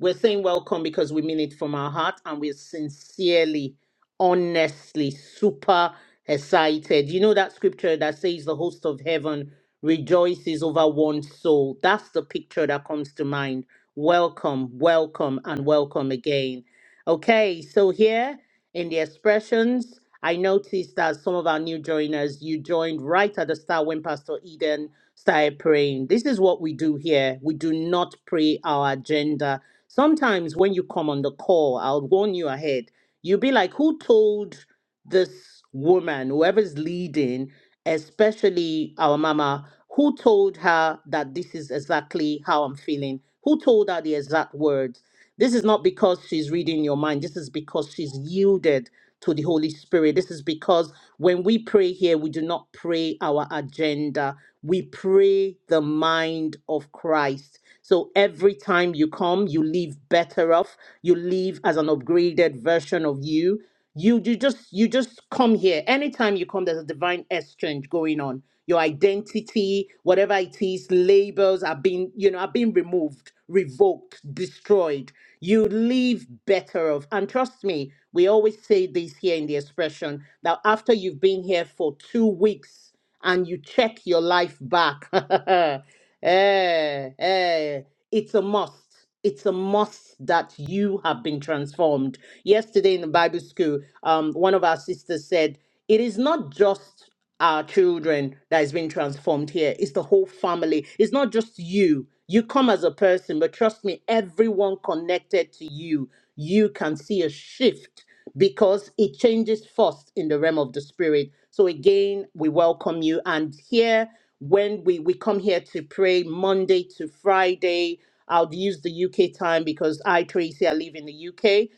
Speaker 2: We're saying welcome because we mean it from our heart and we're sincerely, honestly, super excited. You know that scripture that says the host of heaven rejoices over one soul? That's the picture that comes to mind. Welcome, welcome, and welcome again. Okay, so here in the expressions, I noticed that some of our new joiners, you joined right at the start when Pastor Eden started praying. This is what we do here. We do not pray our agenda. Sometimes when you come on the call, I'll warn you ahead. You'll be like, who told this woman, whoever's leading, especially our mama, who told her that this is exactly how I'm feeling? Who told her the exact words? This is not because she's reading your mind. This is because she's yielded to the Holy Spirit. This is because when we pray here, we do not pray our agenda. We pray the mind of Christ. So every time you come, you leave better off. You leave as an upgraded version of you. You you just you just come here. Anytime you come, there's a divine exchange going on. Your identity, whatever it is, labels are being, you know, are being removed, revoked, destroyed. You live better off. And trust me, we always say this here in the expression that after you've been here for two weeks and you check your life back, eh, eh, it's a must it's a must that you have been transformed. Yesterday in the Bible school, um, one of our sisters said, It is not just our children that is being transformed here, it's the whole family. It's not just you. You come as a person, but trust me, everyone connected to you, you can see a shift because it changes first in the realm of the spirit. So again, we welcome you. And here, when we, we come here to pray Monday to Friday, I'll use the UK time because I, Tracy, I live in the UK.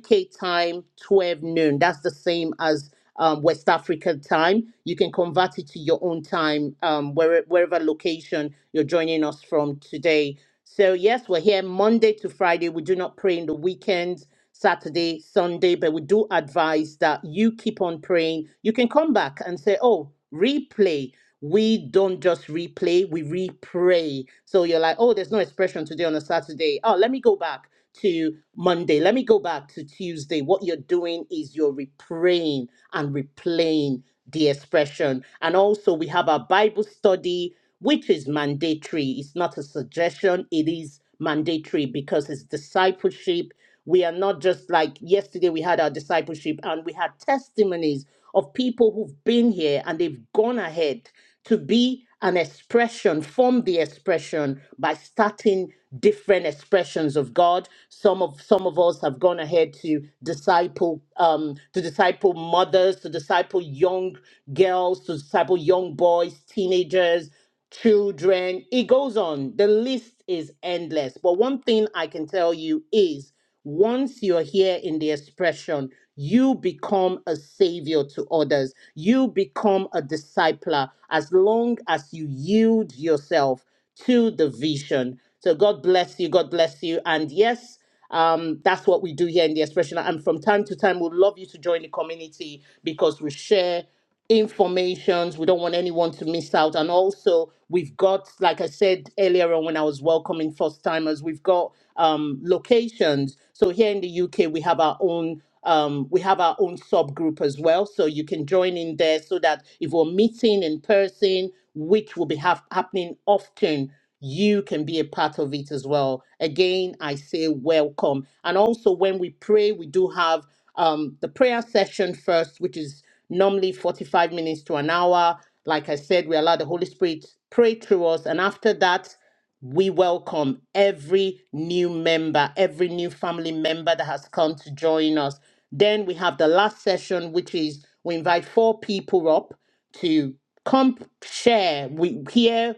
Speaker 2: UK time, 12 noon. That's the same as um, West African time. You can convert it to your own time, um, where, wherever location you're joining us from today. So, yes, we're here Monday to Friday. We do not pray in the weekends. Saturday, Sunday, but we do advise that you keep on praying. You can come back and say, oh, replay. We don't just replay, we repray. So you're like, oh, there's no expression today on a Saturday. Oh, let me go back to Monday. Let me go back to Tuesday. What you're doing is you're repraying and replaying the expression. And also, we have our Bible study which is mandatory. It's not a suggestion, it is mandatory because it's discipleship. We are not just like yesterday, we had our discipleship and we had testimonies of people who've been here and they've gone ahead to be an expression, form the expression by starting different expressions of God. Some of some of us have gone ahead to disciple, um, to disciple mothers, to disciple young girls, to disciple young boys, teenagers children. It goes on. The list is endless. But one thing I can tell you is once you're here in the expression, you become a savior to others. You become a discipler as long as you yield yourself to the vision. So God bless you. God bless you. And yes, um, that's what we do here in the expression. And from time to time, we'd love you to join the community because we share informations. We don't want anyone to miss out. And also, we've got, like I said earlier on when I was welcoming first timers, we've got um, locations. So here in the UK, we have our own. Um, we have our own subgroup as well, so you can join in there. So that if we're meeting in person, which will be hap- happening often, you can be a part of it as well. Again, I say welcome. And also, when we pray, we do have um, the prayer session first, which is normally 45 minutes to an hour. Like I said, we allow the Holy Spirit pray through us. And after that, we welcome every new member, every new family member that has come to join us. Then we have the last session, which is we invite four people up to come share. We hear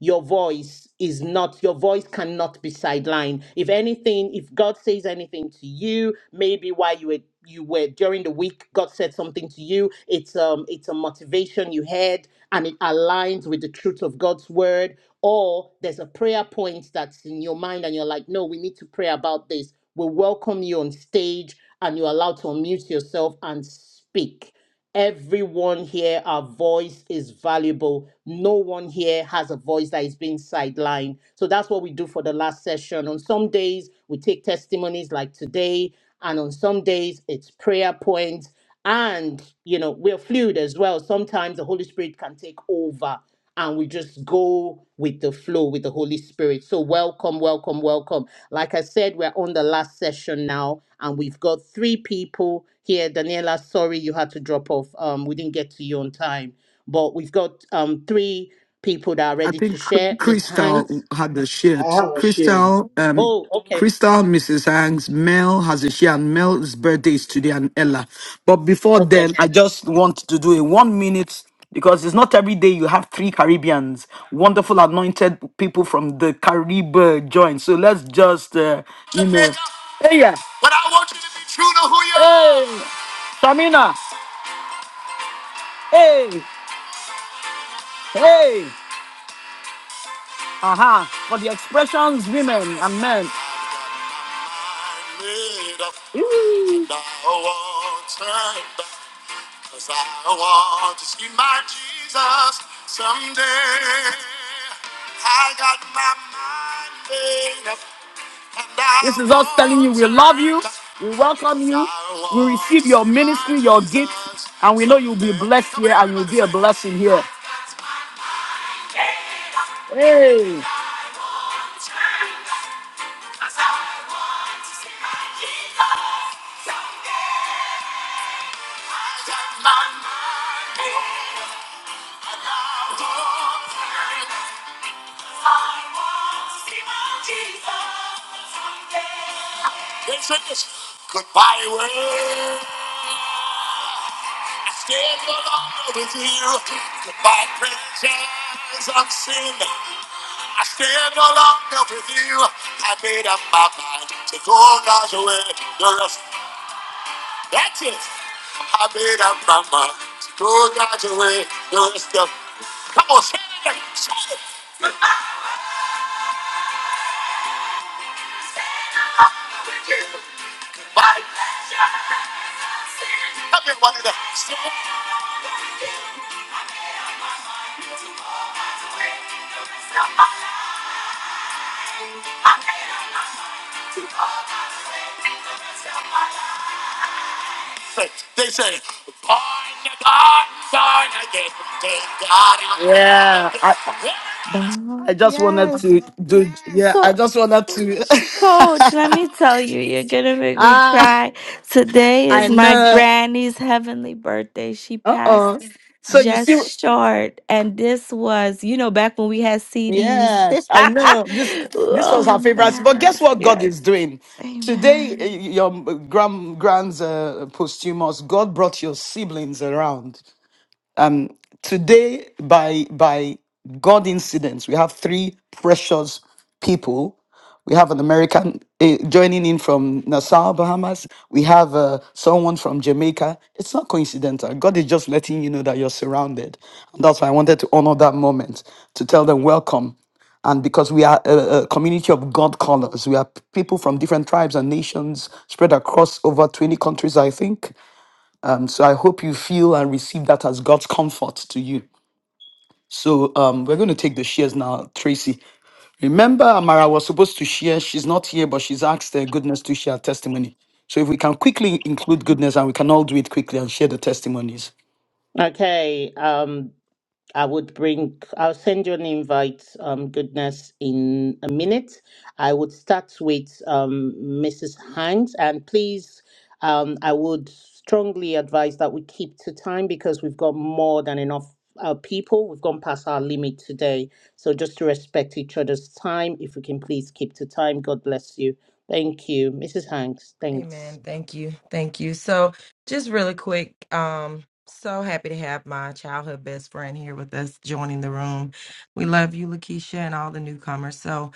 Speaker 2: your voice is not your voice cannot be sidelined if anything if god says anything to you maybe while you were you were during the week god said something to you it's um it's a motivation you had and it aligns with the truth of god's word or there's a prayer point that's in your mind and you're like no we need to pray about this we welcome you on stage and you're allowed to unmute yourself and speak Everyone here, our voice is valuable. No one here has a voice that is being sidelined. So that's what we do for the last session. On some days, we take testimonies like today, and on some days, it's prayer points. And, you know, we're fluid as well. Sometimes the Holy Spirit can take over and we just go with the flow with the Holy Spirit. So, welcome, welcome, welcome. Like I said, we're on the last session now, and we've got three people here. Daniela, sorry you had to drop off. Um, we didn't get to you on time, but we've got um three people that are
Speaker 1: I
Speaker 2: ready to
Speaker 1: think Cr-
Speaker 2: share. Miss
Speaker 1: Crystal
Speaker 2: Hanks.
Speaker 1: had the
Speaker 14: I
Speaker 1: shirts.
Speaker 14: have a share.
Speaker 1: Crystal, um,
Speaker 2: Oh, okay,
Speaker 1: Crystal, Mrs. Hanks, Mel has a share, and Mel's birthday is today, and Ella. But before
Speaker 2: okay,
Speaker 1: then, I just want to do a one minute because it's not every day you have three Caribbeans, wonderful anointed people from the Carib uh, join. So let's just, uh, you know, hey, yeah, hey, Shamina, hey, hey, aha, for the expressions, women and men. Woo! We welcome you. And we know you'll be blessed here and you'll be a blessing here. Hey, yeah, I, I
Speaker 13: Bomb.
Speaker 1: just wanted
Speaker 13: Yes.
Speaker 1: to do, yeah, I
Speaker 13: Co-
Speaker 1: just wanted to.
Speaker 13: Coach, let me tell you, you're going to make me
Speaker 1: ah,
Speaker 13: cry. Today
Speaker 1: I
Speaker 13: is my
Speaker 1: know.
Speaker 13: granny's heavenly birthday. She
Speaker 1: Uh
Speaker 13: passed.
Speaker 1: oh. So you see,
Speaker 13: Just short. And this was, you know, back when we had CDs.
Speaker 1: yes, I know. This this was
Speaker 13: oh,
Speaker 1: her favorite, but
Speaker 13: man.
Speaker 1: guess what God is
Speaker 13: Yes.
Speaker 1: doing today? eh,
Speaker 13: Amen.
Speaker 1: Your grand grand's uh, posthumous. God brought your siblings around today by by God incidents. We have three precious people We have an American uh, joining in from Nassau, Bahamas. We have uh, someone from Jamaica. It's not coincidental. God is just letting you know that you're surrounded. And that's why I wanted to honor that moment to tell them welcome. And because we are a, a community of God callers, we are p- people from different tribes and nations spread across over 20 countries, I think. Um, so I hope you feel and receive that as God's comfort to you. So um, we're going to take the shares now, Tracy. Remember, Amara was supposed to share. She's not here, but she's asked uh, goodness to share her testimony. So if we can quickly include goodness and we can all do it quickly and share the testimonies.
Speaker 2: okay. Um, I would bring, I'll send you an invite, um, goodness, in a minute. I would start with um, Mrs. Hines, and please, um, I would strongly advise that we keep to time because we've got more than enough uh, people. We've gone past our limit today. So just to respect each other's time, if we can please keep to time, God bless you. Thank you, Mrs. Hanks. Thanks.
Speaker 4: Amen. Thank you. Thank you. So, just really quick, um, so happy to have my childhood best friend here with us joining the room. We love you, Lakeisha, and all the newcomers. So,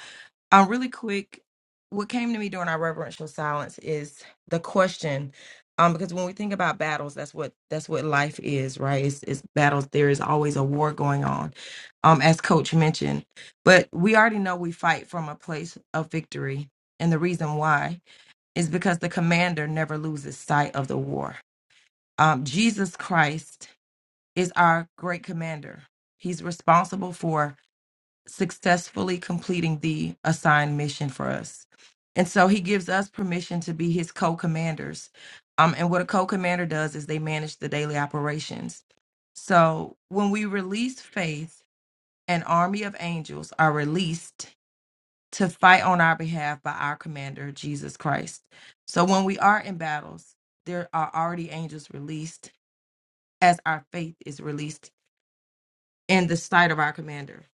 Speaker 4: um, really quick, what came to me during our reverential silence is the question, um, because when we think about battles, that's what that's what life is, right? It's, it's battles. There is always a war going on, um, as Coach mentioned. But we already know we fight from a place of victory, and the reason why is because the commander never loses sight of the war. Um, Jesus Christ is our great commander. He's responsible for successfully completing the assigned mission for us. And so he gives us permission to be his co commanders. Um, and what a co commander does is they manage the daily operations. So when we release faith, an army of angels are released to fight on our behalf by our commander, Jesus Christ. So when we are in battles, there are already angels released as our faith is released in the sight of our commander.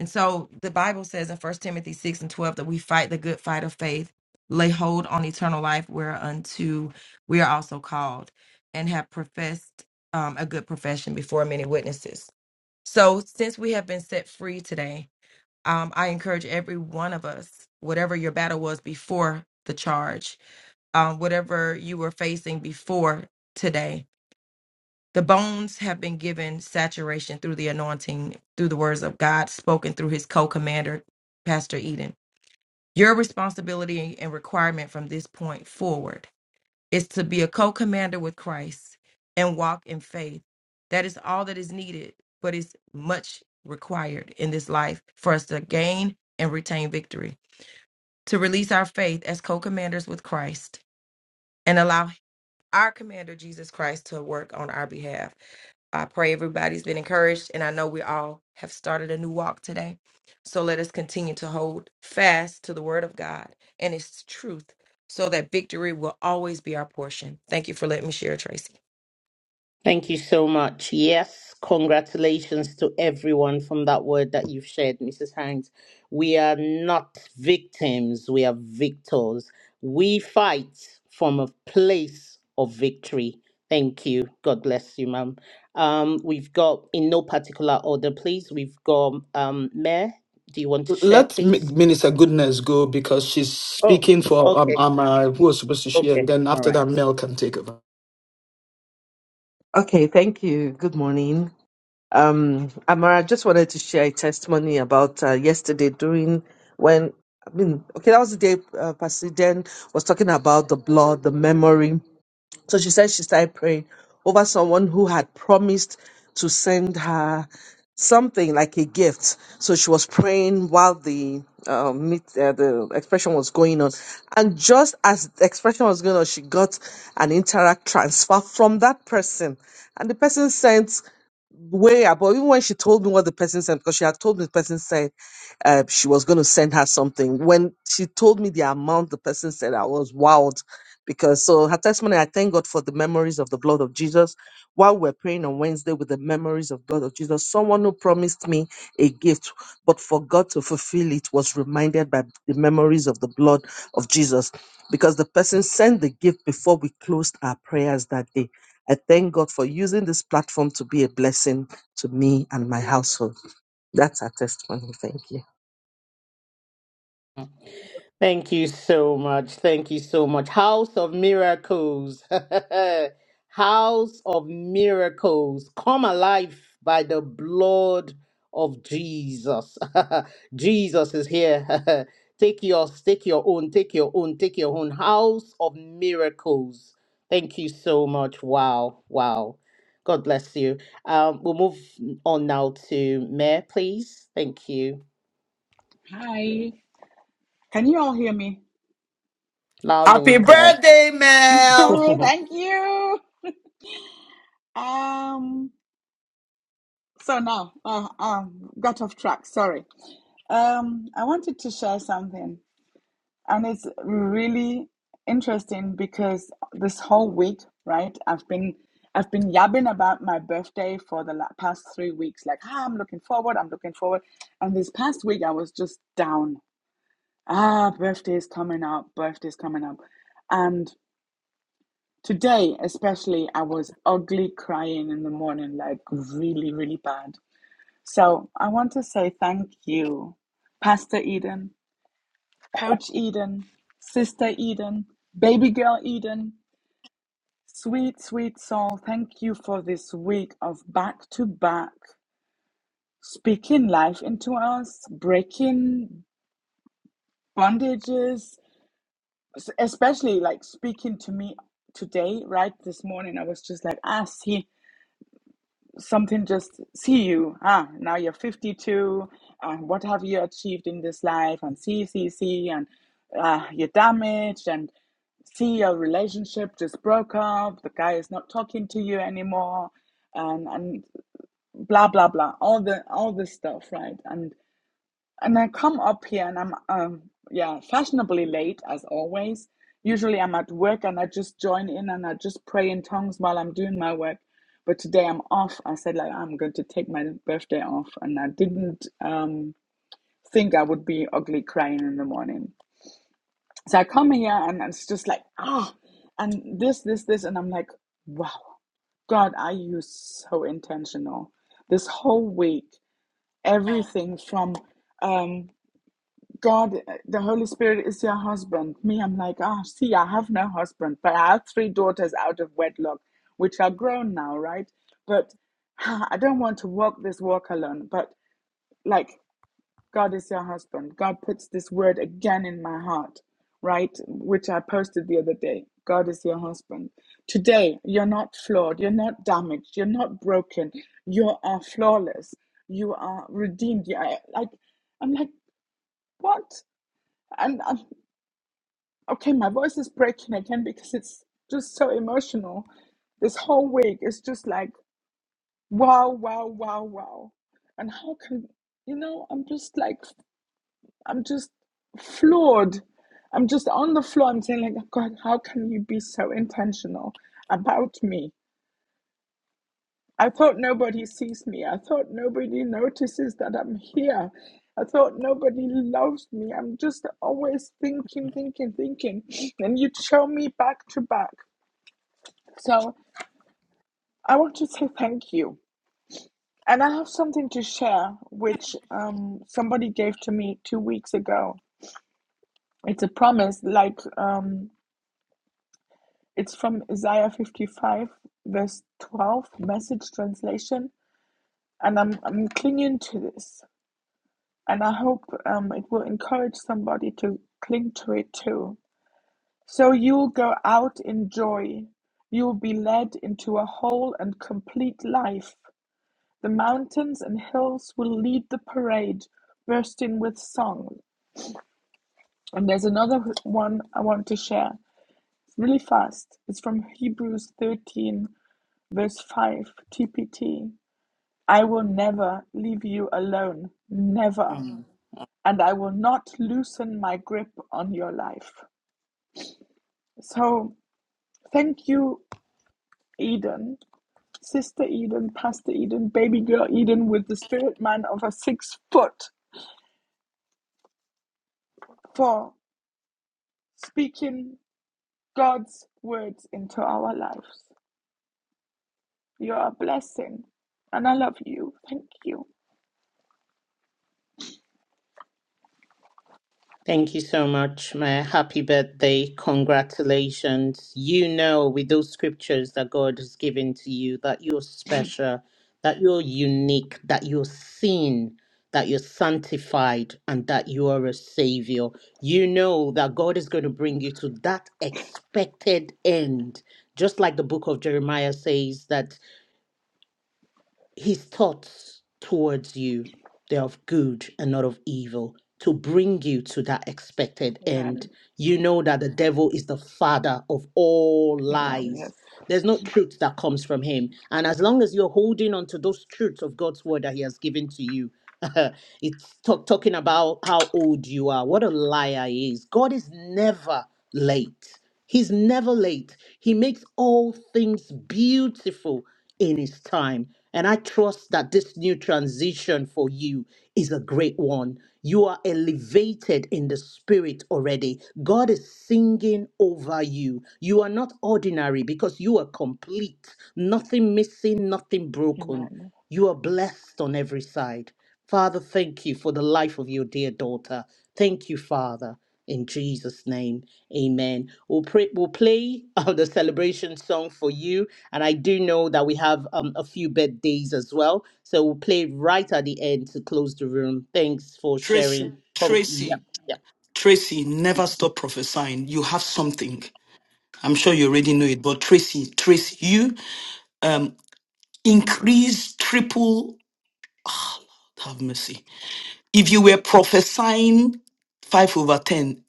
Speaker 4: And so the Bible says in First Timothy 6 and 12 that we fight the good fight of faith, lay hold on eternal life whereunto we are also called and have professed um, a good profession before many witnesses. So since we have been set free today, um, I encourage every one of us, whatever your battle was before the charge, um, whatever you were facing before today, the bones have been given saturation through the anointing, through the words of God spoken through his co commander, Pastor Eden. Your responsibility and requirement from this point forward is to be a co commander with Christ and walk in faith. That is all that is needed, but it's much required in this life for us to gain and retain victory to release our faith as co commanders with Christ and allow our commander, Jesus Christ, to work on our behalf. I pray everybody's been encouraged, and I know we all have started a new walk today. So let us continue to hold fast to the word of God and its truth so that victory will always be our portion. Thank you for letting me share, Tracy.
Speaker 2: Thank you so much. Yes, congratulations to everyone from that word that you've shared, Mrs. Hanks. We are not victims, we are victors. We fight from a place of victory. Thank you. God bless you, ma'am. Um, we've got, in no particular order, please, we've got um, Mayor. Do you want to share,
Speaker 1: Let Mi-
Speaker 2: please?
Speaker 1: Minister Goodness go because she's
Speaker 2: Oh,
Speaker 1: speaking for um,
Speaker 2: okay.
Speaker 1: Amara, who was supposed to share. And
Speaker 2: Okay.
Speaker 1: then
Speaker 2: All
Speaker 1: after
Speaker 2: right.
Speaker 1: that, Mel can take over.
Speaker 15: Okay, thank you. Good morning. Um, Amara, I just wanted to share a testimony about uh, yesterday during when, I mean, okay, that was the day uh, Pastor Dan was talking about the blood, the memory. So she said she started praying over someone who had promised to send her something like a gift. So she was praying while the um, meet, uh, the expression was going on, and just as the expression was going on, she got an interact transfer from that person, and the person sent way up. But even when she told me what the person sent, because she had told me the person said uh, she was going to send her something. When she told me the amount the person said, I was wowed because so her testimony. I thank God for the memories of the blood of Jesus. While we're praying on Wednesday with the memories of blood of Jesus, someone who promised me a gift but forgot to fulfill it was reminded by the memories of the blood of Jesus because the person sent the gift before we closed our prayers that day I thank God for using this platform to be a blessing to me and my household. That's our testimony. Thank you.
Speaker 2: Thank you so much. Thank you so much. House of Miracles. House of Miracles. Come alive by the blood of Jesus. Jesus is here. take yours, take your own, take your own, take your own. House of Miracles. Thank you so much. Wow. Wow. God bless you. Um, we'll move on now to Mayor, please. Thank you.
Speaker 16: Hi. Can you all hear me?
Speaker 2: Loud
Speaker 1: Happy
Speaker 2: and clear.
Speaker 1: birthday, Mel.
Speaker 16: Hi, Thank you. Um, so now, uh, um, got off track. Sorry. Um, I wanted to share something, and it's really interesting because this whole week, right? I've been I've been yabbing about my birthday for the la- past three weeks. Like, ah, I'm looking forward. I'm looking forward. And this past week, I was just down. Ah, birthday's coming up. Birthday's coming up, and Today, especially, I was ugly crying in the morning, like really, really bad. So I want to say thank you, Pastor Eden, Coach Eden, Sister Eden, Baby Girl Eden, sweet, sweet soul. Thank you for this week of back to back speaking life into us, breaking bondages, especially like speaking to me today, right? This morning, I was just like, ah, see. something just see you ah now you're 52 and what have you achieved in this life and see see see and uh, you're damaged and see your relationship just broke up the guy is not talking to you anymore and and blah blah blah all the all this stuff right and and I come up here and I'm um yeah, fashionably late as always. Usually I'm at work and I just join in and I just pray in tongues while I'm doing my work. But today I'm off. I said like I'm going to take my birthday off and I didn't um think I would be ugly crying in the morning. So I come here and it's just like ah oh, and this, this, this and I'm like, wow, God, are you so intentional? This whole week, everything from um God, uh, the Holy Spirit is your husband. Me, I'm like, ah, see, I have no husband, but I have three daughters out of wedlock, which are grown now, right? But ah, I don't want to walk this walk alone. But like, God is your husband. God puts this word again in my heart, right? Which I posted the other day. God is your husband. Today, you're not flawed. You're not damaged. You're not broken. You are flawless. You are redeemed. You are, like, I'm like, what? And I'm. Okay, my voice is breaking again because it's just so emotional. This whole week is just like wow, wow, wow, wow. And how can you know, I'm just like I'm just floored. I'm just on the floor. I'm saying like "Oh God, how can you be so intentional about me? I thought nobody sees me. I thought nobody notices that I'm here. I thought nobody loves me. I'm just always thinking, thinking, thinking. And you'd show me back to back. So I want to say thank you. And I have something to share, which um, somebody gave to me two weeks ago. It's a promise, like um, it's from Isaiah 55, verse 12, message translation. And I'm, I'm clinging to this. And I hope um, it will encourage somebody to cling to it too. So you'll go out in joy. You'll be led into a whole and complete life. The mountains and hills will lead the parade, bursting with song. And there's another one I want to share. It's really fast. It's from Hebrews 13, verse 5, TPT. I will never leave you alone, never. And I will not loosen my grip on your life. So thank you, Eden, Sister Eden, Pastor Eden, baby girl Eden, with the spirit man of a six foot, for speaking God's words into our lives. You're a blessing, and I love you. Thank you.
Speaker 2: Thank you so much, my Happy birthday. Congratulations. You know, with those scriptures that God has given to you, that you're special, that you're unique, that you're seen, that you're sanctified, and that you are a savior. You know that God is going to bring you to that expected end. Just like the book of Jeremiah says, that his thoughts towards you they're of good and not of evil to bring you to that expected end
Speaker 16: Amen.
Speaker 2: you know that the devil is the father of all
Speaker 16: Amen. Yes.
Speaker 2: lies there's no truth that comes from him and as long as you're holding on to those truths of god's word that he has given to you It's talk, talking about how old you are. What a liar he is. God is never late. He's never late. He makes all things beautiful in His time. And I trust that this new transition for you is a great one. You are elevated in the spirit already. God is singing over you. You are not ordinary because you are complete, nothing missing, nothing broken.
Speaker 16: Amen.
Speaker 2: You are blessed on every side. Father, thank you for the life of your dear daughter. Thank you, Father. In Jesus' name, amen. We'll, pray, we'll play uh, the celebration song for you. And I do know that we have um, a few birthdays as well. So we'll play right at the end to close the room. Thanks for
Speaker 1: Tracy,
Speaker 2: sharing. Con- yeah,
Speaker 1: Tracy,
Speaker 2: yeah.
Speaker 1: Tracy, never stop prophesying. You have something. I'm sure you already know it, but Tracy, Tracy, you um, increase triple. Have mercy. If you were prophesying 5 over 10,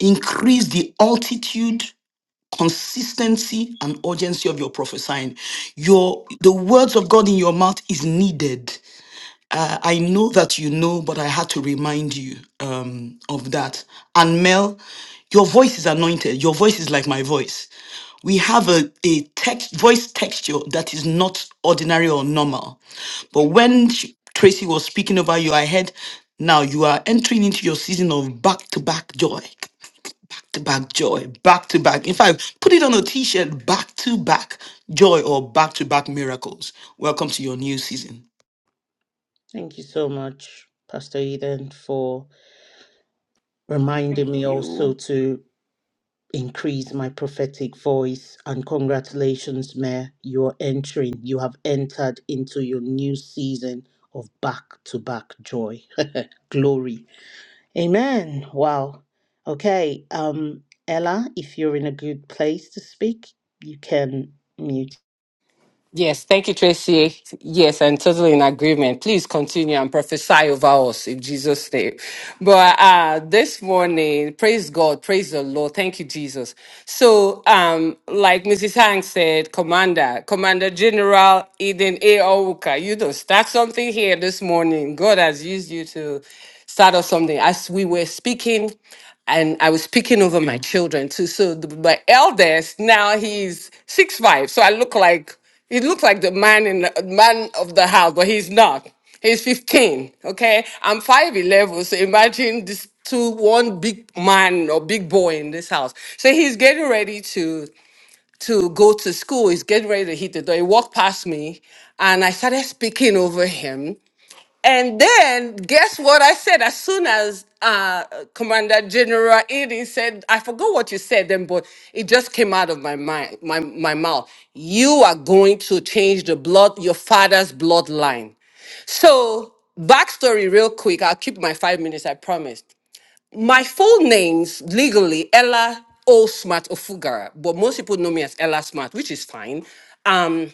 Speaker 1: increase the altitude, consistency, and urgency of your prophesying. Your the words of God in your mouth is needed I I know that you know, but I had to remind you um, of that. And Mel, your voice is anointed. Your voice is like my voice. We have a, a text voice texture that is not ordinary or normal. But when sh- Tracy was speaking over you, I heard now you are entering into your season of back to back joy, back to back joy, back to back. In fact, put it on a t shirt back to back joy or back to back miracles. Welcome to your new season.
Speaker 2: Thank you so much, Pastor Eden, for
Speaker 16: Thank
Speaker 2: reminding me
Speaker 16: you.
Speaker 2: also to. increase my prophetic voice. And congratulations, Mayor, you're entering, you have entered into your new season of back to back joy. Glory. Amen. Wow. Okay. Um, Ella, if you're in a good place to speak, you can mute.
Speaker 17: Yes, thank you, Tracy. Yes, I'm totally in agreement. Please continue and prophesy over us in Jesus' name. But uh, this morning, praise God, praise the Lord. Thank you, Jesus. So, um, like Mrs. Hank said, Commander, Commander General Eden A. Ouka, you don't start something here this morning. God has used you to start us something. As we were speaking, and I was speaking over my children too. So the, my eldest now he's six five, so I look like he looks like the man in the man of the house, but he's not. He's 15. Okay, I'm 5'11, so imagine this two one big man or big boy in this house. So he's getting ready to to go to school. He's getting ready to hit the door. He walked past me, and I started speaking over him. And then guess what I said? As soon as uh, Commander General Edie said, I forgot what you said then, but it just came out of my mind, my, my mouth. You are going to change the blood, your father's bloodline. So, backstory, real quick. I'll keep my five minutes, I promised. My full name's legally Ella O. Smart Ofugara, but most people know me as Ella Smart, which is fine. Um,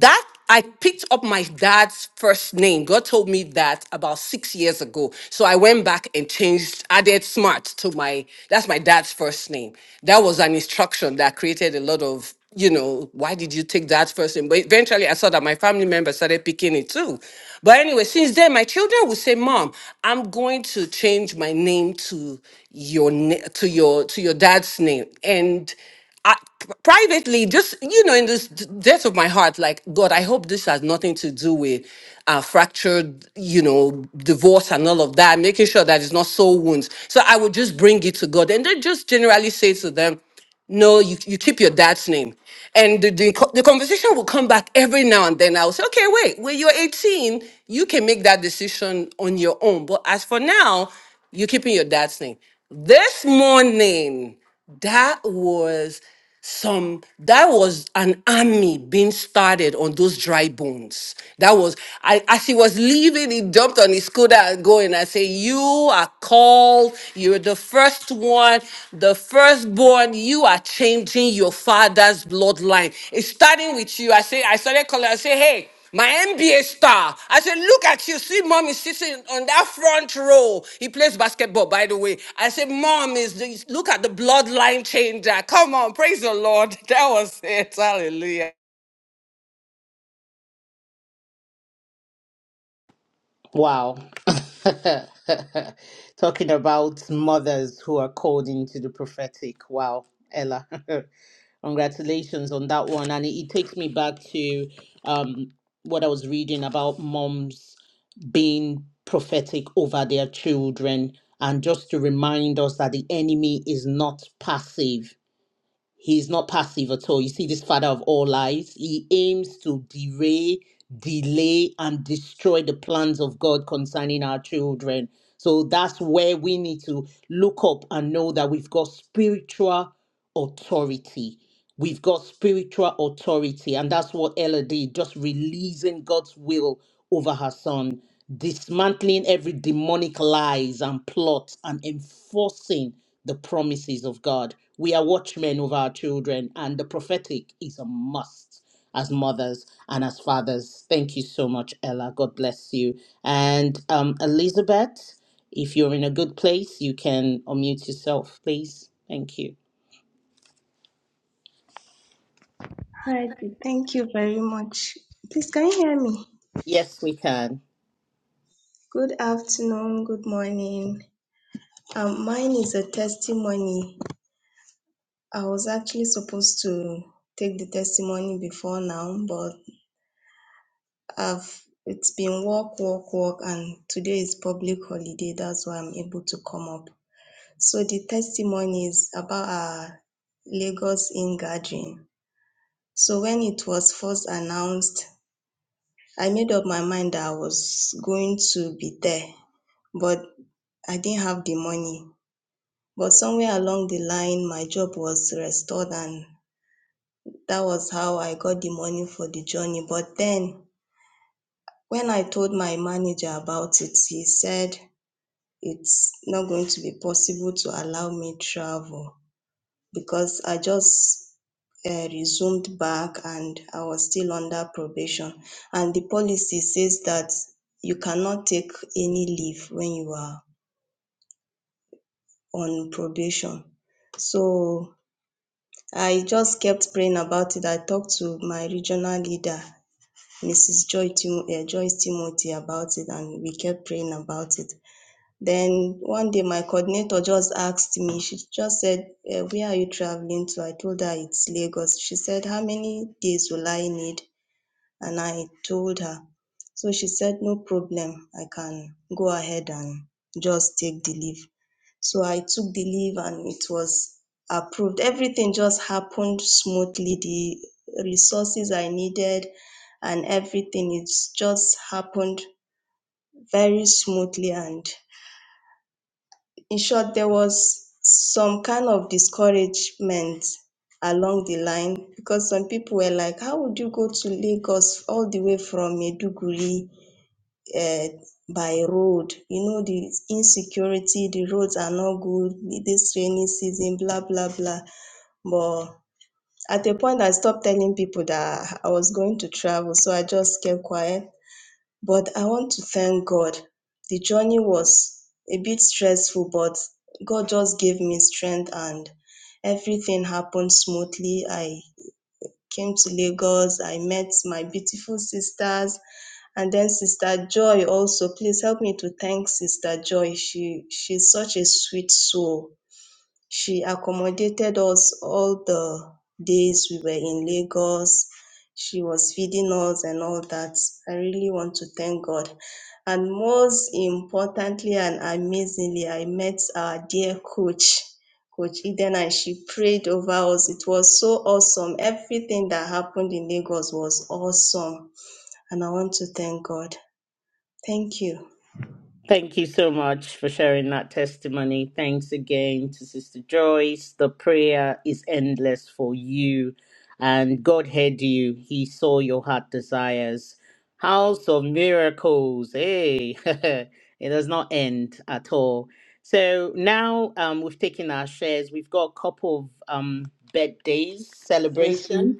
Speaker 17: that I picked up my dad's first name. God told me that about six years ago. So I went back and changed, added smart to my, that's my dad's first name. That was an instruction that created a lot of, you know, why did you take that first name? But eventually I saw that my family members started picking it too. But anyway, since then, my children would say, Mom, I'm going to change my name to your, na- to your, to your dad's name. And I, p- privately, just you know, in this d- depth of my heart, like God, I hope this has nothing to do with uh, fractured, you know, divorce and all of that. Making sure that it's not soul wounds. So I would just bring it to God, and then just generally say to them. No, you, you keep your dad's name. And the, the, co- the conversation will come back every now and then. I'll say, okay, wait, when you're 18, you can make that decision on your own. But as for now, you're keeping your dad's name. This morning, that was some that was an army being started on those dry bones that was i as he was leaving he jumped on his scooter and going i say you are called you're the first one the firstborn you are changing your father's bloodline it's starting with you i say i started calling i say hey my NBA star. I said, look at you. See, mom is sitting on that front row. He plays basketball, by the way. I said, mom is the, look at the bloodline changer. Come on, praise the Lord. That was it. Hallelujah.
Speaker 2: Wow. Talking about mothers who are called into the prophetic. Wow, Ella. Congratulations on that one. And it, it takes me back to um, what I was reading about moms being prophetic over their children. And just to remind us that the enemy is not passive He's not passive at all. You see, this father of all lies, he aims to derail, delay, and destroy the plans of God concerning our children. So that's where we need to look up and know that we've got spiritual authority. We've got spiritual authority, and that's what Ella did, just releasing God's will over her son, dismantling every demonic lies and plot, and enforcing the promises of God. We are watchmen over our children, and the prophetic is a must as mothers and as fathers. Thank you so much, Ella. God bless you. And um, Elizabeth, if you're in a good place, you can unmute yourself, please. Thank you.
Speaker 6: right, thank you very much. Please, can you hear me?
Speaker 2: Yes, we can.
Speaker 6: Good afternoon, good morning. Um, mine is a testimony. I was actually supposed to take the testimony before now, but. I've it's been work, work, work, and today is public holiday. That's why I'm able to come up. So the testimony is about our Lagos in gathering. So when it was first announced, I made up my mind that I was going to be there, but I didn't have the money. But somewhere along the line, my job was restored, and that was how I got the money for the journey. But then, when I told my manager about it, he said it's not going to be possible to allow me travel because I just uh, resumed back and I was still under probation. And the policy says that you cannot take any leave when you are on probation. So I just kept praying about it. I talked to my regional leader, Mrs. Joy Tim- uh, Joyce Timothy, about it, and we kept praying about it. Then one day my coordinator just asked me, she just said, eh, where are you traveling to? I told her it's Lagos. She said, how many days will I need? And I told her. So she said, no problem. I can go ahead and just take the leave. So I took the leave and it was approved. Everything just happened smoothly. The resources I needed and everything, it's just happened very smoothly and in short, there was some kind of discouragement along the line because some people were like, How would you go to Lagos all the way from Meduguri uh, by road? You know, the insecurity, the roads are not good this rainy season, blah, blah, blah. But at a point, I stopped telling people that I was going to travel, so I just kept quiet but I want to thank God. The journey was a bit stressful, but God just gave me strength and everything happened smoothly. I came to Lagos, I met my beautiful sisters, and then Sister Joy also. Please help me to thank Sister Joy. She she's such a sweet soul. She accommodated us all the days we were in Lagos. She was feeding us and all that. I really want to thank God. And most importantly and amazingly, I met our dear coach, Coach Eden, and she prayed over us. It was so awesome. Everything that happened in Lagos was awesome. And I want to thank God. Thank you.
Speaker 2: Thank you so much for sharing that testimony. Thanks again to Sister Joyce. The prayer is endless for you, and God heard you. He saw your heart desires. House of miracles. Hey, it does not end at all. So now um, we've taken our shares. We've got a couple of um, birthdays
Speaker 14: Tracy,
Speaker 2: celebration.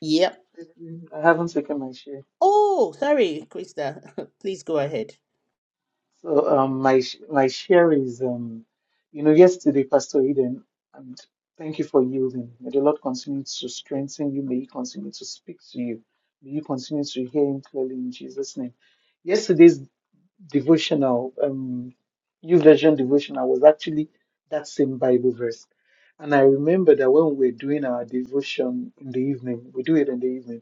Speaker 2: Yep.
Speaker 14: Tracy, I haven't taken my share.
Speaker 2: Oh, sorry, Krista. Please go ahead.
Speaker 14: So um, my sh- my share is, um, you know, yesterday, Pastor Eden, and thank you for yielding. May the Lord continue to strengthen you. May He continue to speak to you. May you continue to hear Him clearly in Jesus' name. Yesterday's devotional, um, New Version devotional, was actually that same Bible verse, and I remember that when we were doing our devotion in the evening, we do it in the evening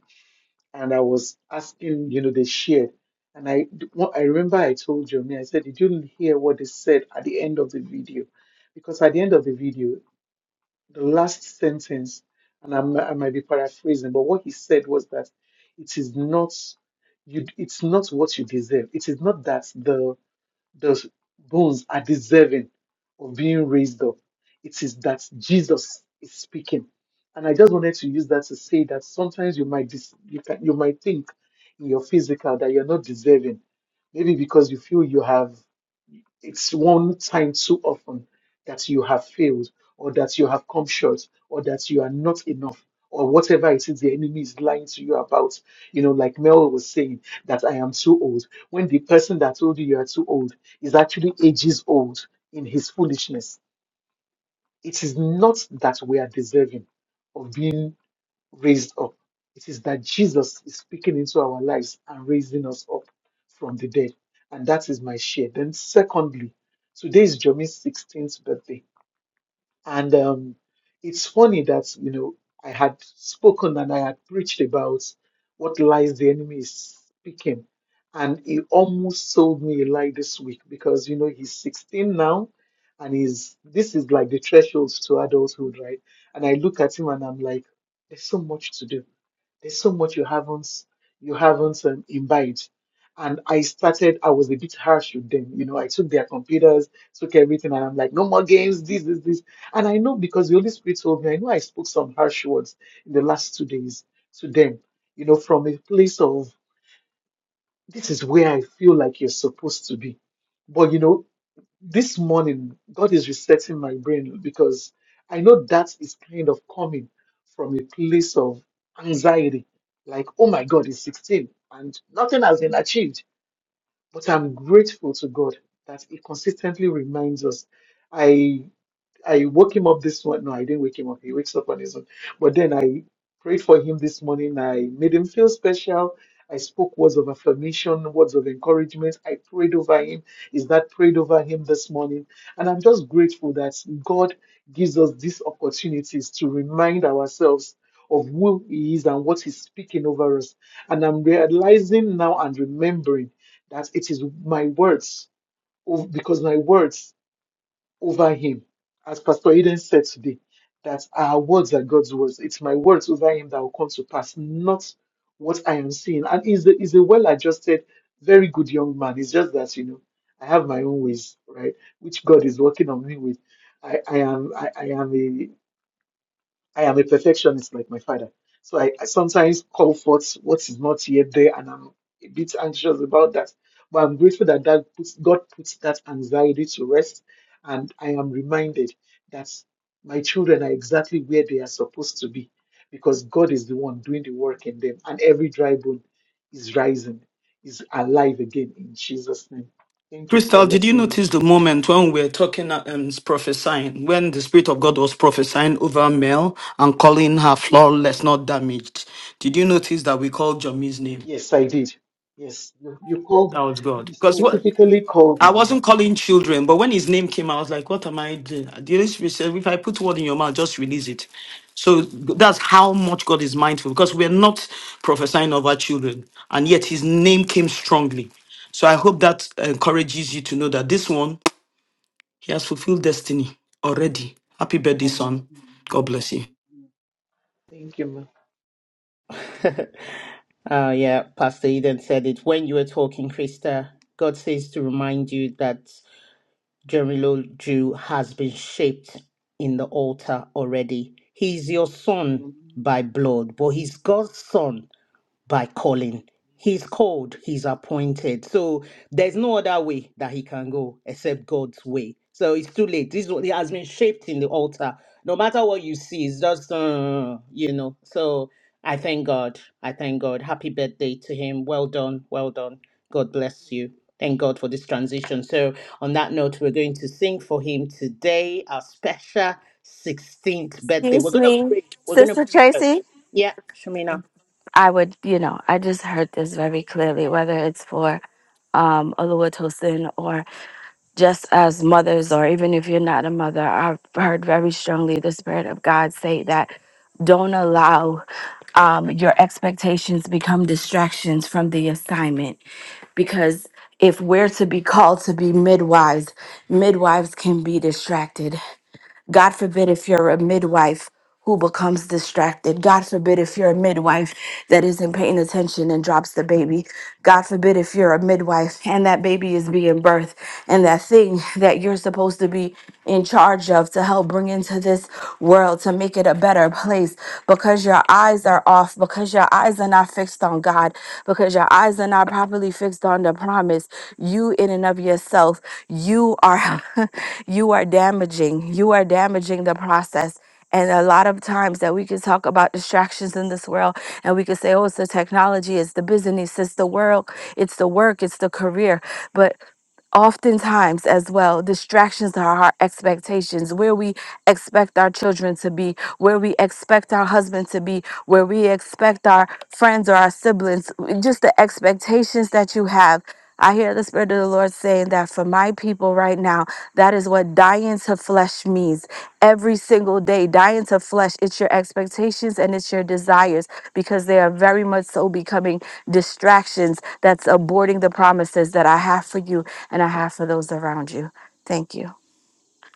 Speaker 14: and I was asking, you know, they shared. And I, what I remember I told Jomi, I said, did you hear what they said at the end of the video? Because at the end of the video, the last sentence, and I'm, I might be paraphrasing, but what he said was that it is not you. It's not what you deserve. It is not that the those bones are deserving of being raised up. It is that Jesus is speaking. And I just wanted to use that to say that sometimes you might dis- you can you might think in your physical that you're not deserving. Maybe because you feel you have it's one time too often that you have failed or that you have come short or that you are not enough or whatever it is the enemy is lying to you about. You know, like Mel was saying, that I am too old. When the person that told you you are too old is actually ages old in his foolishness, it is not that we are deserving of being raised up. It is that Jesus is speaking into our lives and raising us up from the dead. And that is my share. Then, secondly, today is Jomi's 16th birthday. And um, it's funny that, you know, I had spoken and I had preached about what lies the enemy is speaking. And he almost sold me a lie this week because, you know, he's 16 now and he's, this is like the threshold to adulthood, right? And I look at him and I'm like, there's so much to do. There's so much you haven't, you haven't um, imbibed. And I started, I was a bit harsh with them. You know, I took their computers, took everything, and I'm like, no more games, this, this, this. And I know because the Holy Spirit told me, I know I spoke some harsh words in the last two days to them, you know, from a place of this is where I feel like you're supposed to be. But, you know, this morning, God is resetting my brain because I know that is kind of coming from a place of anxiety. Like, oh my God, it's 16 and nothing has been achieved. But I'm grateful to God that He consistently reminds us. I I woke him up this one. No, I didn't wake him up. He wakes up on his own. But then I prayed for him this morning. I made him feel special. I spoke words of affirmation, words of encouragement. I prayed over him. Is that prayed over him this morning? And I'm just grateful that God gives us these opportunities to remind ourselves of who He is and what He's speaking over us. And I'm realizing now and remembering that it is my words, oh, because my words over him. As Pastor Eden said today, that our words are God's words. It's my words over him that will come to pass, not what I am seeing. And he's a, he's a well adjusted, very good young man. It's just that, you know, I have my own ways, right? Which God is working on me with. I, I am I, I am a, I am a perfectionist like my father. So I, I sometimes call forth what is not yet there, and I'm a bit anxious about that. But I'm grateful that, that puts, God puts that anxiety to rest, and I am reminded that my children are exactly where they are supposed to be because God is the one doing the work in them, and every dry bone is rising, is alive again in Jesus' name. Thank you for
Speaker 1: Crystal, did you
Speaker 14: letting me.
Speaker 1: notice
Speaker 14: sh-
Speaker 1: the moment when we were talking um, prophesying, when the Spirit of God was prophesying over Mel and calling her flawless, not damaged? Did you notice that we called Jomi's name?
Speaker 14: Yes, I did. Yes, you, you called,
Speaker 1: That was God.
Speaker 14: you
Speaker 1: Because what
Speaker 14: specifically called
Speaker 1: I
Speaker 14: me.
Speaker 1: wasn't calling children, but when his name came, I was like, what am I doing? The Holy Spirit said, if I put word in your mouth, just release it. So that's how much God is mindful because we're not prophesying over children, and yet his name came strongly. So I hope that encourages you to know that this one He has fulfilled destiny already. Happy birthday,
Speaker 14: Amen.
Speaker 1: son. God
Speaker 14: Amen.
Speaker 1: bless you.
Speaker 14: Amen. Thank you, ma.
Speaker 2: Oh, yeah, Pastor Eden said it when you were talking, Krista. God says to remind you that Jeremy Lowell Jew has been shaped in the altar already. He's your son
Speaker 14: Mm.
Speaker 2: by blood, but he's God's son by calling. He's called, he's appointed. So there's no other way that he can go except God's way. So it's too late. This one- it has been shaped in the altar. No matter what you see, it's just uh, you know. So I thank God. I thank God. Happy birthday to him. Well done. Well done. God bless you. Thank God for this transition. So on that note, we're going to sing for him today, our special 16th birthday. We're
Speaker 13: Excuse
Speaker 2: gonna
Speaker 13: me,
Speaker 2: pray. We're gonna
Speaker 13: Sister
Speaker 2: pray first.
Speaker 13: Tracy.
Speaker 2: Yeah, Shamina.
Speaker 13: I would, you know, I just heard this very clearly, whether it's for um Oluwatosin or just as mothers, or even if you're not a mother, I've heard very strongly the Spirit of God say that don't allow um, your expectations become distractions from the assignment because if we're to be called to be midwives, midwives can be distracted. God forbid if you're a midwife who becomes distracted. God forbid if you're a midwife that isn't paying attention and drops the baby. God forbid if you're a midwife and that baby is being birthed and that thing that you're supposed to be in charge of to help bring into this world to make it a better place because your eyes are off, because your eyes are not fixed on God, because your eyes are not properly fixed on the promise. You, in and of yourself, you are. you are damaging. You are damaging the process. And a lot of times that we could talk about distractions in this world and we could say, oh, it's the technology, it's the business, it's the world, it's the work, it's the career. but oftentimes as well distractions are our expectations where we expect our children to be where we expect our husband to be where we expect our friends or our siblings just the expectations that you have I hear the Spirit of the Lord saying that for my people right now, that is what dying to flesh means every single day, dying to flesh. It's your expectations and it's your desires because they are very much so becoming distractions that's aborting the promises that I have for you and I have for those around you. Thank you.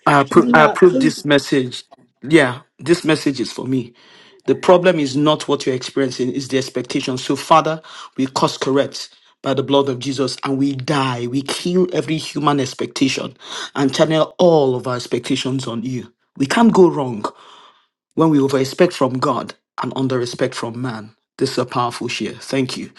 Speaker 1: I appro- I approve this message. Yeah, this message is for me. The problem is not what you're experiencing, it's the expectation. So, Father, we course correct by the blood of Jesus and we die. We kill every human expectation and channel all of our expectations on you. We can't go wrong. When we over expect from God and under respect from man. This is a powerful share. Thank you.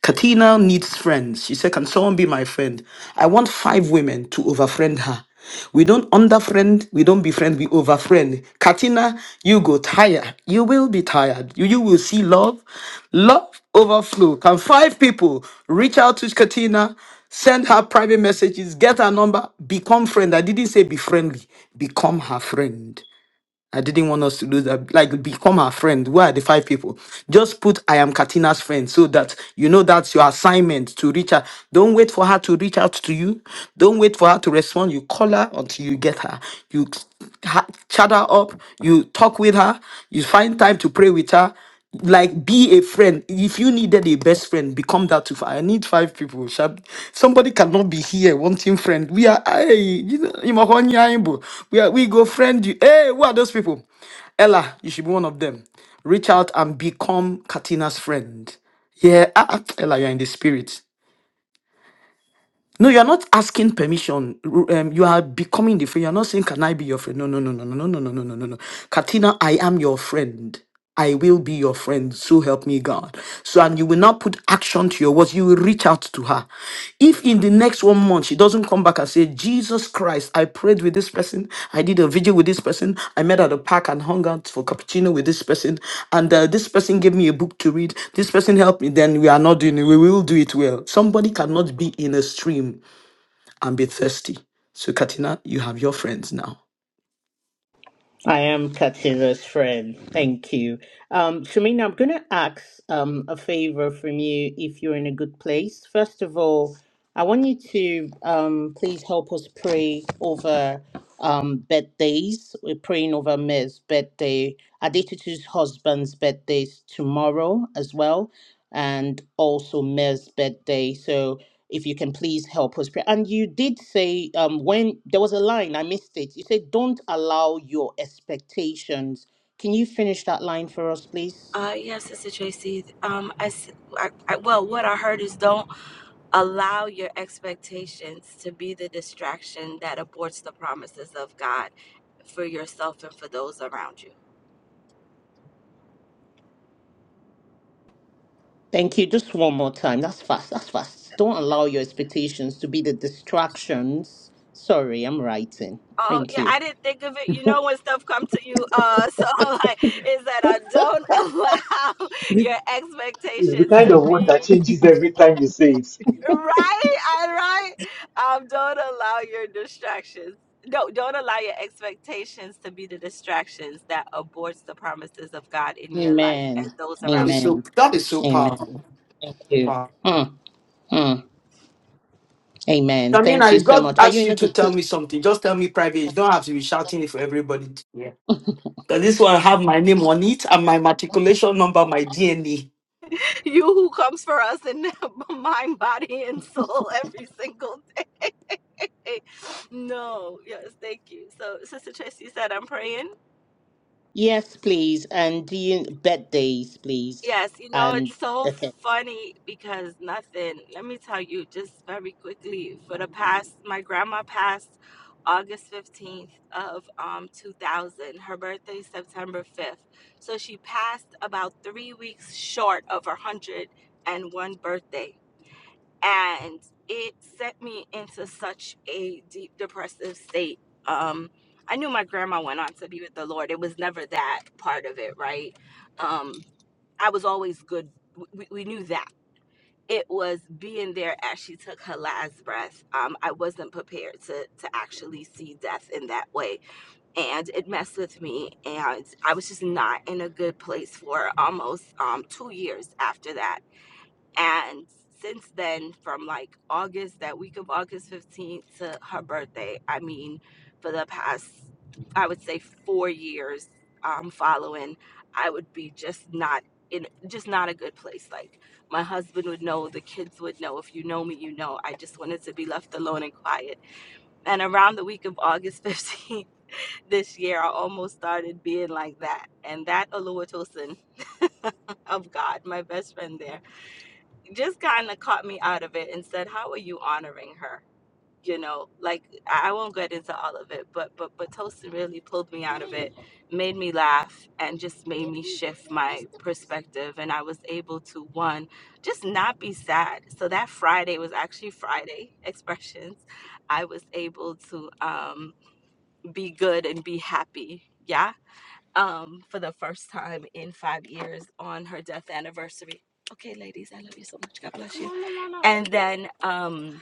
Speaker 1: Katina needs friends. She said, Can someone be my friend? I want five women to overfriend her. We don't underfriend, we don't befriend, we overfriend. Katina, you go tired. You will be tired. You, you will see love. Love overflow. Can five people reach out to Katina, send her private messages, get her number, become friend? I didn't say be friendly, become her friend. I didn't want us to lose that. Like, become our friend. Where are the five people? Just put I am Katina's friend so that you know that's your assignment to reach out. Don't wait for her to reach out to you. Don't wait for her to respond. You call her until you get her. You ha- chat her up. You talk with her. You find time to pray with her like be a friend if you needed a best friend become that too i need five people sha. somebody cannot be here wanting friend we are hey you know you must want your elbow. we are we go friend you hey who are those people ella you should be one of them reach out and become katina's friend yeah ah, ah, ella you're in the spirit no, you're not asking permission. R- Um, you are becoming the friend. You're not saying, Can I be your friend? No, no, no, no, no, no, no, no, no, no, no. no. Katina, I am your friend. I will be your friend. So help me God. So, and you will not put action to your words. You will reach out to her. If in the next one month she doesn't come back and say jesus christ i prayed with this person i did a video with this person i met at the park and hung out for cappuccino with this person and uh, this person gave me a book to read this person helped me then we are not doing it we will do it well somebody cannot be in a stream and be thirsty so katina you have your friends now
Speaker 2: I am Katsira's friend. Thank you. Um, Shamina, I'm going to ask um, a favor from you if you're in a good place. First of all, I want you to um, please help us pray over um, birthdays. We're praying over Ms. birthday, Adetutu's husband's birthdays tomorrow as well, and also Ms. birthday. So if you can please help us pray. And you did say um, when there was a line I missed it. You said, "Don't allow your expectations." Can you finish that line for us, please?
Speaker 13: Uh, yes, Sister Tracy. Um, I, s- I- I- well, what I heard is don't allow your expectations to be the distraction that aborts the promises of God for yourself and for those around you.
Speaker 2: Thank you. Just one more time. That's fast. That's fast. Don't allow your expectations to be the distractions. Sorry, I'm writing.
Speaker 13: Oh
Speaker 2: Thank
Speaker 13: yeah,
Speaker 2: you.
Speaker 13: I didn't think of it. You know when stuff come to you, uh, so I'm like is that I don't allow your
Speaker 14: It's the
Speaker 13: expectations
Speaker 14: kind
Speaker 13: to
Speaker 14: of word that
Speaker 13: be
Speaker 14: changes every time you say it.
Speaker 13: right. I right. Um, don't allow your distractions. No, don't allow your expectations to be the distractions that aborts the promises of God in your life and
Speaker 2: Amen.
Speaker 13: those around you.
Speaker 2: Amen. Amen. Thank you.
Speaker 1: I
Speaker 2: Amen.
Speaker 1: mean,
Speaker 2: Thank
Speaker 1: I
Speaker 2: you so
Speaker 1: God
Speaker 2: much. Are you
Speaker 1: asked
Speaker 2: in
Speaker 1: you
Speaker 2: a
Speaker 1: to
Speaker 2: good
Speaker 1: tell
Speaker 2: place?
Speaker 1: me something. Just tell me private. You don't have to be shouting it for everybody. to yeah. Because this one have my name on it and my matriculation number, my DNA.
Speaker 13: You who comes for us in mind, body, and soul every single day. No, yes, thank you. So, Sister Tracy said, I'm praying.
Speaker 2: Yes, please. And do you bet days, please?
Speaker 13: Yes, you know,
Speaker 2: And
Speaker 13: it's so
Speaker 2: okay.
Speaker 13: funny because nothing, let me tell you just very quickly, for the past, my grandma passed August 15th of um 2000. Her birthday is September 5th. So she passed about 3 weeks short of her 101 birthday. And it sent me into such a deep depressive state. Um I knew my grandma went on to be with the Lord. It was never that part of it, right? Um I was always good. We, we knew that. It was being there as she took her last breath. Um, I wasn't prepared to, to actually see death in that way. And it messed with me. And I was just not in a good place for almost um, two years after that. And since then, from like August, that week of August 15th to her birthday, I mean, for the past, I would say four years um, following, I would be just not in, just not a good place. Like my husband would know, the kids would know. If you know me, you know. I just wanted to be left alone and quiet. And around the week of August 15th this year, I almost started being like that. And that Olua of God, my best friend there just kind of caught me out of it and said, "How are you honoring her?" You know, like I I won't get into all of it, but but but Tosin really pulled me out of it, made me laugh, and just made me shift my perspective. And I was able to one just not be sad. So that Friday was actually Friday expressions. I was able to um, be good and be happy. Yeah, um, for the first time in five years on her death anniversary. Okay, ladies, I love you so much. God bless you. No, no, no, no. And then um,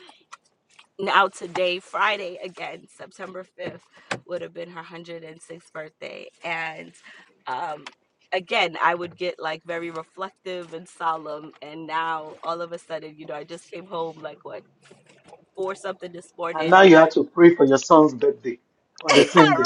Speaker 13: now today, Friday again, September 5th, would have been her 106th birthday. And um, again, I would get like very reflective and solemn. And now all of a sudden, you know, I just came home like what, four something this
Speaker 14: And
Speaker 13: morning
Speaker 14: now you have to pray for your son's birthday on the
Speaker 13: right
Speaker 14: same day.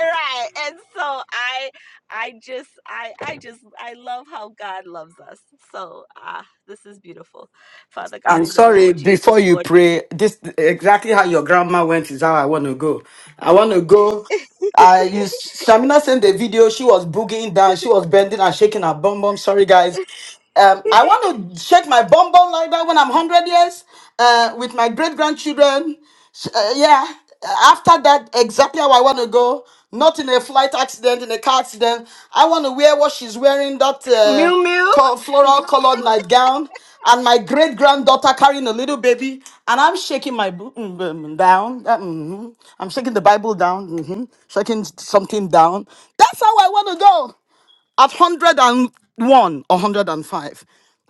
Speaker 13: right and so i i just i i just i love how god loves us so ah this is beautiful father god
Speaker 1: I'm
Speaker 13: in the name
Speaker 1: sorry,
Speaker 13: of jesus
Speaker 1: before you
Speaker 13: lord we
Speaker 1: pray, this exactly how your grandma went is how I want to go. I want to go. I used Shamina sent the video. She was boogieing down. She was bending and shaking her bum bum. Sorry, guys. Um, I want to shake my bum bum like that when I'm 100 years uh, with my great grandchildren. Uh, yeah. After that, exactly how I want to go. Not in a flight accident, in a car accident. I want to wear what she's wearing. That.
Speaker 13: mew
Speaker 1: Uh,
Speaker 13: mew
Speaker 1: co- floral colored nightgown and my great granddaughter carrying a little baby and i'm shaking my bo- mm, mm, down uh, mhm. i'm shaking the bible down mhm, shaking something down that's how i want to go at 101 or 105.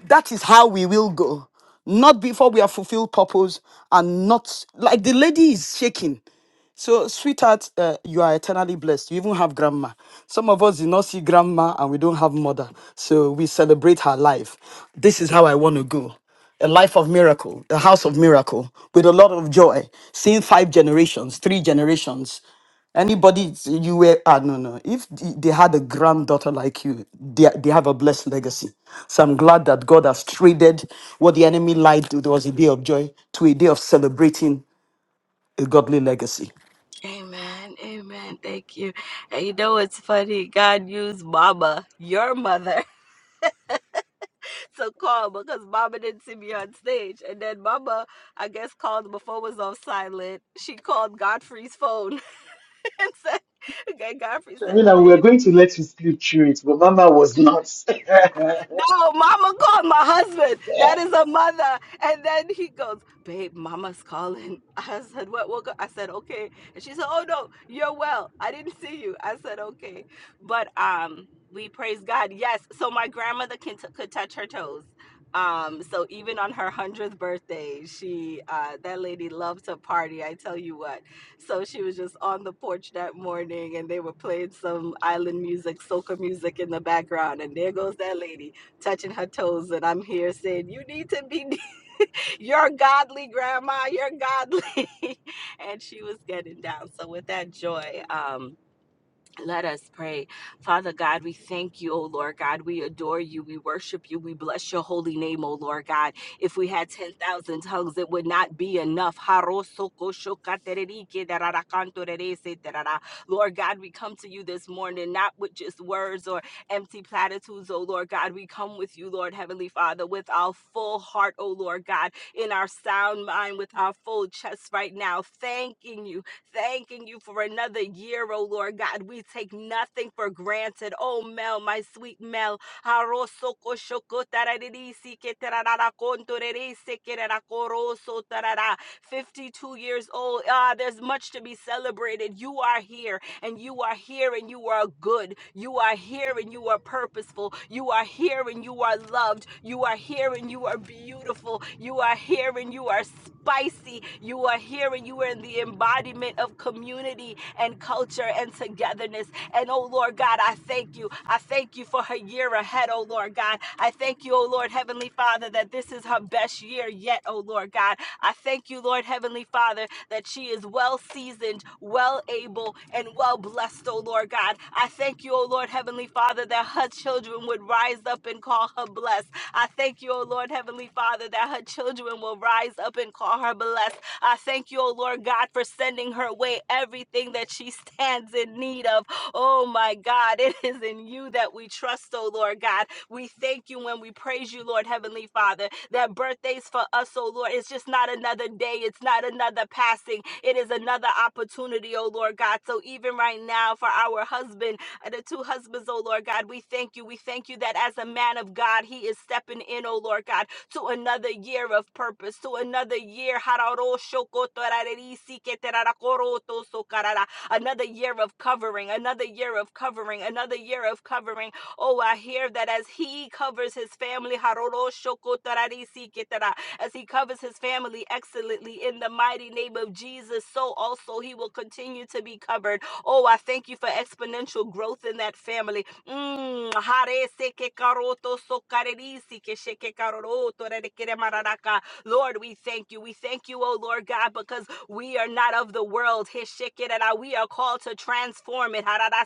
Speaker 1: That is how we will go. Not before we have fulfilled purpose and not like the lady is shaking. So, sweetheart, uh, you are eternally blessed. You even have grandma. Some of us did not see grandma and we don't have mother. So, we celebrate her life. This is how I want to go a life of miracle, a house of miracle, with a lot of joy, seeing five generations, three generations. Anybody you were, ah, no, no. If they had a granddaughter like you, they, they have a blessed legacy. So I'm glad that God has traded what the enemy lied to, there was a day of joy, to a day of celebrating a godly legacy.
Speaker 13: amen amen thank you and you know it's funny god used mama your mother to call because mama didn't see me on stage and then mama i guess called before it was on silent she called godfrey's phone and said okay godfrey
Speaker 14: So, you
Speaker 13: said
Speaker 14: know,
Speaker 13: babe
Speaker 14: we're going to let you sleep through it, but Mama was not.
Speaker 13: No, mama called my husband. That is a mother. And then he goes, Babe, mama's calling. I said, What? what go-" I said, Okay. And she said, Oh, no, you're well. I didn't see you. I said, Okay. But um, we praise God. Yes. So my grandmother can t- could touch her toes. Um, so even on her hundredth birthday, she uh, that lady loved to party. I tell you what. So she was just on the porch that morning, and they were playing some island music, soca music in the background. And there goes that lady touching her toes and I'm here saying, You need to be your godly grandma, you're godly. and she was getting down. So with that joy, um, let us pray. Father God, we thank you, O Lord God. We adore you. We worship you. We bless your holy name, O Lord God. If we had 10,000 tongues, it would not be enough. Lord God, we come to you this morning, not with just words or empty platitudes, O Lord God. We come with you, Lord Heavenly Father, with our full heart, O Lord God, in our sound mind, with our full chest right now, thanking you Thanking you for another year, oh Lord God. We take nothing for granted. Oh, Mel, my sweet Mel. Harosoko shoko tararirisi kerarakorosotara. 52 years old. Ah, there's much to be celebrated. You are here and you are here and you are good. You are here and you are purposeful. You are here and you are loved. You are here and you are beautiful. You are here and you are spicy. You are here and you are in the embodiment of community and culture and togetherness. And oh Lord God, I thank you. I thank you for her year ahead, oh Lord God. I thank you, oh Lord Heavenly Father, that this is her best year yet, oh Lord God. I thank you, Lord Heavenly Father, that she is well seasoned, well able, and well blessed, oh Lord God. I thank you, oh Lord Heavenly Father, that her children would rise up and call her blessed. I thank you, Oh Lord Heavenly Father, that her children will rise up and call her blessed. I thank you, Oh Lord God, for sending her way everything that she stands in need of. Oh my God, it is in you that we trust, oh Lord God. We thank you when we praise you, Lord Heavenly Father. That birthdays for us, oh Lord, it's just not another day, it's not another passing, it is another opportunity, oh Lord God. So even right now, for our husband, uh, the two husbands, oh Lord God, we thank you. We thank you that as a man of God, he is stepping in, oh Lord God, to another year of purpose, to another year. Hararo shokoto rarerisi keterara koroto sokarara another year of covering, another year of covering, another year of covering. Oh, I hear that as He covers His family, as He covers His family excellently in the mighty name of Jesus, so also He will continue to be covered. Oh, I thank you for exponential growth in that family. Mm. Lord, we thank you. We thank you, oh Lord God, because we are not of the world. Hishikirara. We are called to transform it. Harada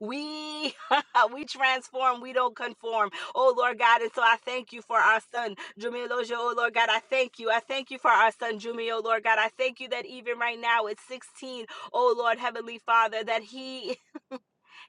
Speaker 13: We we transform, we don't conform. Oh Lord God, and so I thank you for our son, Jumi Elojo. Oh Lord God, I thank you. I thank you for our son, Jumi. Oh Lord God, I thank you that even right now at 16, O Lord, Heavenly Father, that he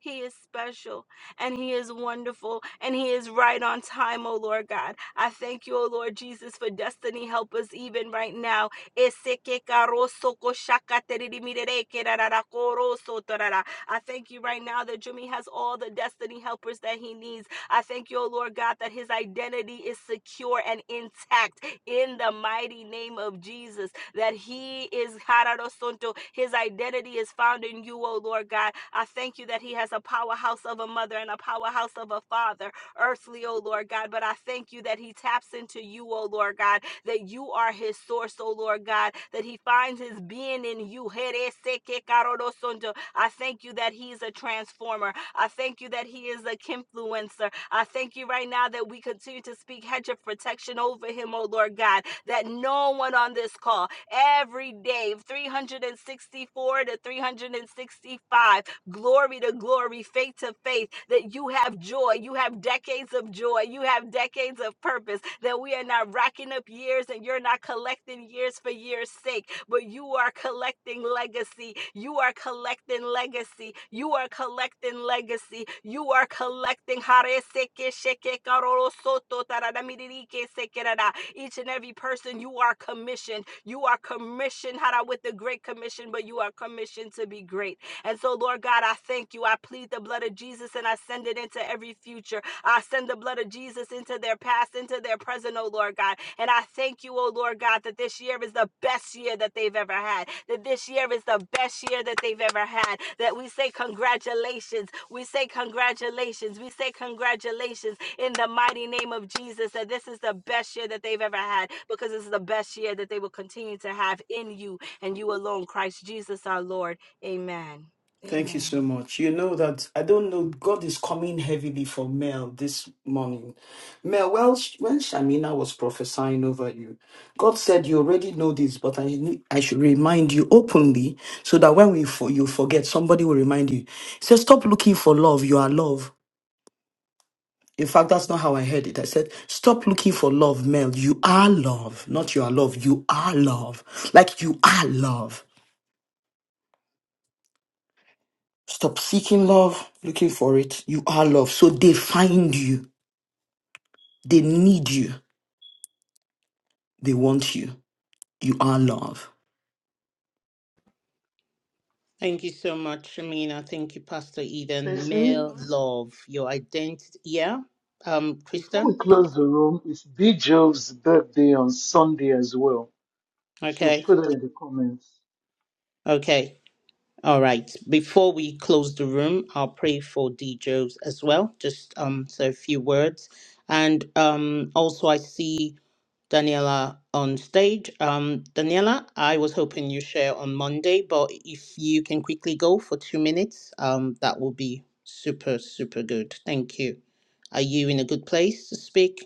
Speaker 13: he is special and He is wonderful and He is right on time, O Lord God. I thank you, O Lord Jesus, for destiny. Help us even right now. Ese que caro soco shaka teriri mirere que rarara coro sotorara. I thank you right now that Jimmy has all the destiny helpers that he needs. I thank you, O Lord God, that his identity is secure and intact in the mighty name of Jesus that he is Hararosonto. His identity is found in you, O Lord God. I thank you that he has a powerhouse of a mother and a powerhouse of a father, earthly, O Lord God. But I thank you that he taps into you, O Lord God, that you are his source, O Lord God, that he finds his being in you. I thank you that he's a transformer. I thank you that he is a influencer. I thank you right now that we continue to speak hedge of protection over him, O Lord God, that no one on this call every day, 364 to 365 glory to glory, faith to faith, that you have joy. You have decades of joy. You have decades of purpose, that we are not racking up years and you're not collecting years for years' sake, but you are collecting legacy. You are collecting legacy. You are collecting legacy. You are collecting. Each and every person, you are commissioned. You are commissioned hara, with the Great Commission, but you are commissioned to be great. And so, Lord God, I thank you. I plead the blood of Jesus and I send it into every future. I send the blood of Jesus into their past, into their present, oh Lord God. And I thank you, oh Lord God, that this year is the best year that they've ever had. That this year is the best year that they've ever had. That we say congratulations. We say congratulations. We say congratulations in the mighty name of Jesus. That this is the best year that they've ever had because this is the best year that they will continue to have in you and you alone, Christ Jesus our Lord. Amen.
Speaker 1: Thank you so
Speaker 13: Amen.
Speaker 1: much. You know that I don't know. God is coming heavily for Mel this morning. Mel, well, sh- when Shamina was prophesying over you, God said you already know this, but I need, I should remind you openly so that when we for, you forget, somebody will remind you. He said, "Stop looking for love. You are love." In fact, that's not how I heard it. I said, "Stop looking for love, Mel. You are love, not you are love. You are love. Like you are love." Stop seeking love, looking for it. You are love. So they find you. They need you. They want you. You are love.
Speaker 2: Thank you so much, Shamina. Thank you, Pastor Eden.
Speaker 14: Tracy,
Speaker 2: Male love, your identity. Yeah? Um,
Speaker 14: before
Speaker 2: Krista?
Speaker 14: we close the room, it's B. Jove's birthday on Sunday as well. She'll
Speaker 2: Okay.
Speaker 14: put it in the comments.
Speaker 2: Okay. All right. Before we close the room, I'll pray for DJs as well. Just um, so a few words. And um, also, I see Daniela on stage. Um, Daniela, I was hoping you share on Monday, but if you can quickly go for two minutes, um, that will be super, super good. Thank you. Are you in a good place to speak?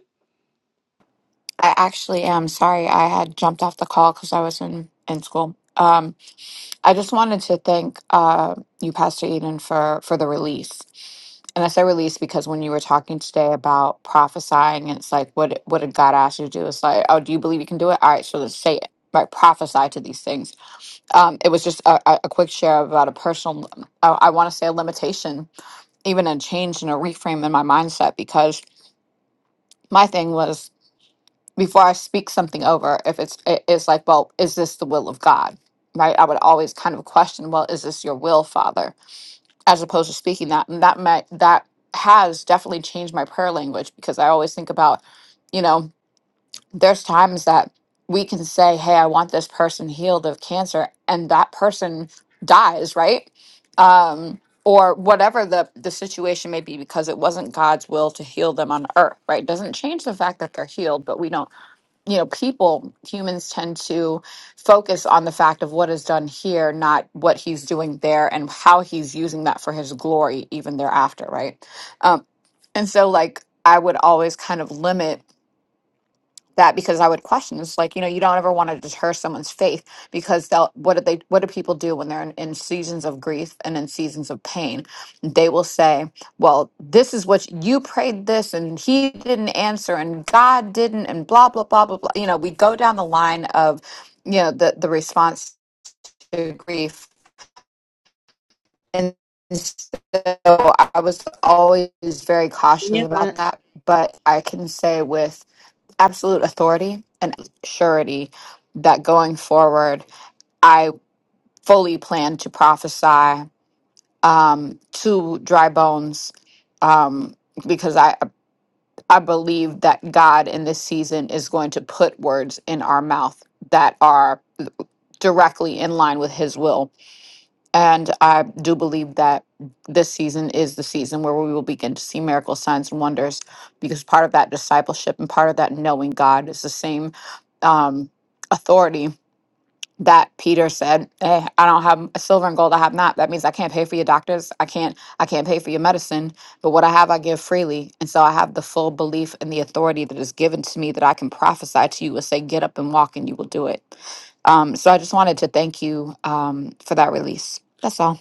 Speaker 18: I actually am sorry I had jumped off the call because I was in in school. Um, I just wanted to thank uh, you, Pastor Eden, for for the release. And I say release because when you were talking today about prophesying, it's like what what did God ask you to do? It's like, oh, do you believe you can do it? All right, so let's say it. Right, prophesy to these things. Um, it was just a, a a quick share about a personal, uh, I want to say a limitation, even a change and a reframe in my mindset because my thing was before I speak something over, if it's it- it's like, well, is this the will of God? Right? I would always kind of question, well, is this your will, Father? As opposed to speaking that, and that might that has definitely changed my prayer language because I always think about, you know, there's times that we can say, hey, I want this person healed of cancer, and that person dies, right? Um, or whatever the the situation may be, because it wasn't God's will to heal them on earth, right? Doesn't change the fact that they're healed, but we don't you know people humans tend to focus on the fact of what is done here not what he's doing there and how he's using that for his glory even thereafter right um and so like i would always kind of limit that because I would question. It's like you know you don't ever want to deter someone's faith because they'll what do they what do people do when they're in, in seasons of grief and in seasons of pain? They will say, "Well, this is what you prayed this, and he didn't answer, and God didn't, and blah blah blah blah blah." You know, we go down the line of you know the the response to grief, and so I was always very cautious about
Speaker 2: Daniela.
Speaker 18: that. But I can say with absolute authority and surety that going forward, I fully plan to prophesy um, to dry bones um, because I I believe that God in this season is going to put words in our mouth that are directly in line with His will And I do believe that this season is the season where we will begin to see miracle signs and wonders because part of that discipleship and part of that knowing God is the same um, authority that Peter said, "Hey, I don't have silver and gold, I have not. That means I can't pay for your doctors. I can't, I can't pay for your medicine, but what I have, I give freely. And so I have the full belief and the authority that is given to me that I can prophesy to you and say, get up and walk and you will do it. Um, so I just wanted to thank you um, for that release. That's all.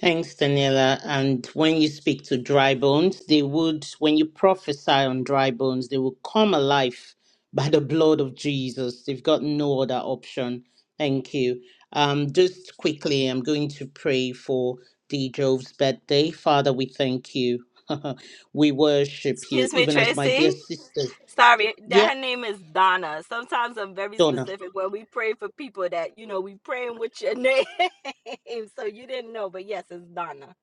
Speaker 2: Thanks, Daniela. And when you speak to dry bones, they would, when you prophesy on dry bones, they will come alive by the blood of Jesus. They've got no other option. Thank you. Um, just quickly, I'm going to pray for D. Jove's birthday. Father, we thank you. we worship you,
Speaker 13: Excuse me,
Speaker 2: even as my dear
Speaker 13: Tracy.
Speaker 2: sisters.
Speaker 13: Sorry, that
Speaker 2: Yeah,
Speaker 13: her name is Donna. Sometimes I'm very
Speaker 2: Donna.
Speaker 13: specific when we pray for people that you know we praying with your name, so you didn't know, but yes, it's Donna.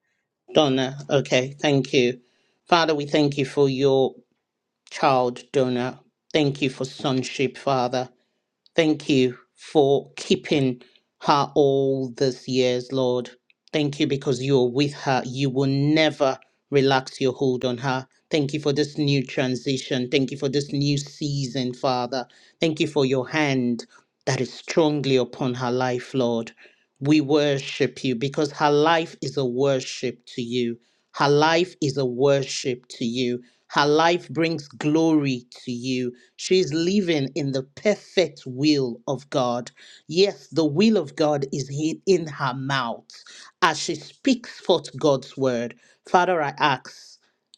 Speaker 2: Donna. Okay, thank you. Father, we thank you for your child donor. Thank you for sonship, Father. Thank you for keeping her all these years, Lord. Thank you because you are with her. You will never relax your hold on her. Thank you for this new transition. Thank you for this new season, Father. Thank you for your hand that is strongly upon her life, Lord. We worship you because her life is a worship to you. Her life is a worship to you. Her life brings glory to you. She is living in the perfect will of God. Yes, the will of God is hid in her mouth as she speaks forth God's word. Father, I ask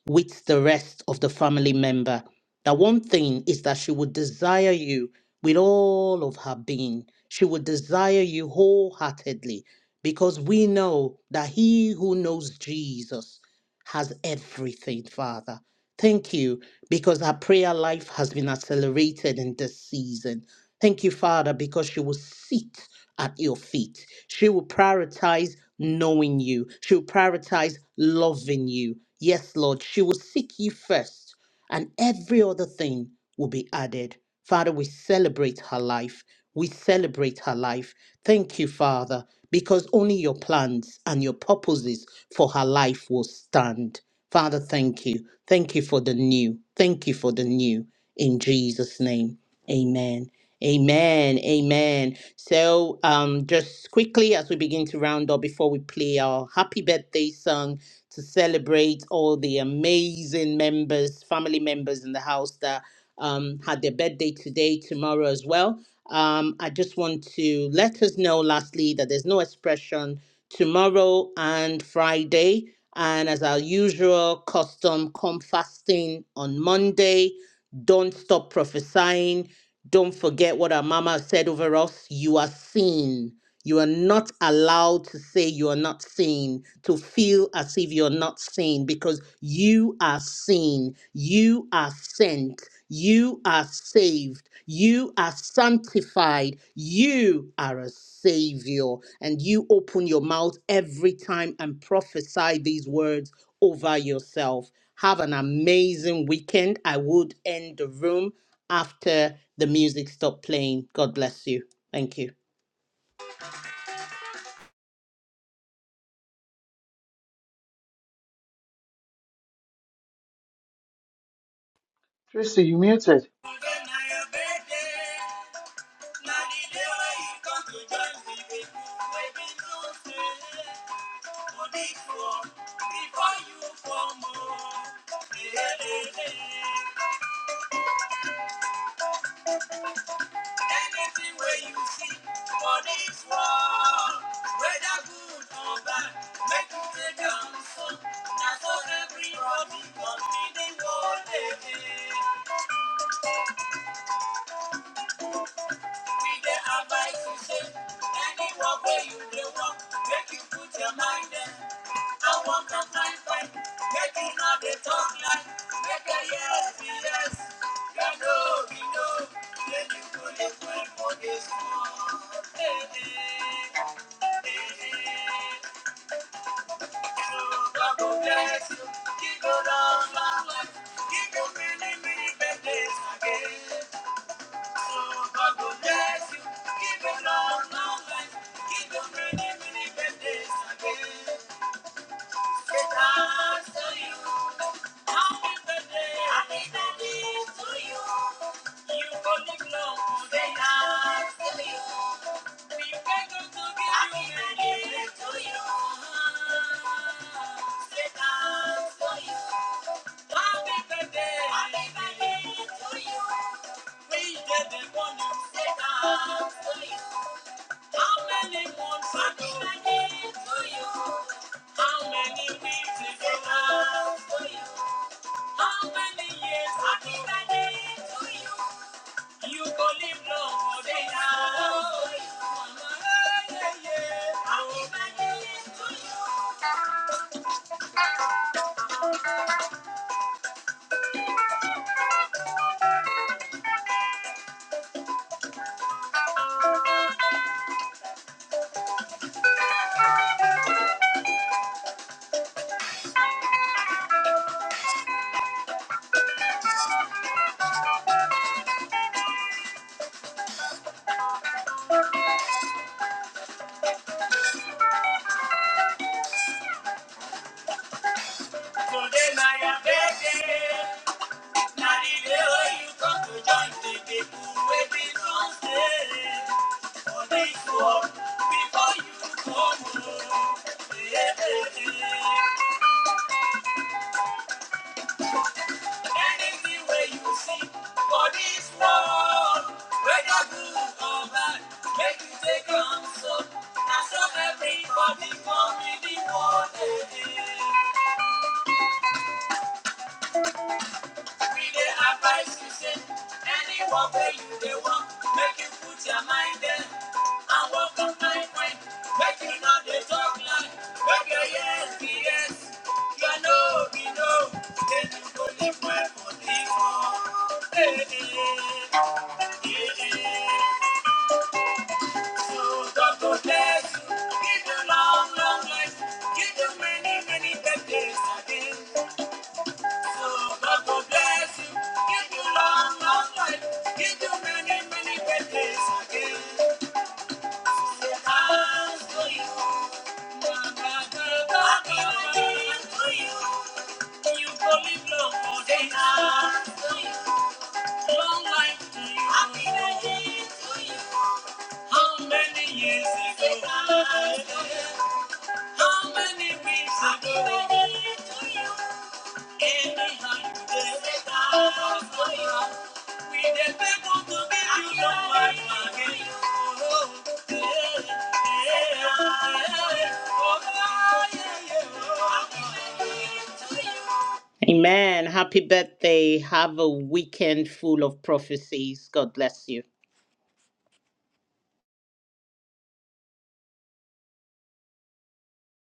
Speaker 2: with the rest of the family member. The one thing is that she would desire you with all of her being. She would desire you wholeheartedly because we know that he who knows Jesus has everything, Father. Thank you because her prayer life has been accelerated in this season. Thank you, Father, because she will sit at your feet. She will prioritize knowing you, she will prioritize loving you. Yes, Lord, she will seek you first cross, and every other thing will be added. Father, we celebrate her life. We celebrate her life. Thank you, Father, because only your plans and your purposes for her life will stand. Father, thank you. Thank you for the new. Thank you for the new. In Jesus' name, amen. Amen. Amen. So, um, just quickly as we begin to round up before we play our happy birthday song to celebrate all the amazing members, family members in the house that um, had their birthday today, tomorrow as well. Um, I just want to let us know lastly that there's no expression tomorrow and Friday. And as our usual custom, come fasting on Monday. Don't stop prophesying don't forget what our mama said over us. You are seen. You are not allowed to say you are not seen, to feel as if you're not seen, because you are seen. You are sent. You are saved. You are sanctified. You are a savior. And you open your mouth every time and prophesy these words over yourself. Have an amazing weekend. I would end the room after the music stopped playing. God bless you. Thank you.
Speaker 14: Tracy, you muted.
Speaker 2: Anything where you see for this world, whether good or bad, make you take down Now so everybody come in the world. We dey advise you say, any you dey work, make you put your mind there. I want to find fight, make you not dey talk lie. Make a yes be yes, ya no be no. Make you go dey fight for Hey, hey, hey, hey. So God bless you, give you long, life, give you many, many birthdays again gonna Thank you. You will live long, they love you. How many years? Happy birthday to you. You go live long day now. Mama, yeah, yeah. Happy birthday to you. Today na your birthday. Na the day wey you come to join the people wey be Sunday. For this world, before you come home. Yeah, yeah, yeah. Anywhere you see for this world, whether good or bad, make you take on so. Now so everybody come in the world. We dey advise you say any work wey you dey work, make you put your mind there and work on my friend. Make you not dey talk lie, make your yes be yes, your no be no. Then you go live well for this world. Hey, hey, hey. So God go bless you, give you long, long life, give you many, many birthdays again. God bless you, give you long, long life, give you many, many blessings again. Say, "Thanks to you, you. You will live for days. Long life Happy days to you. How many years ago? How many weeks ago? Amen. Happy birthday. Have a weekend full of prophecies. God bless you.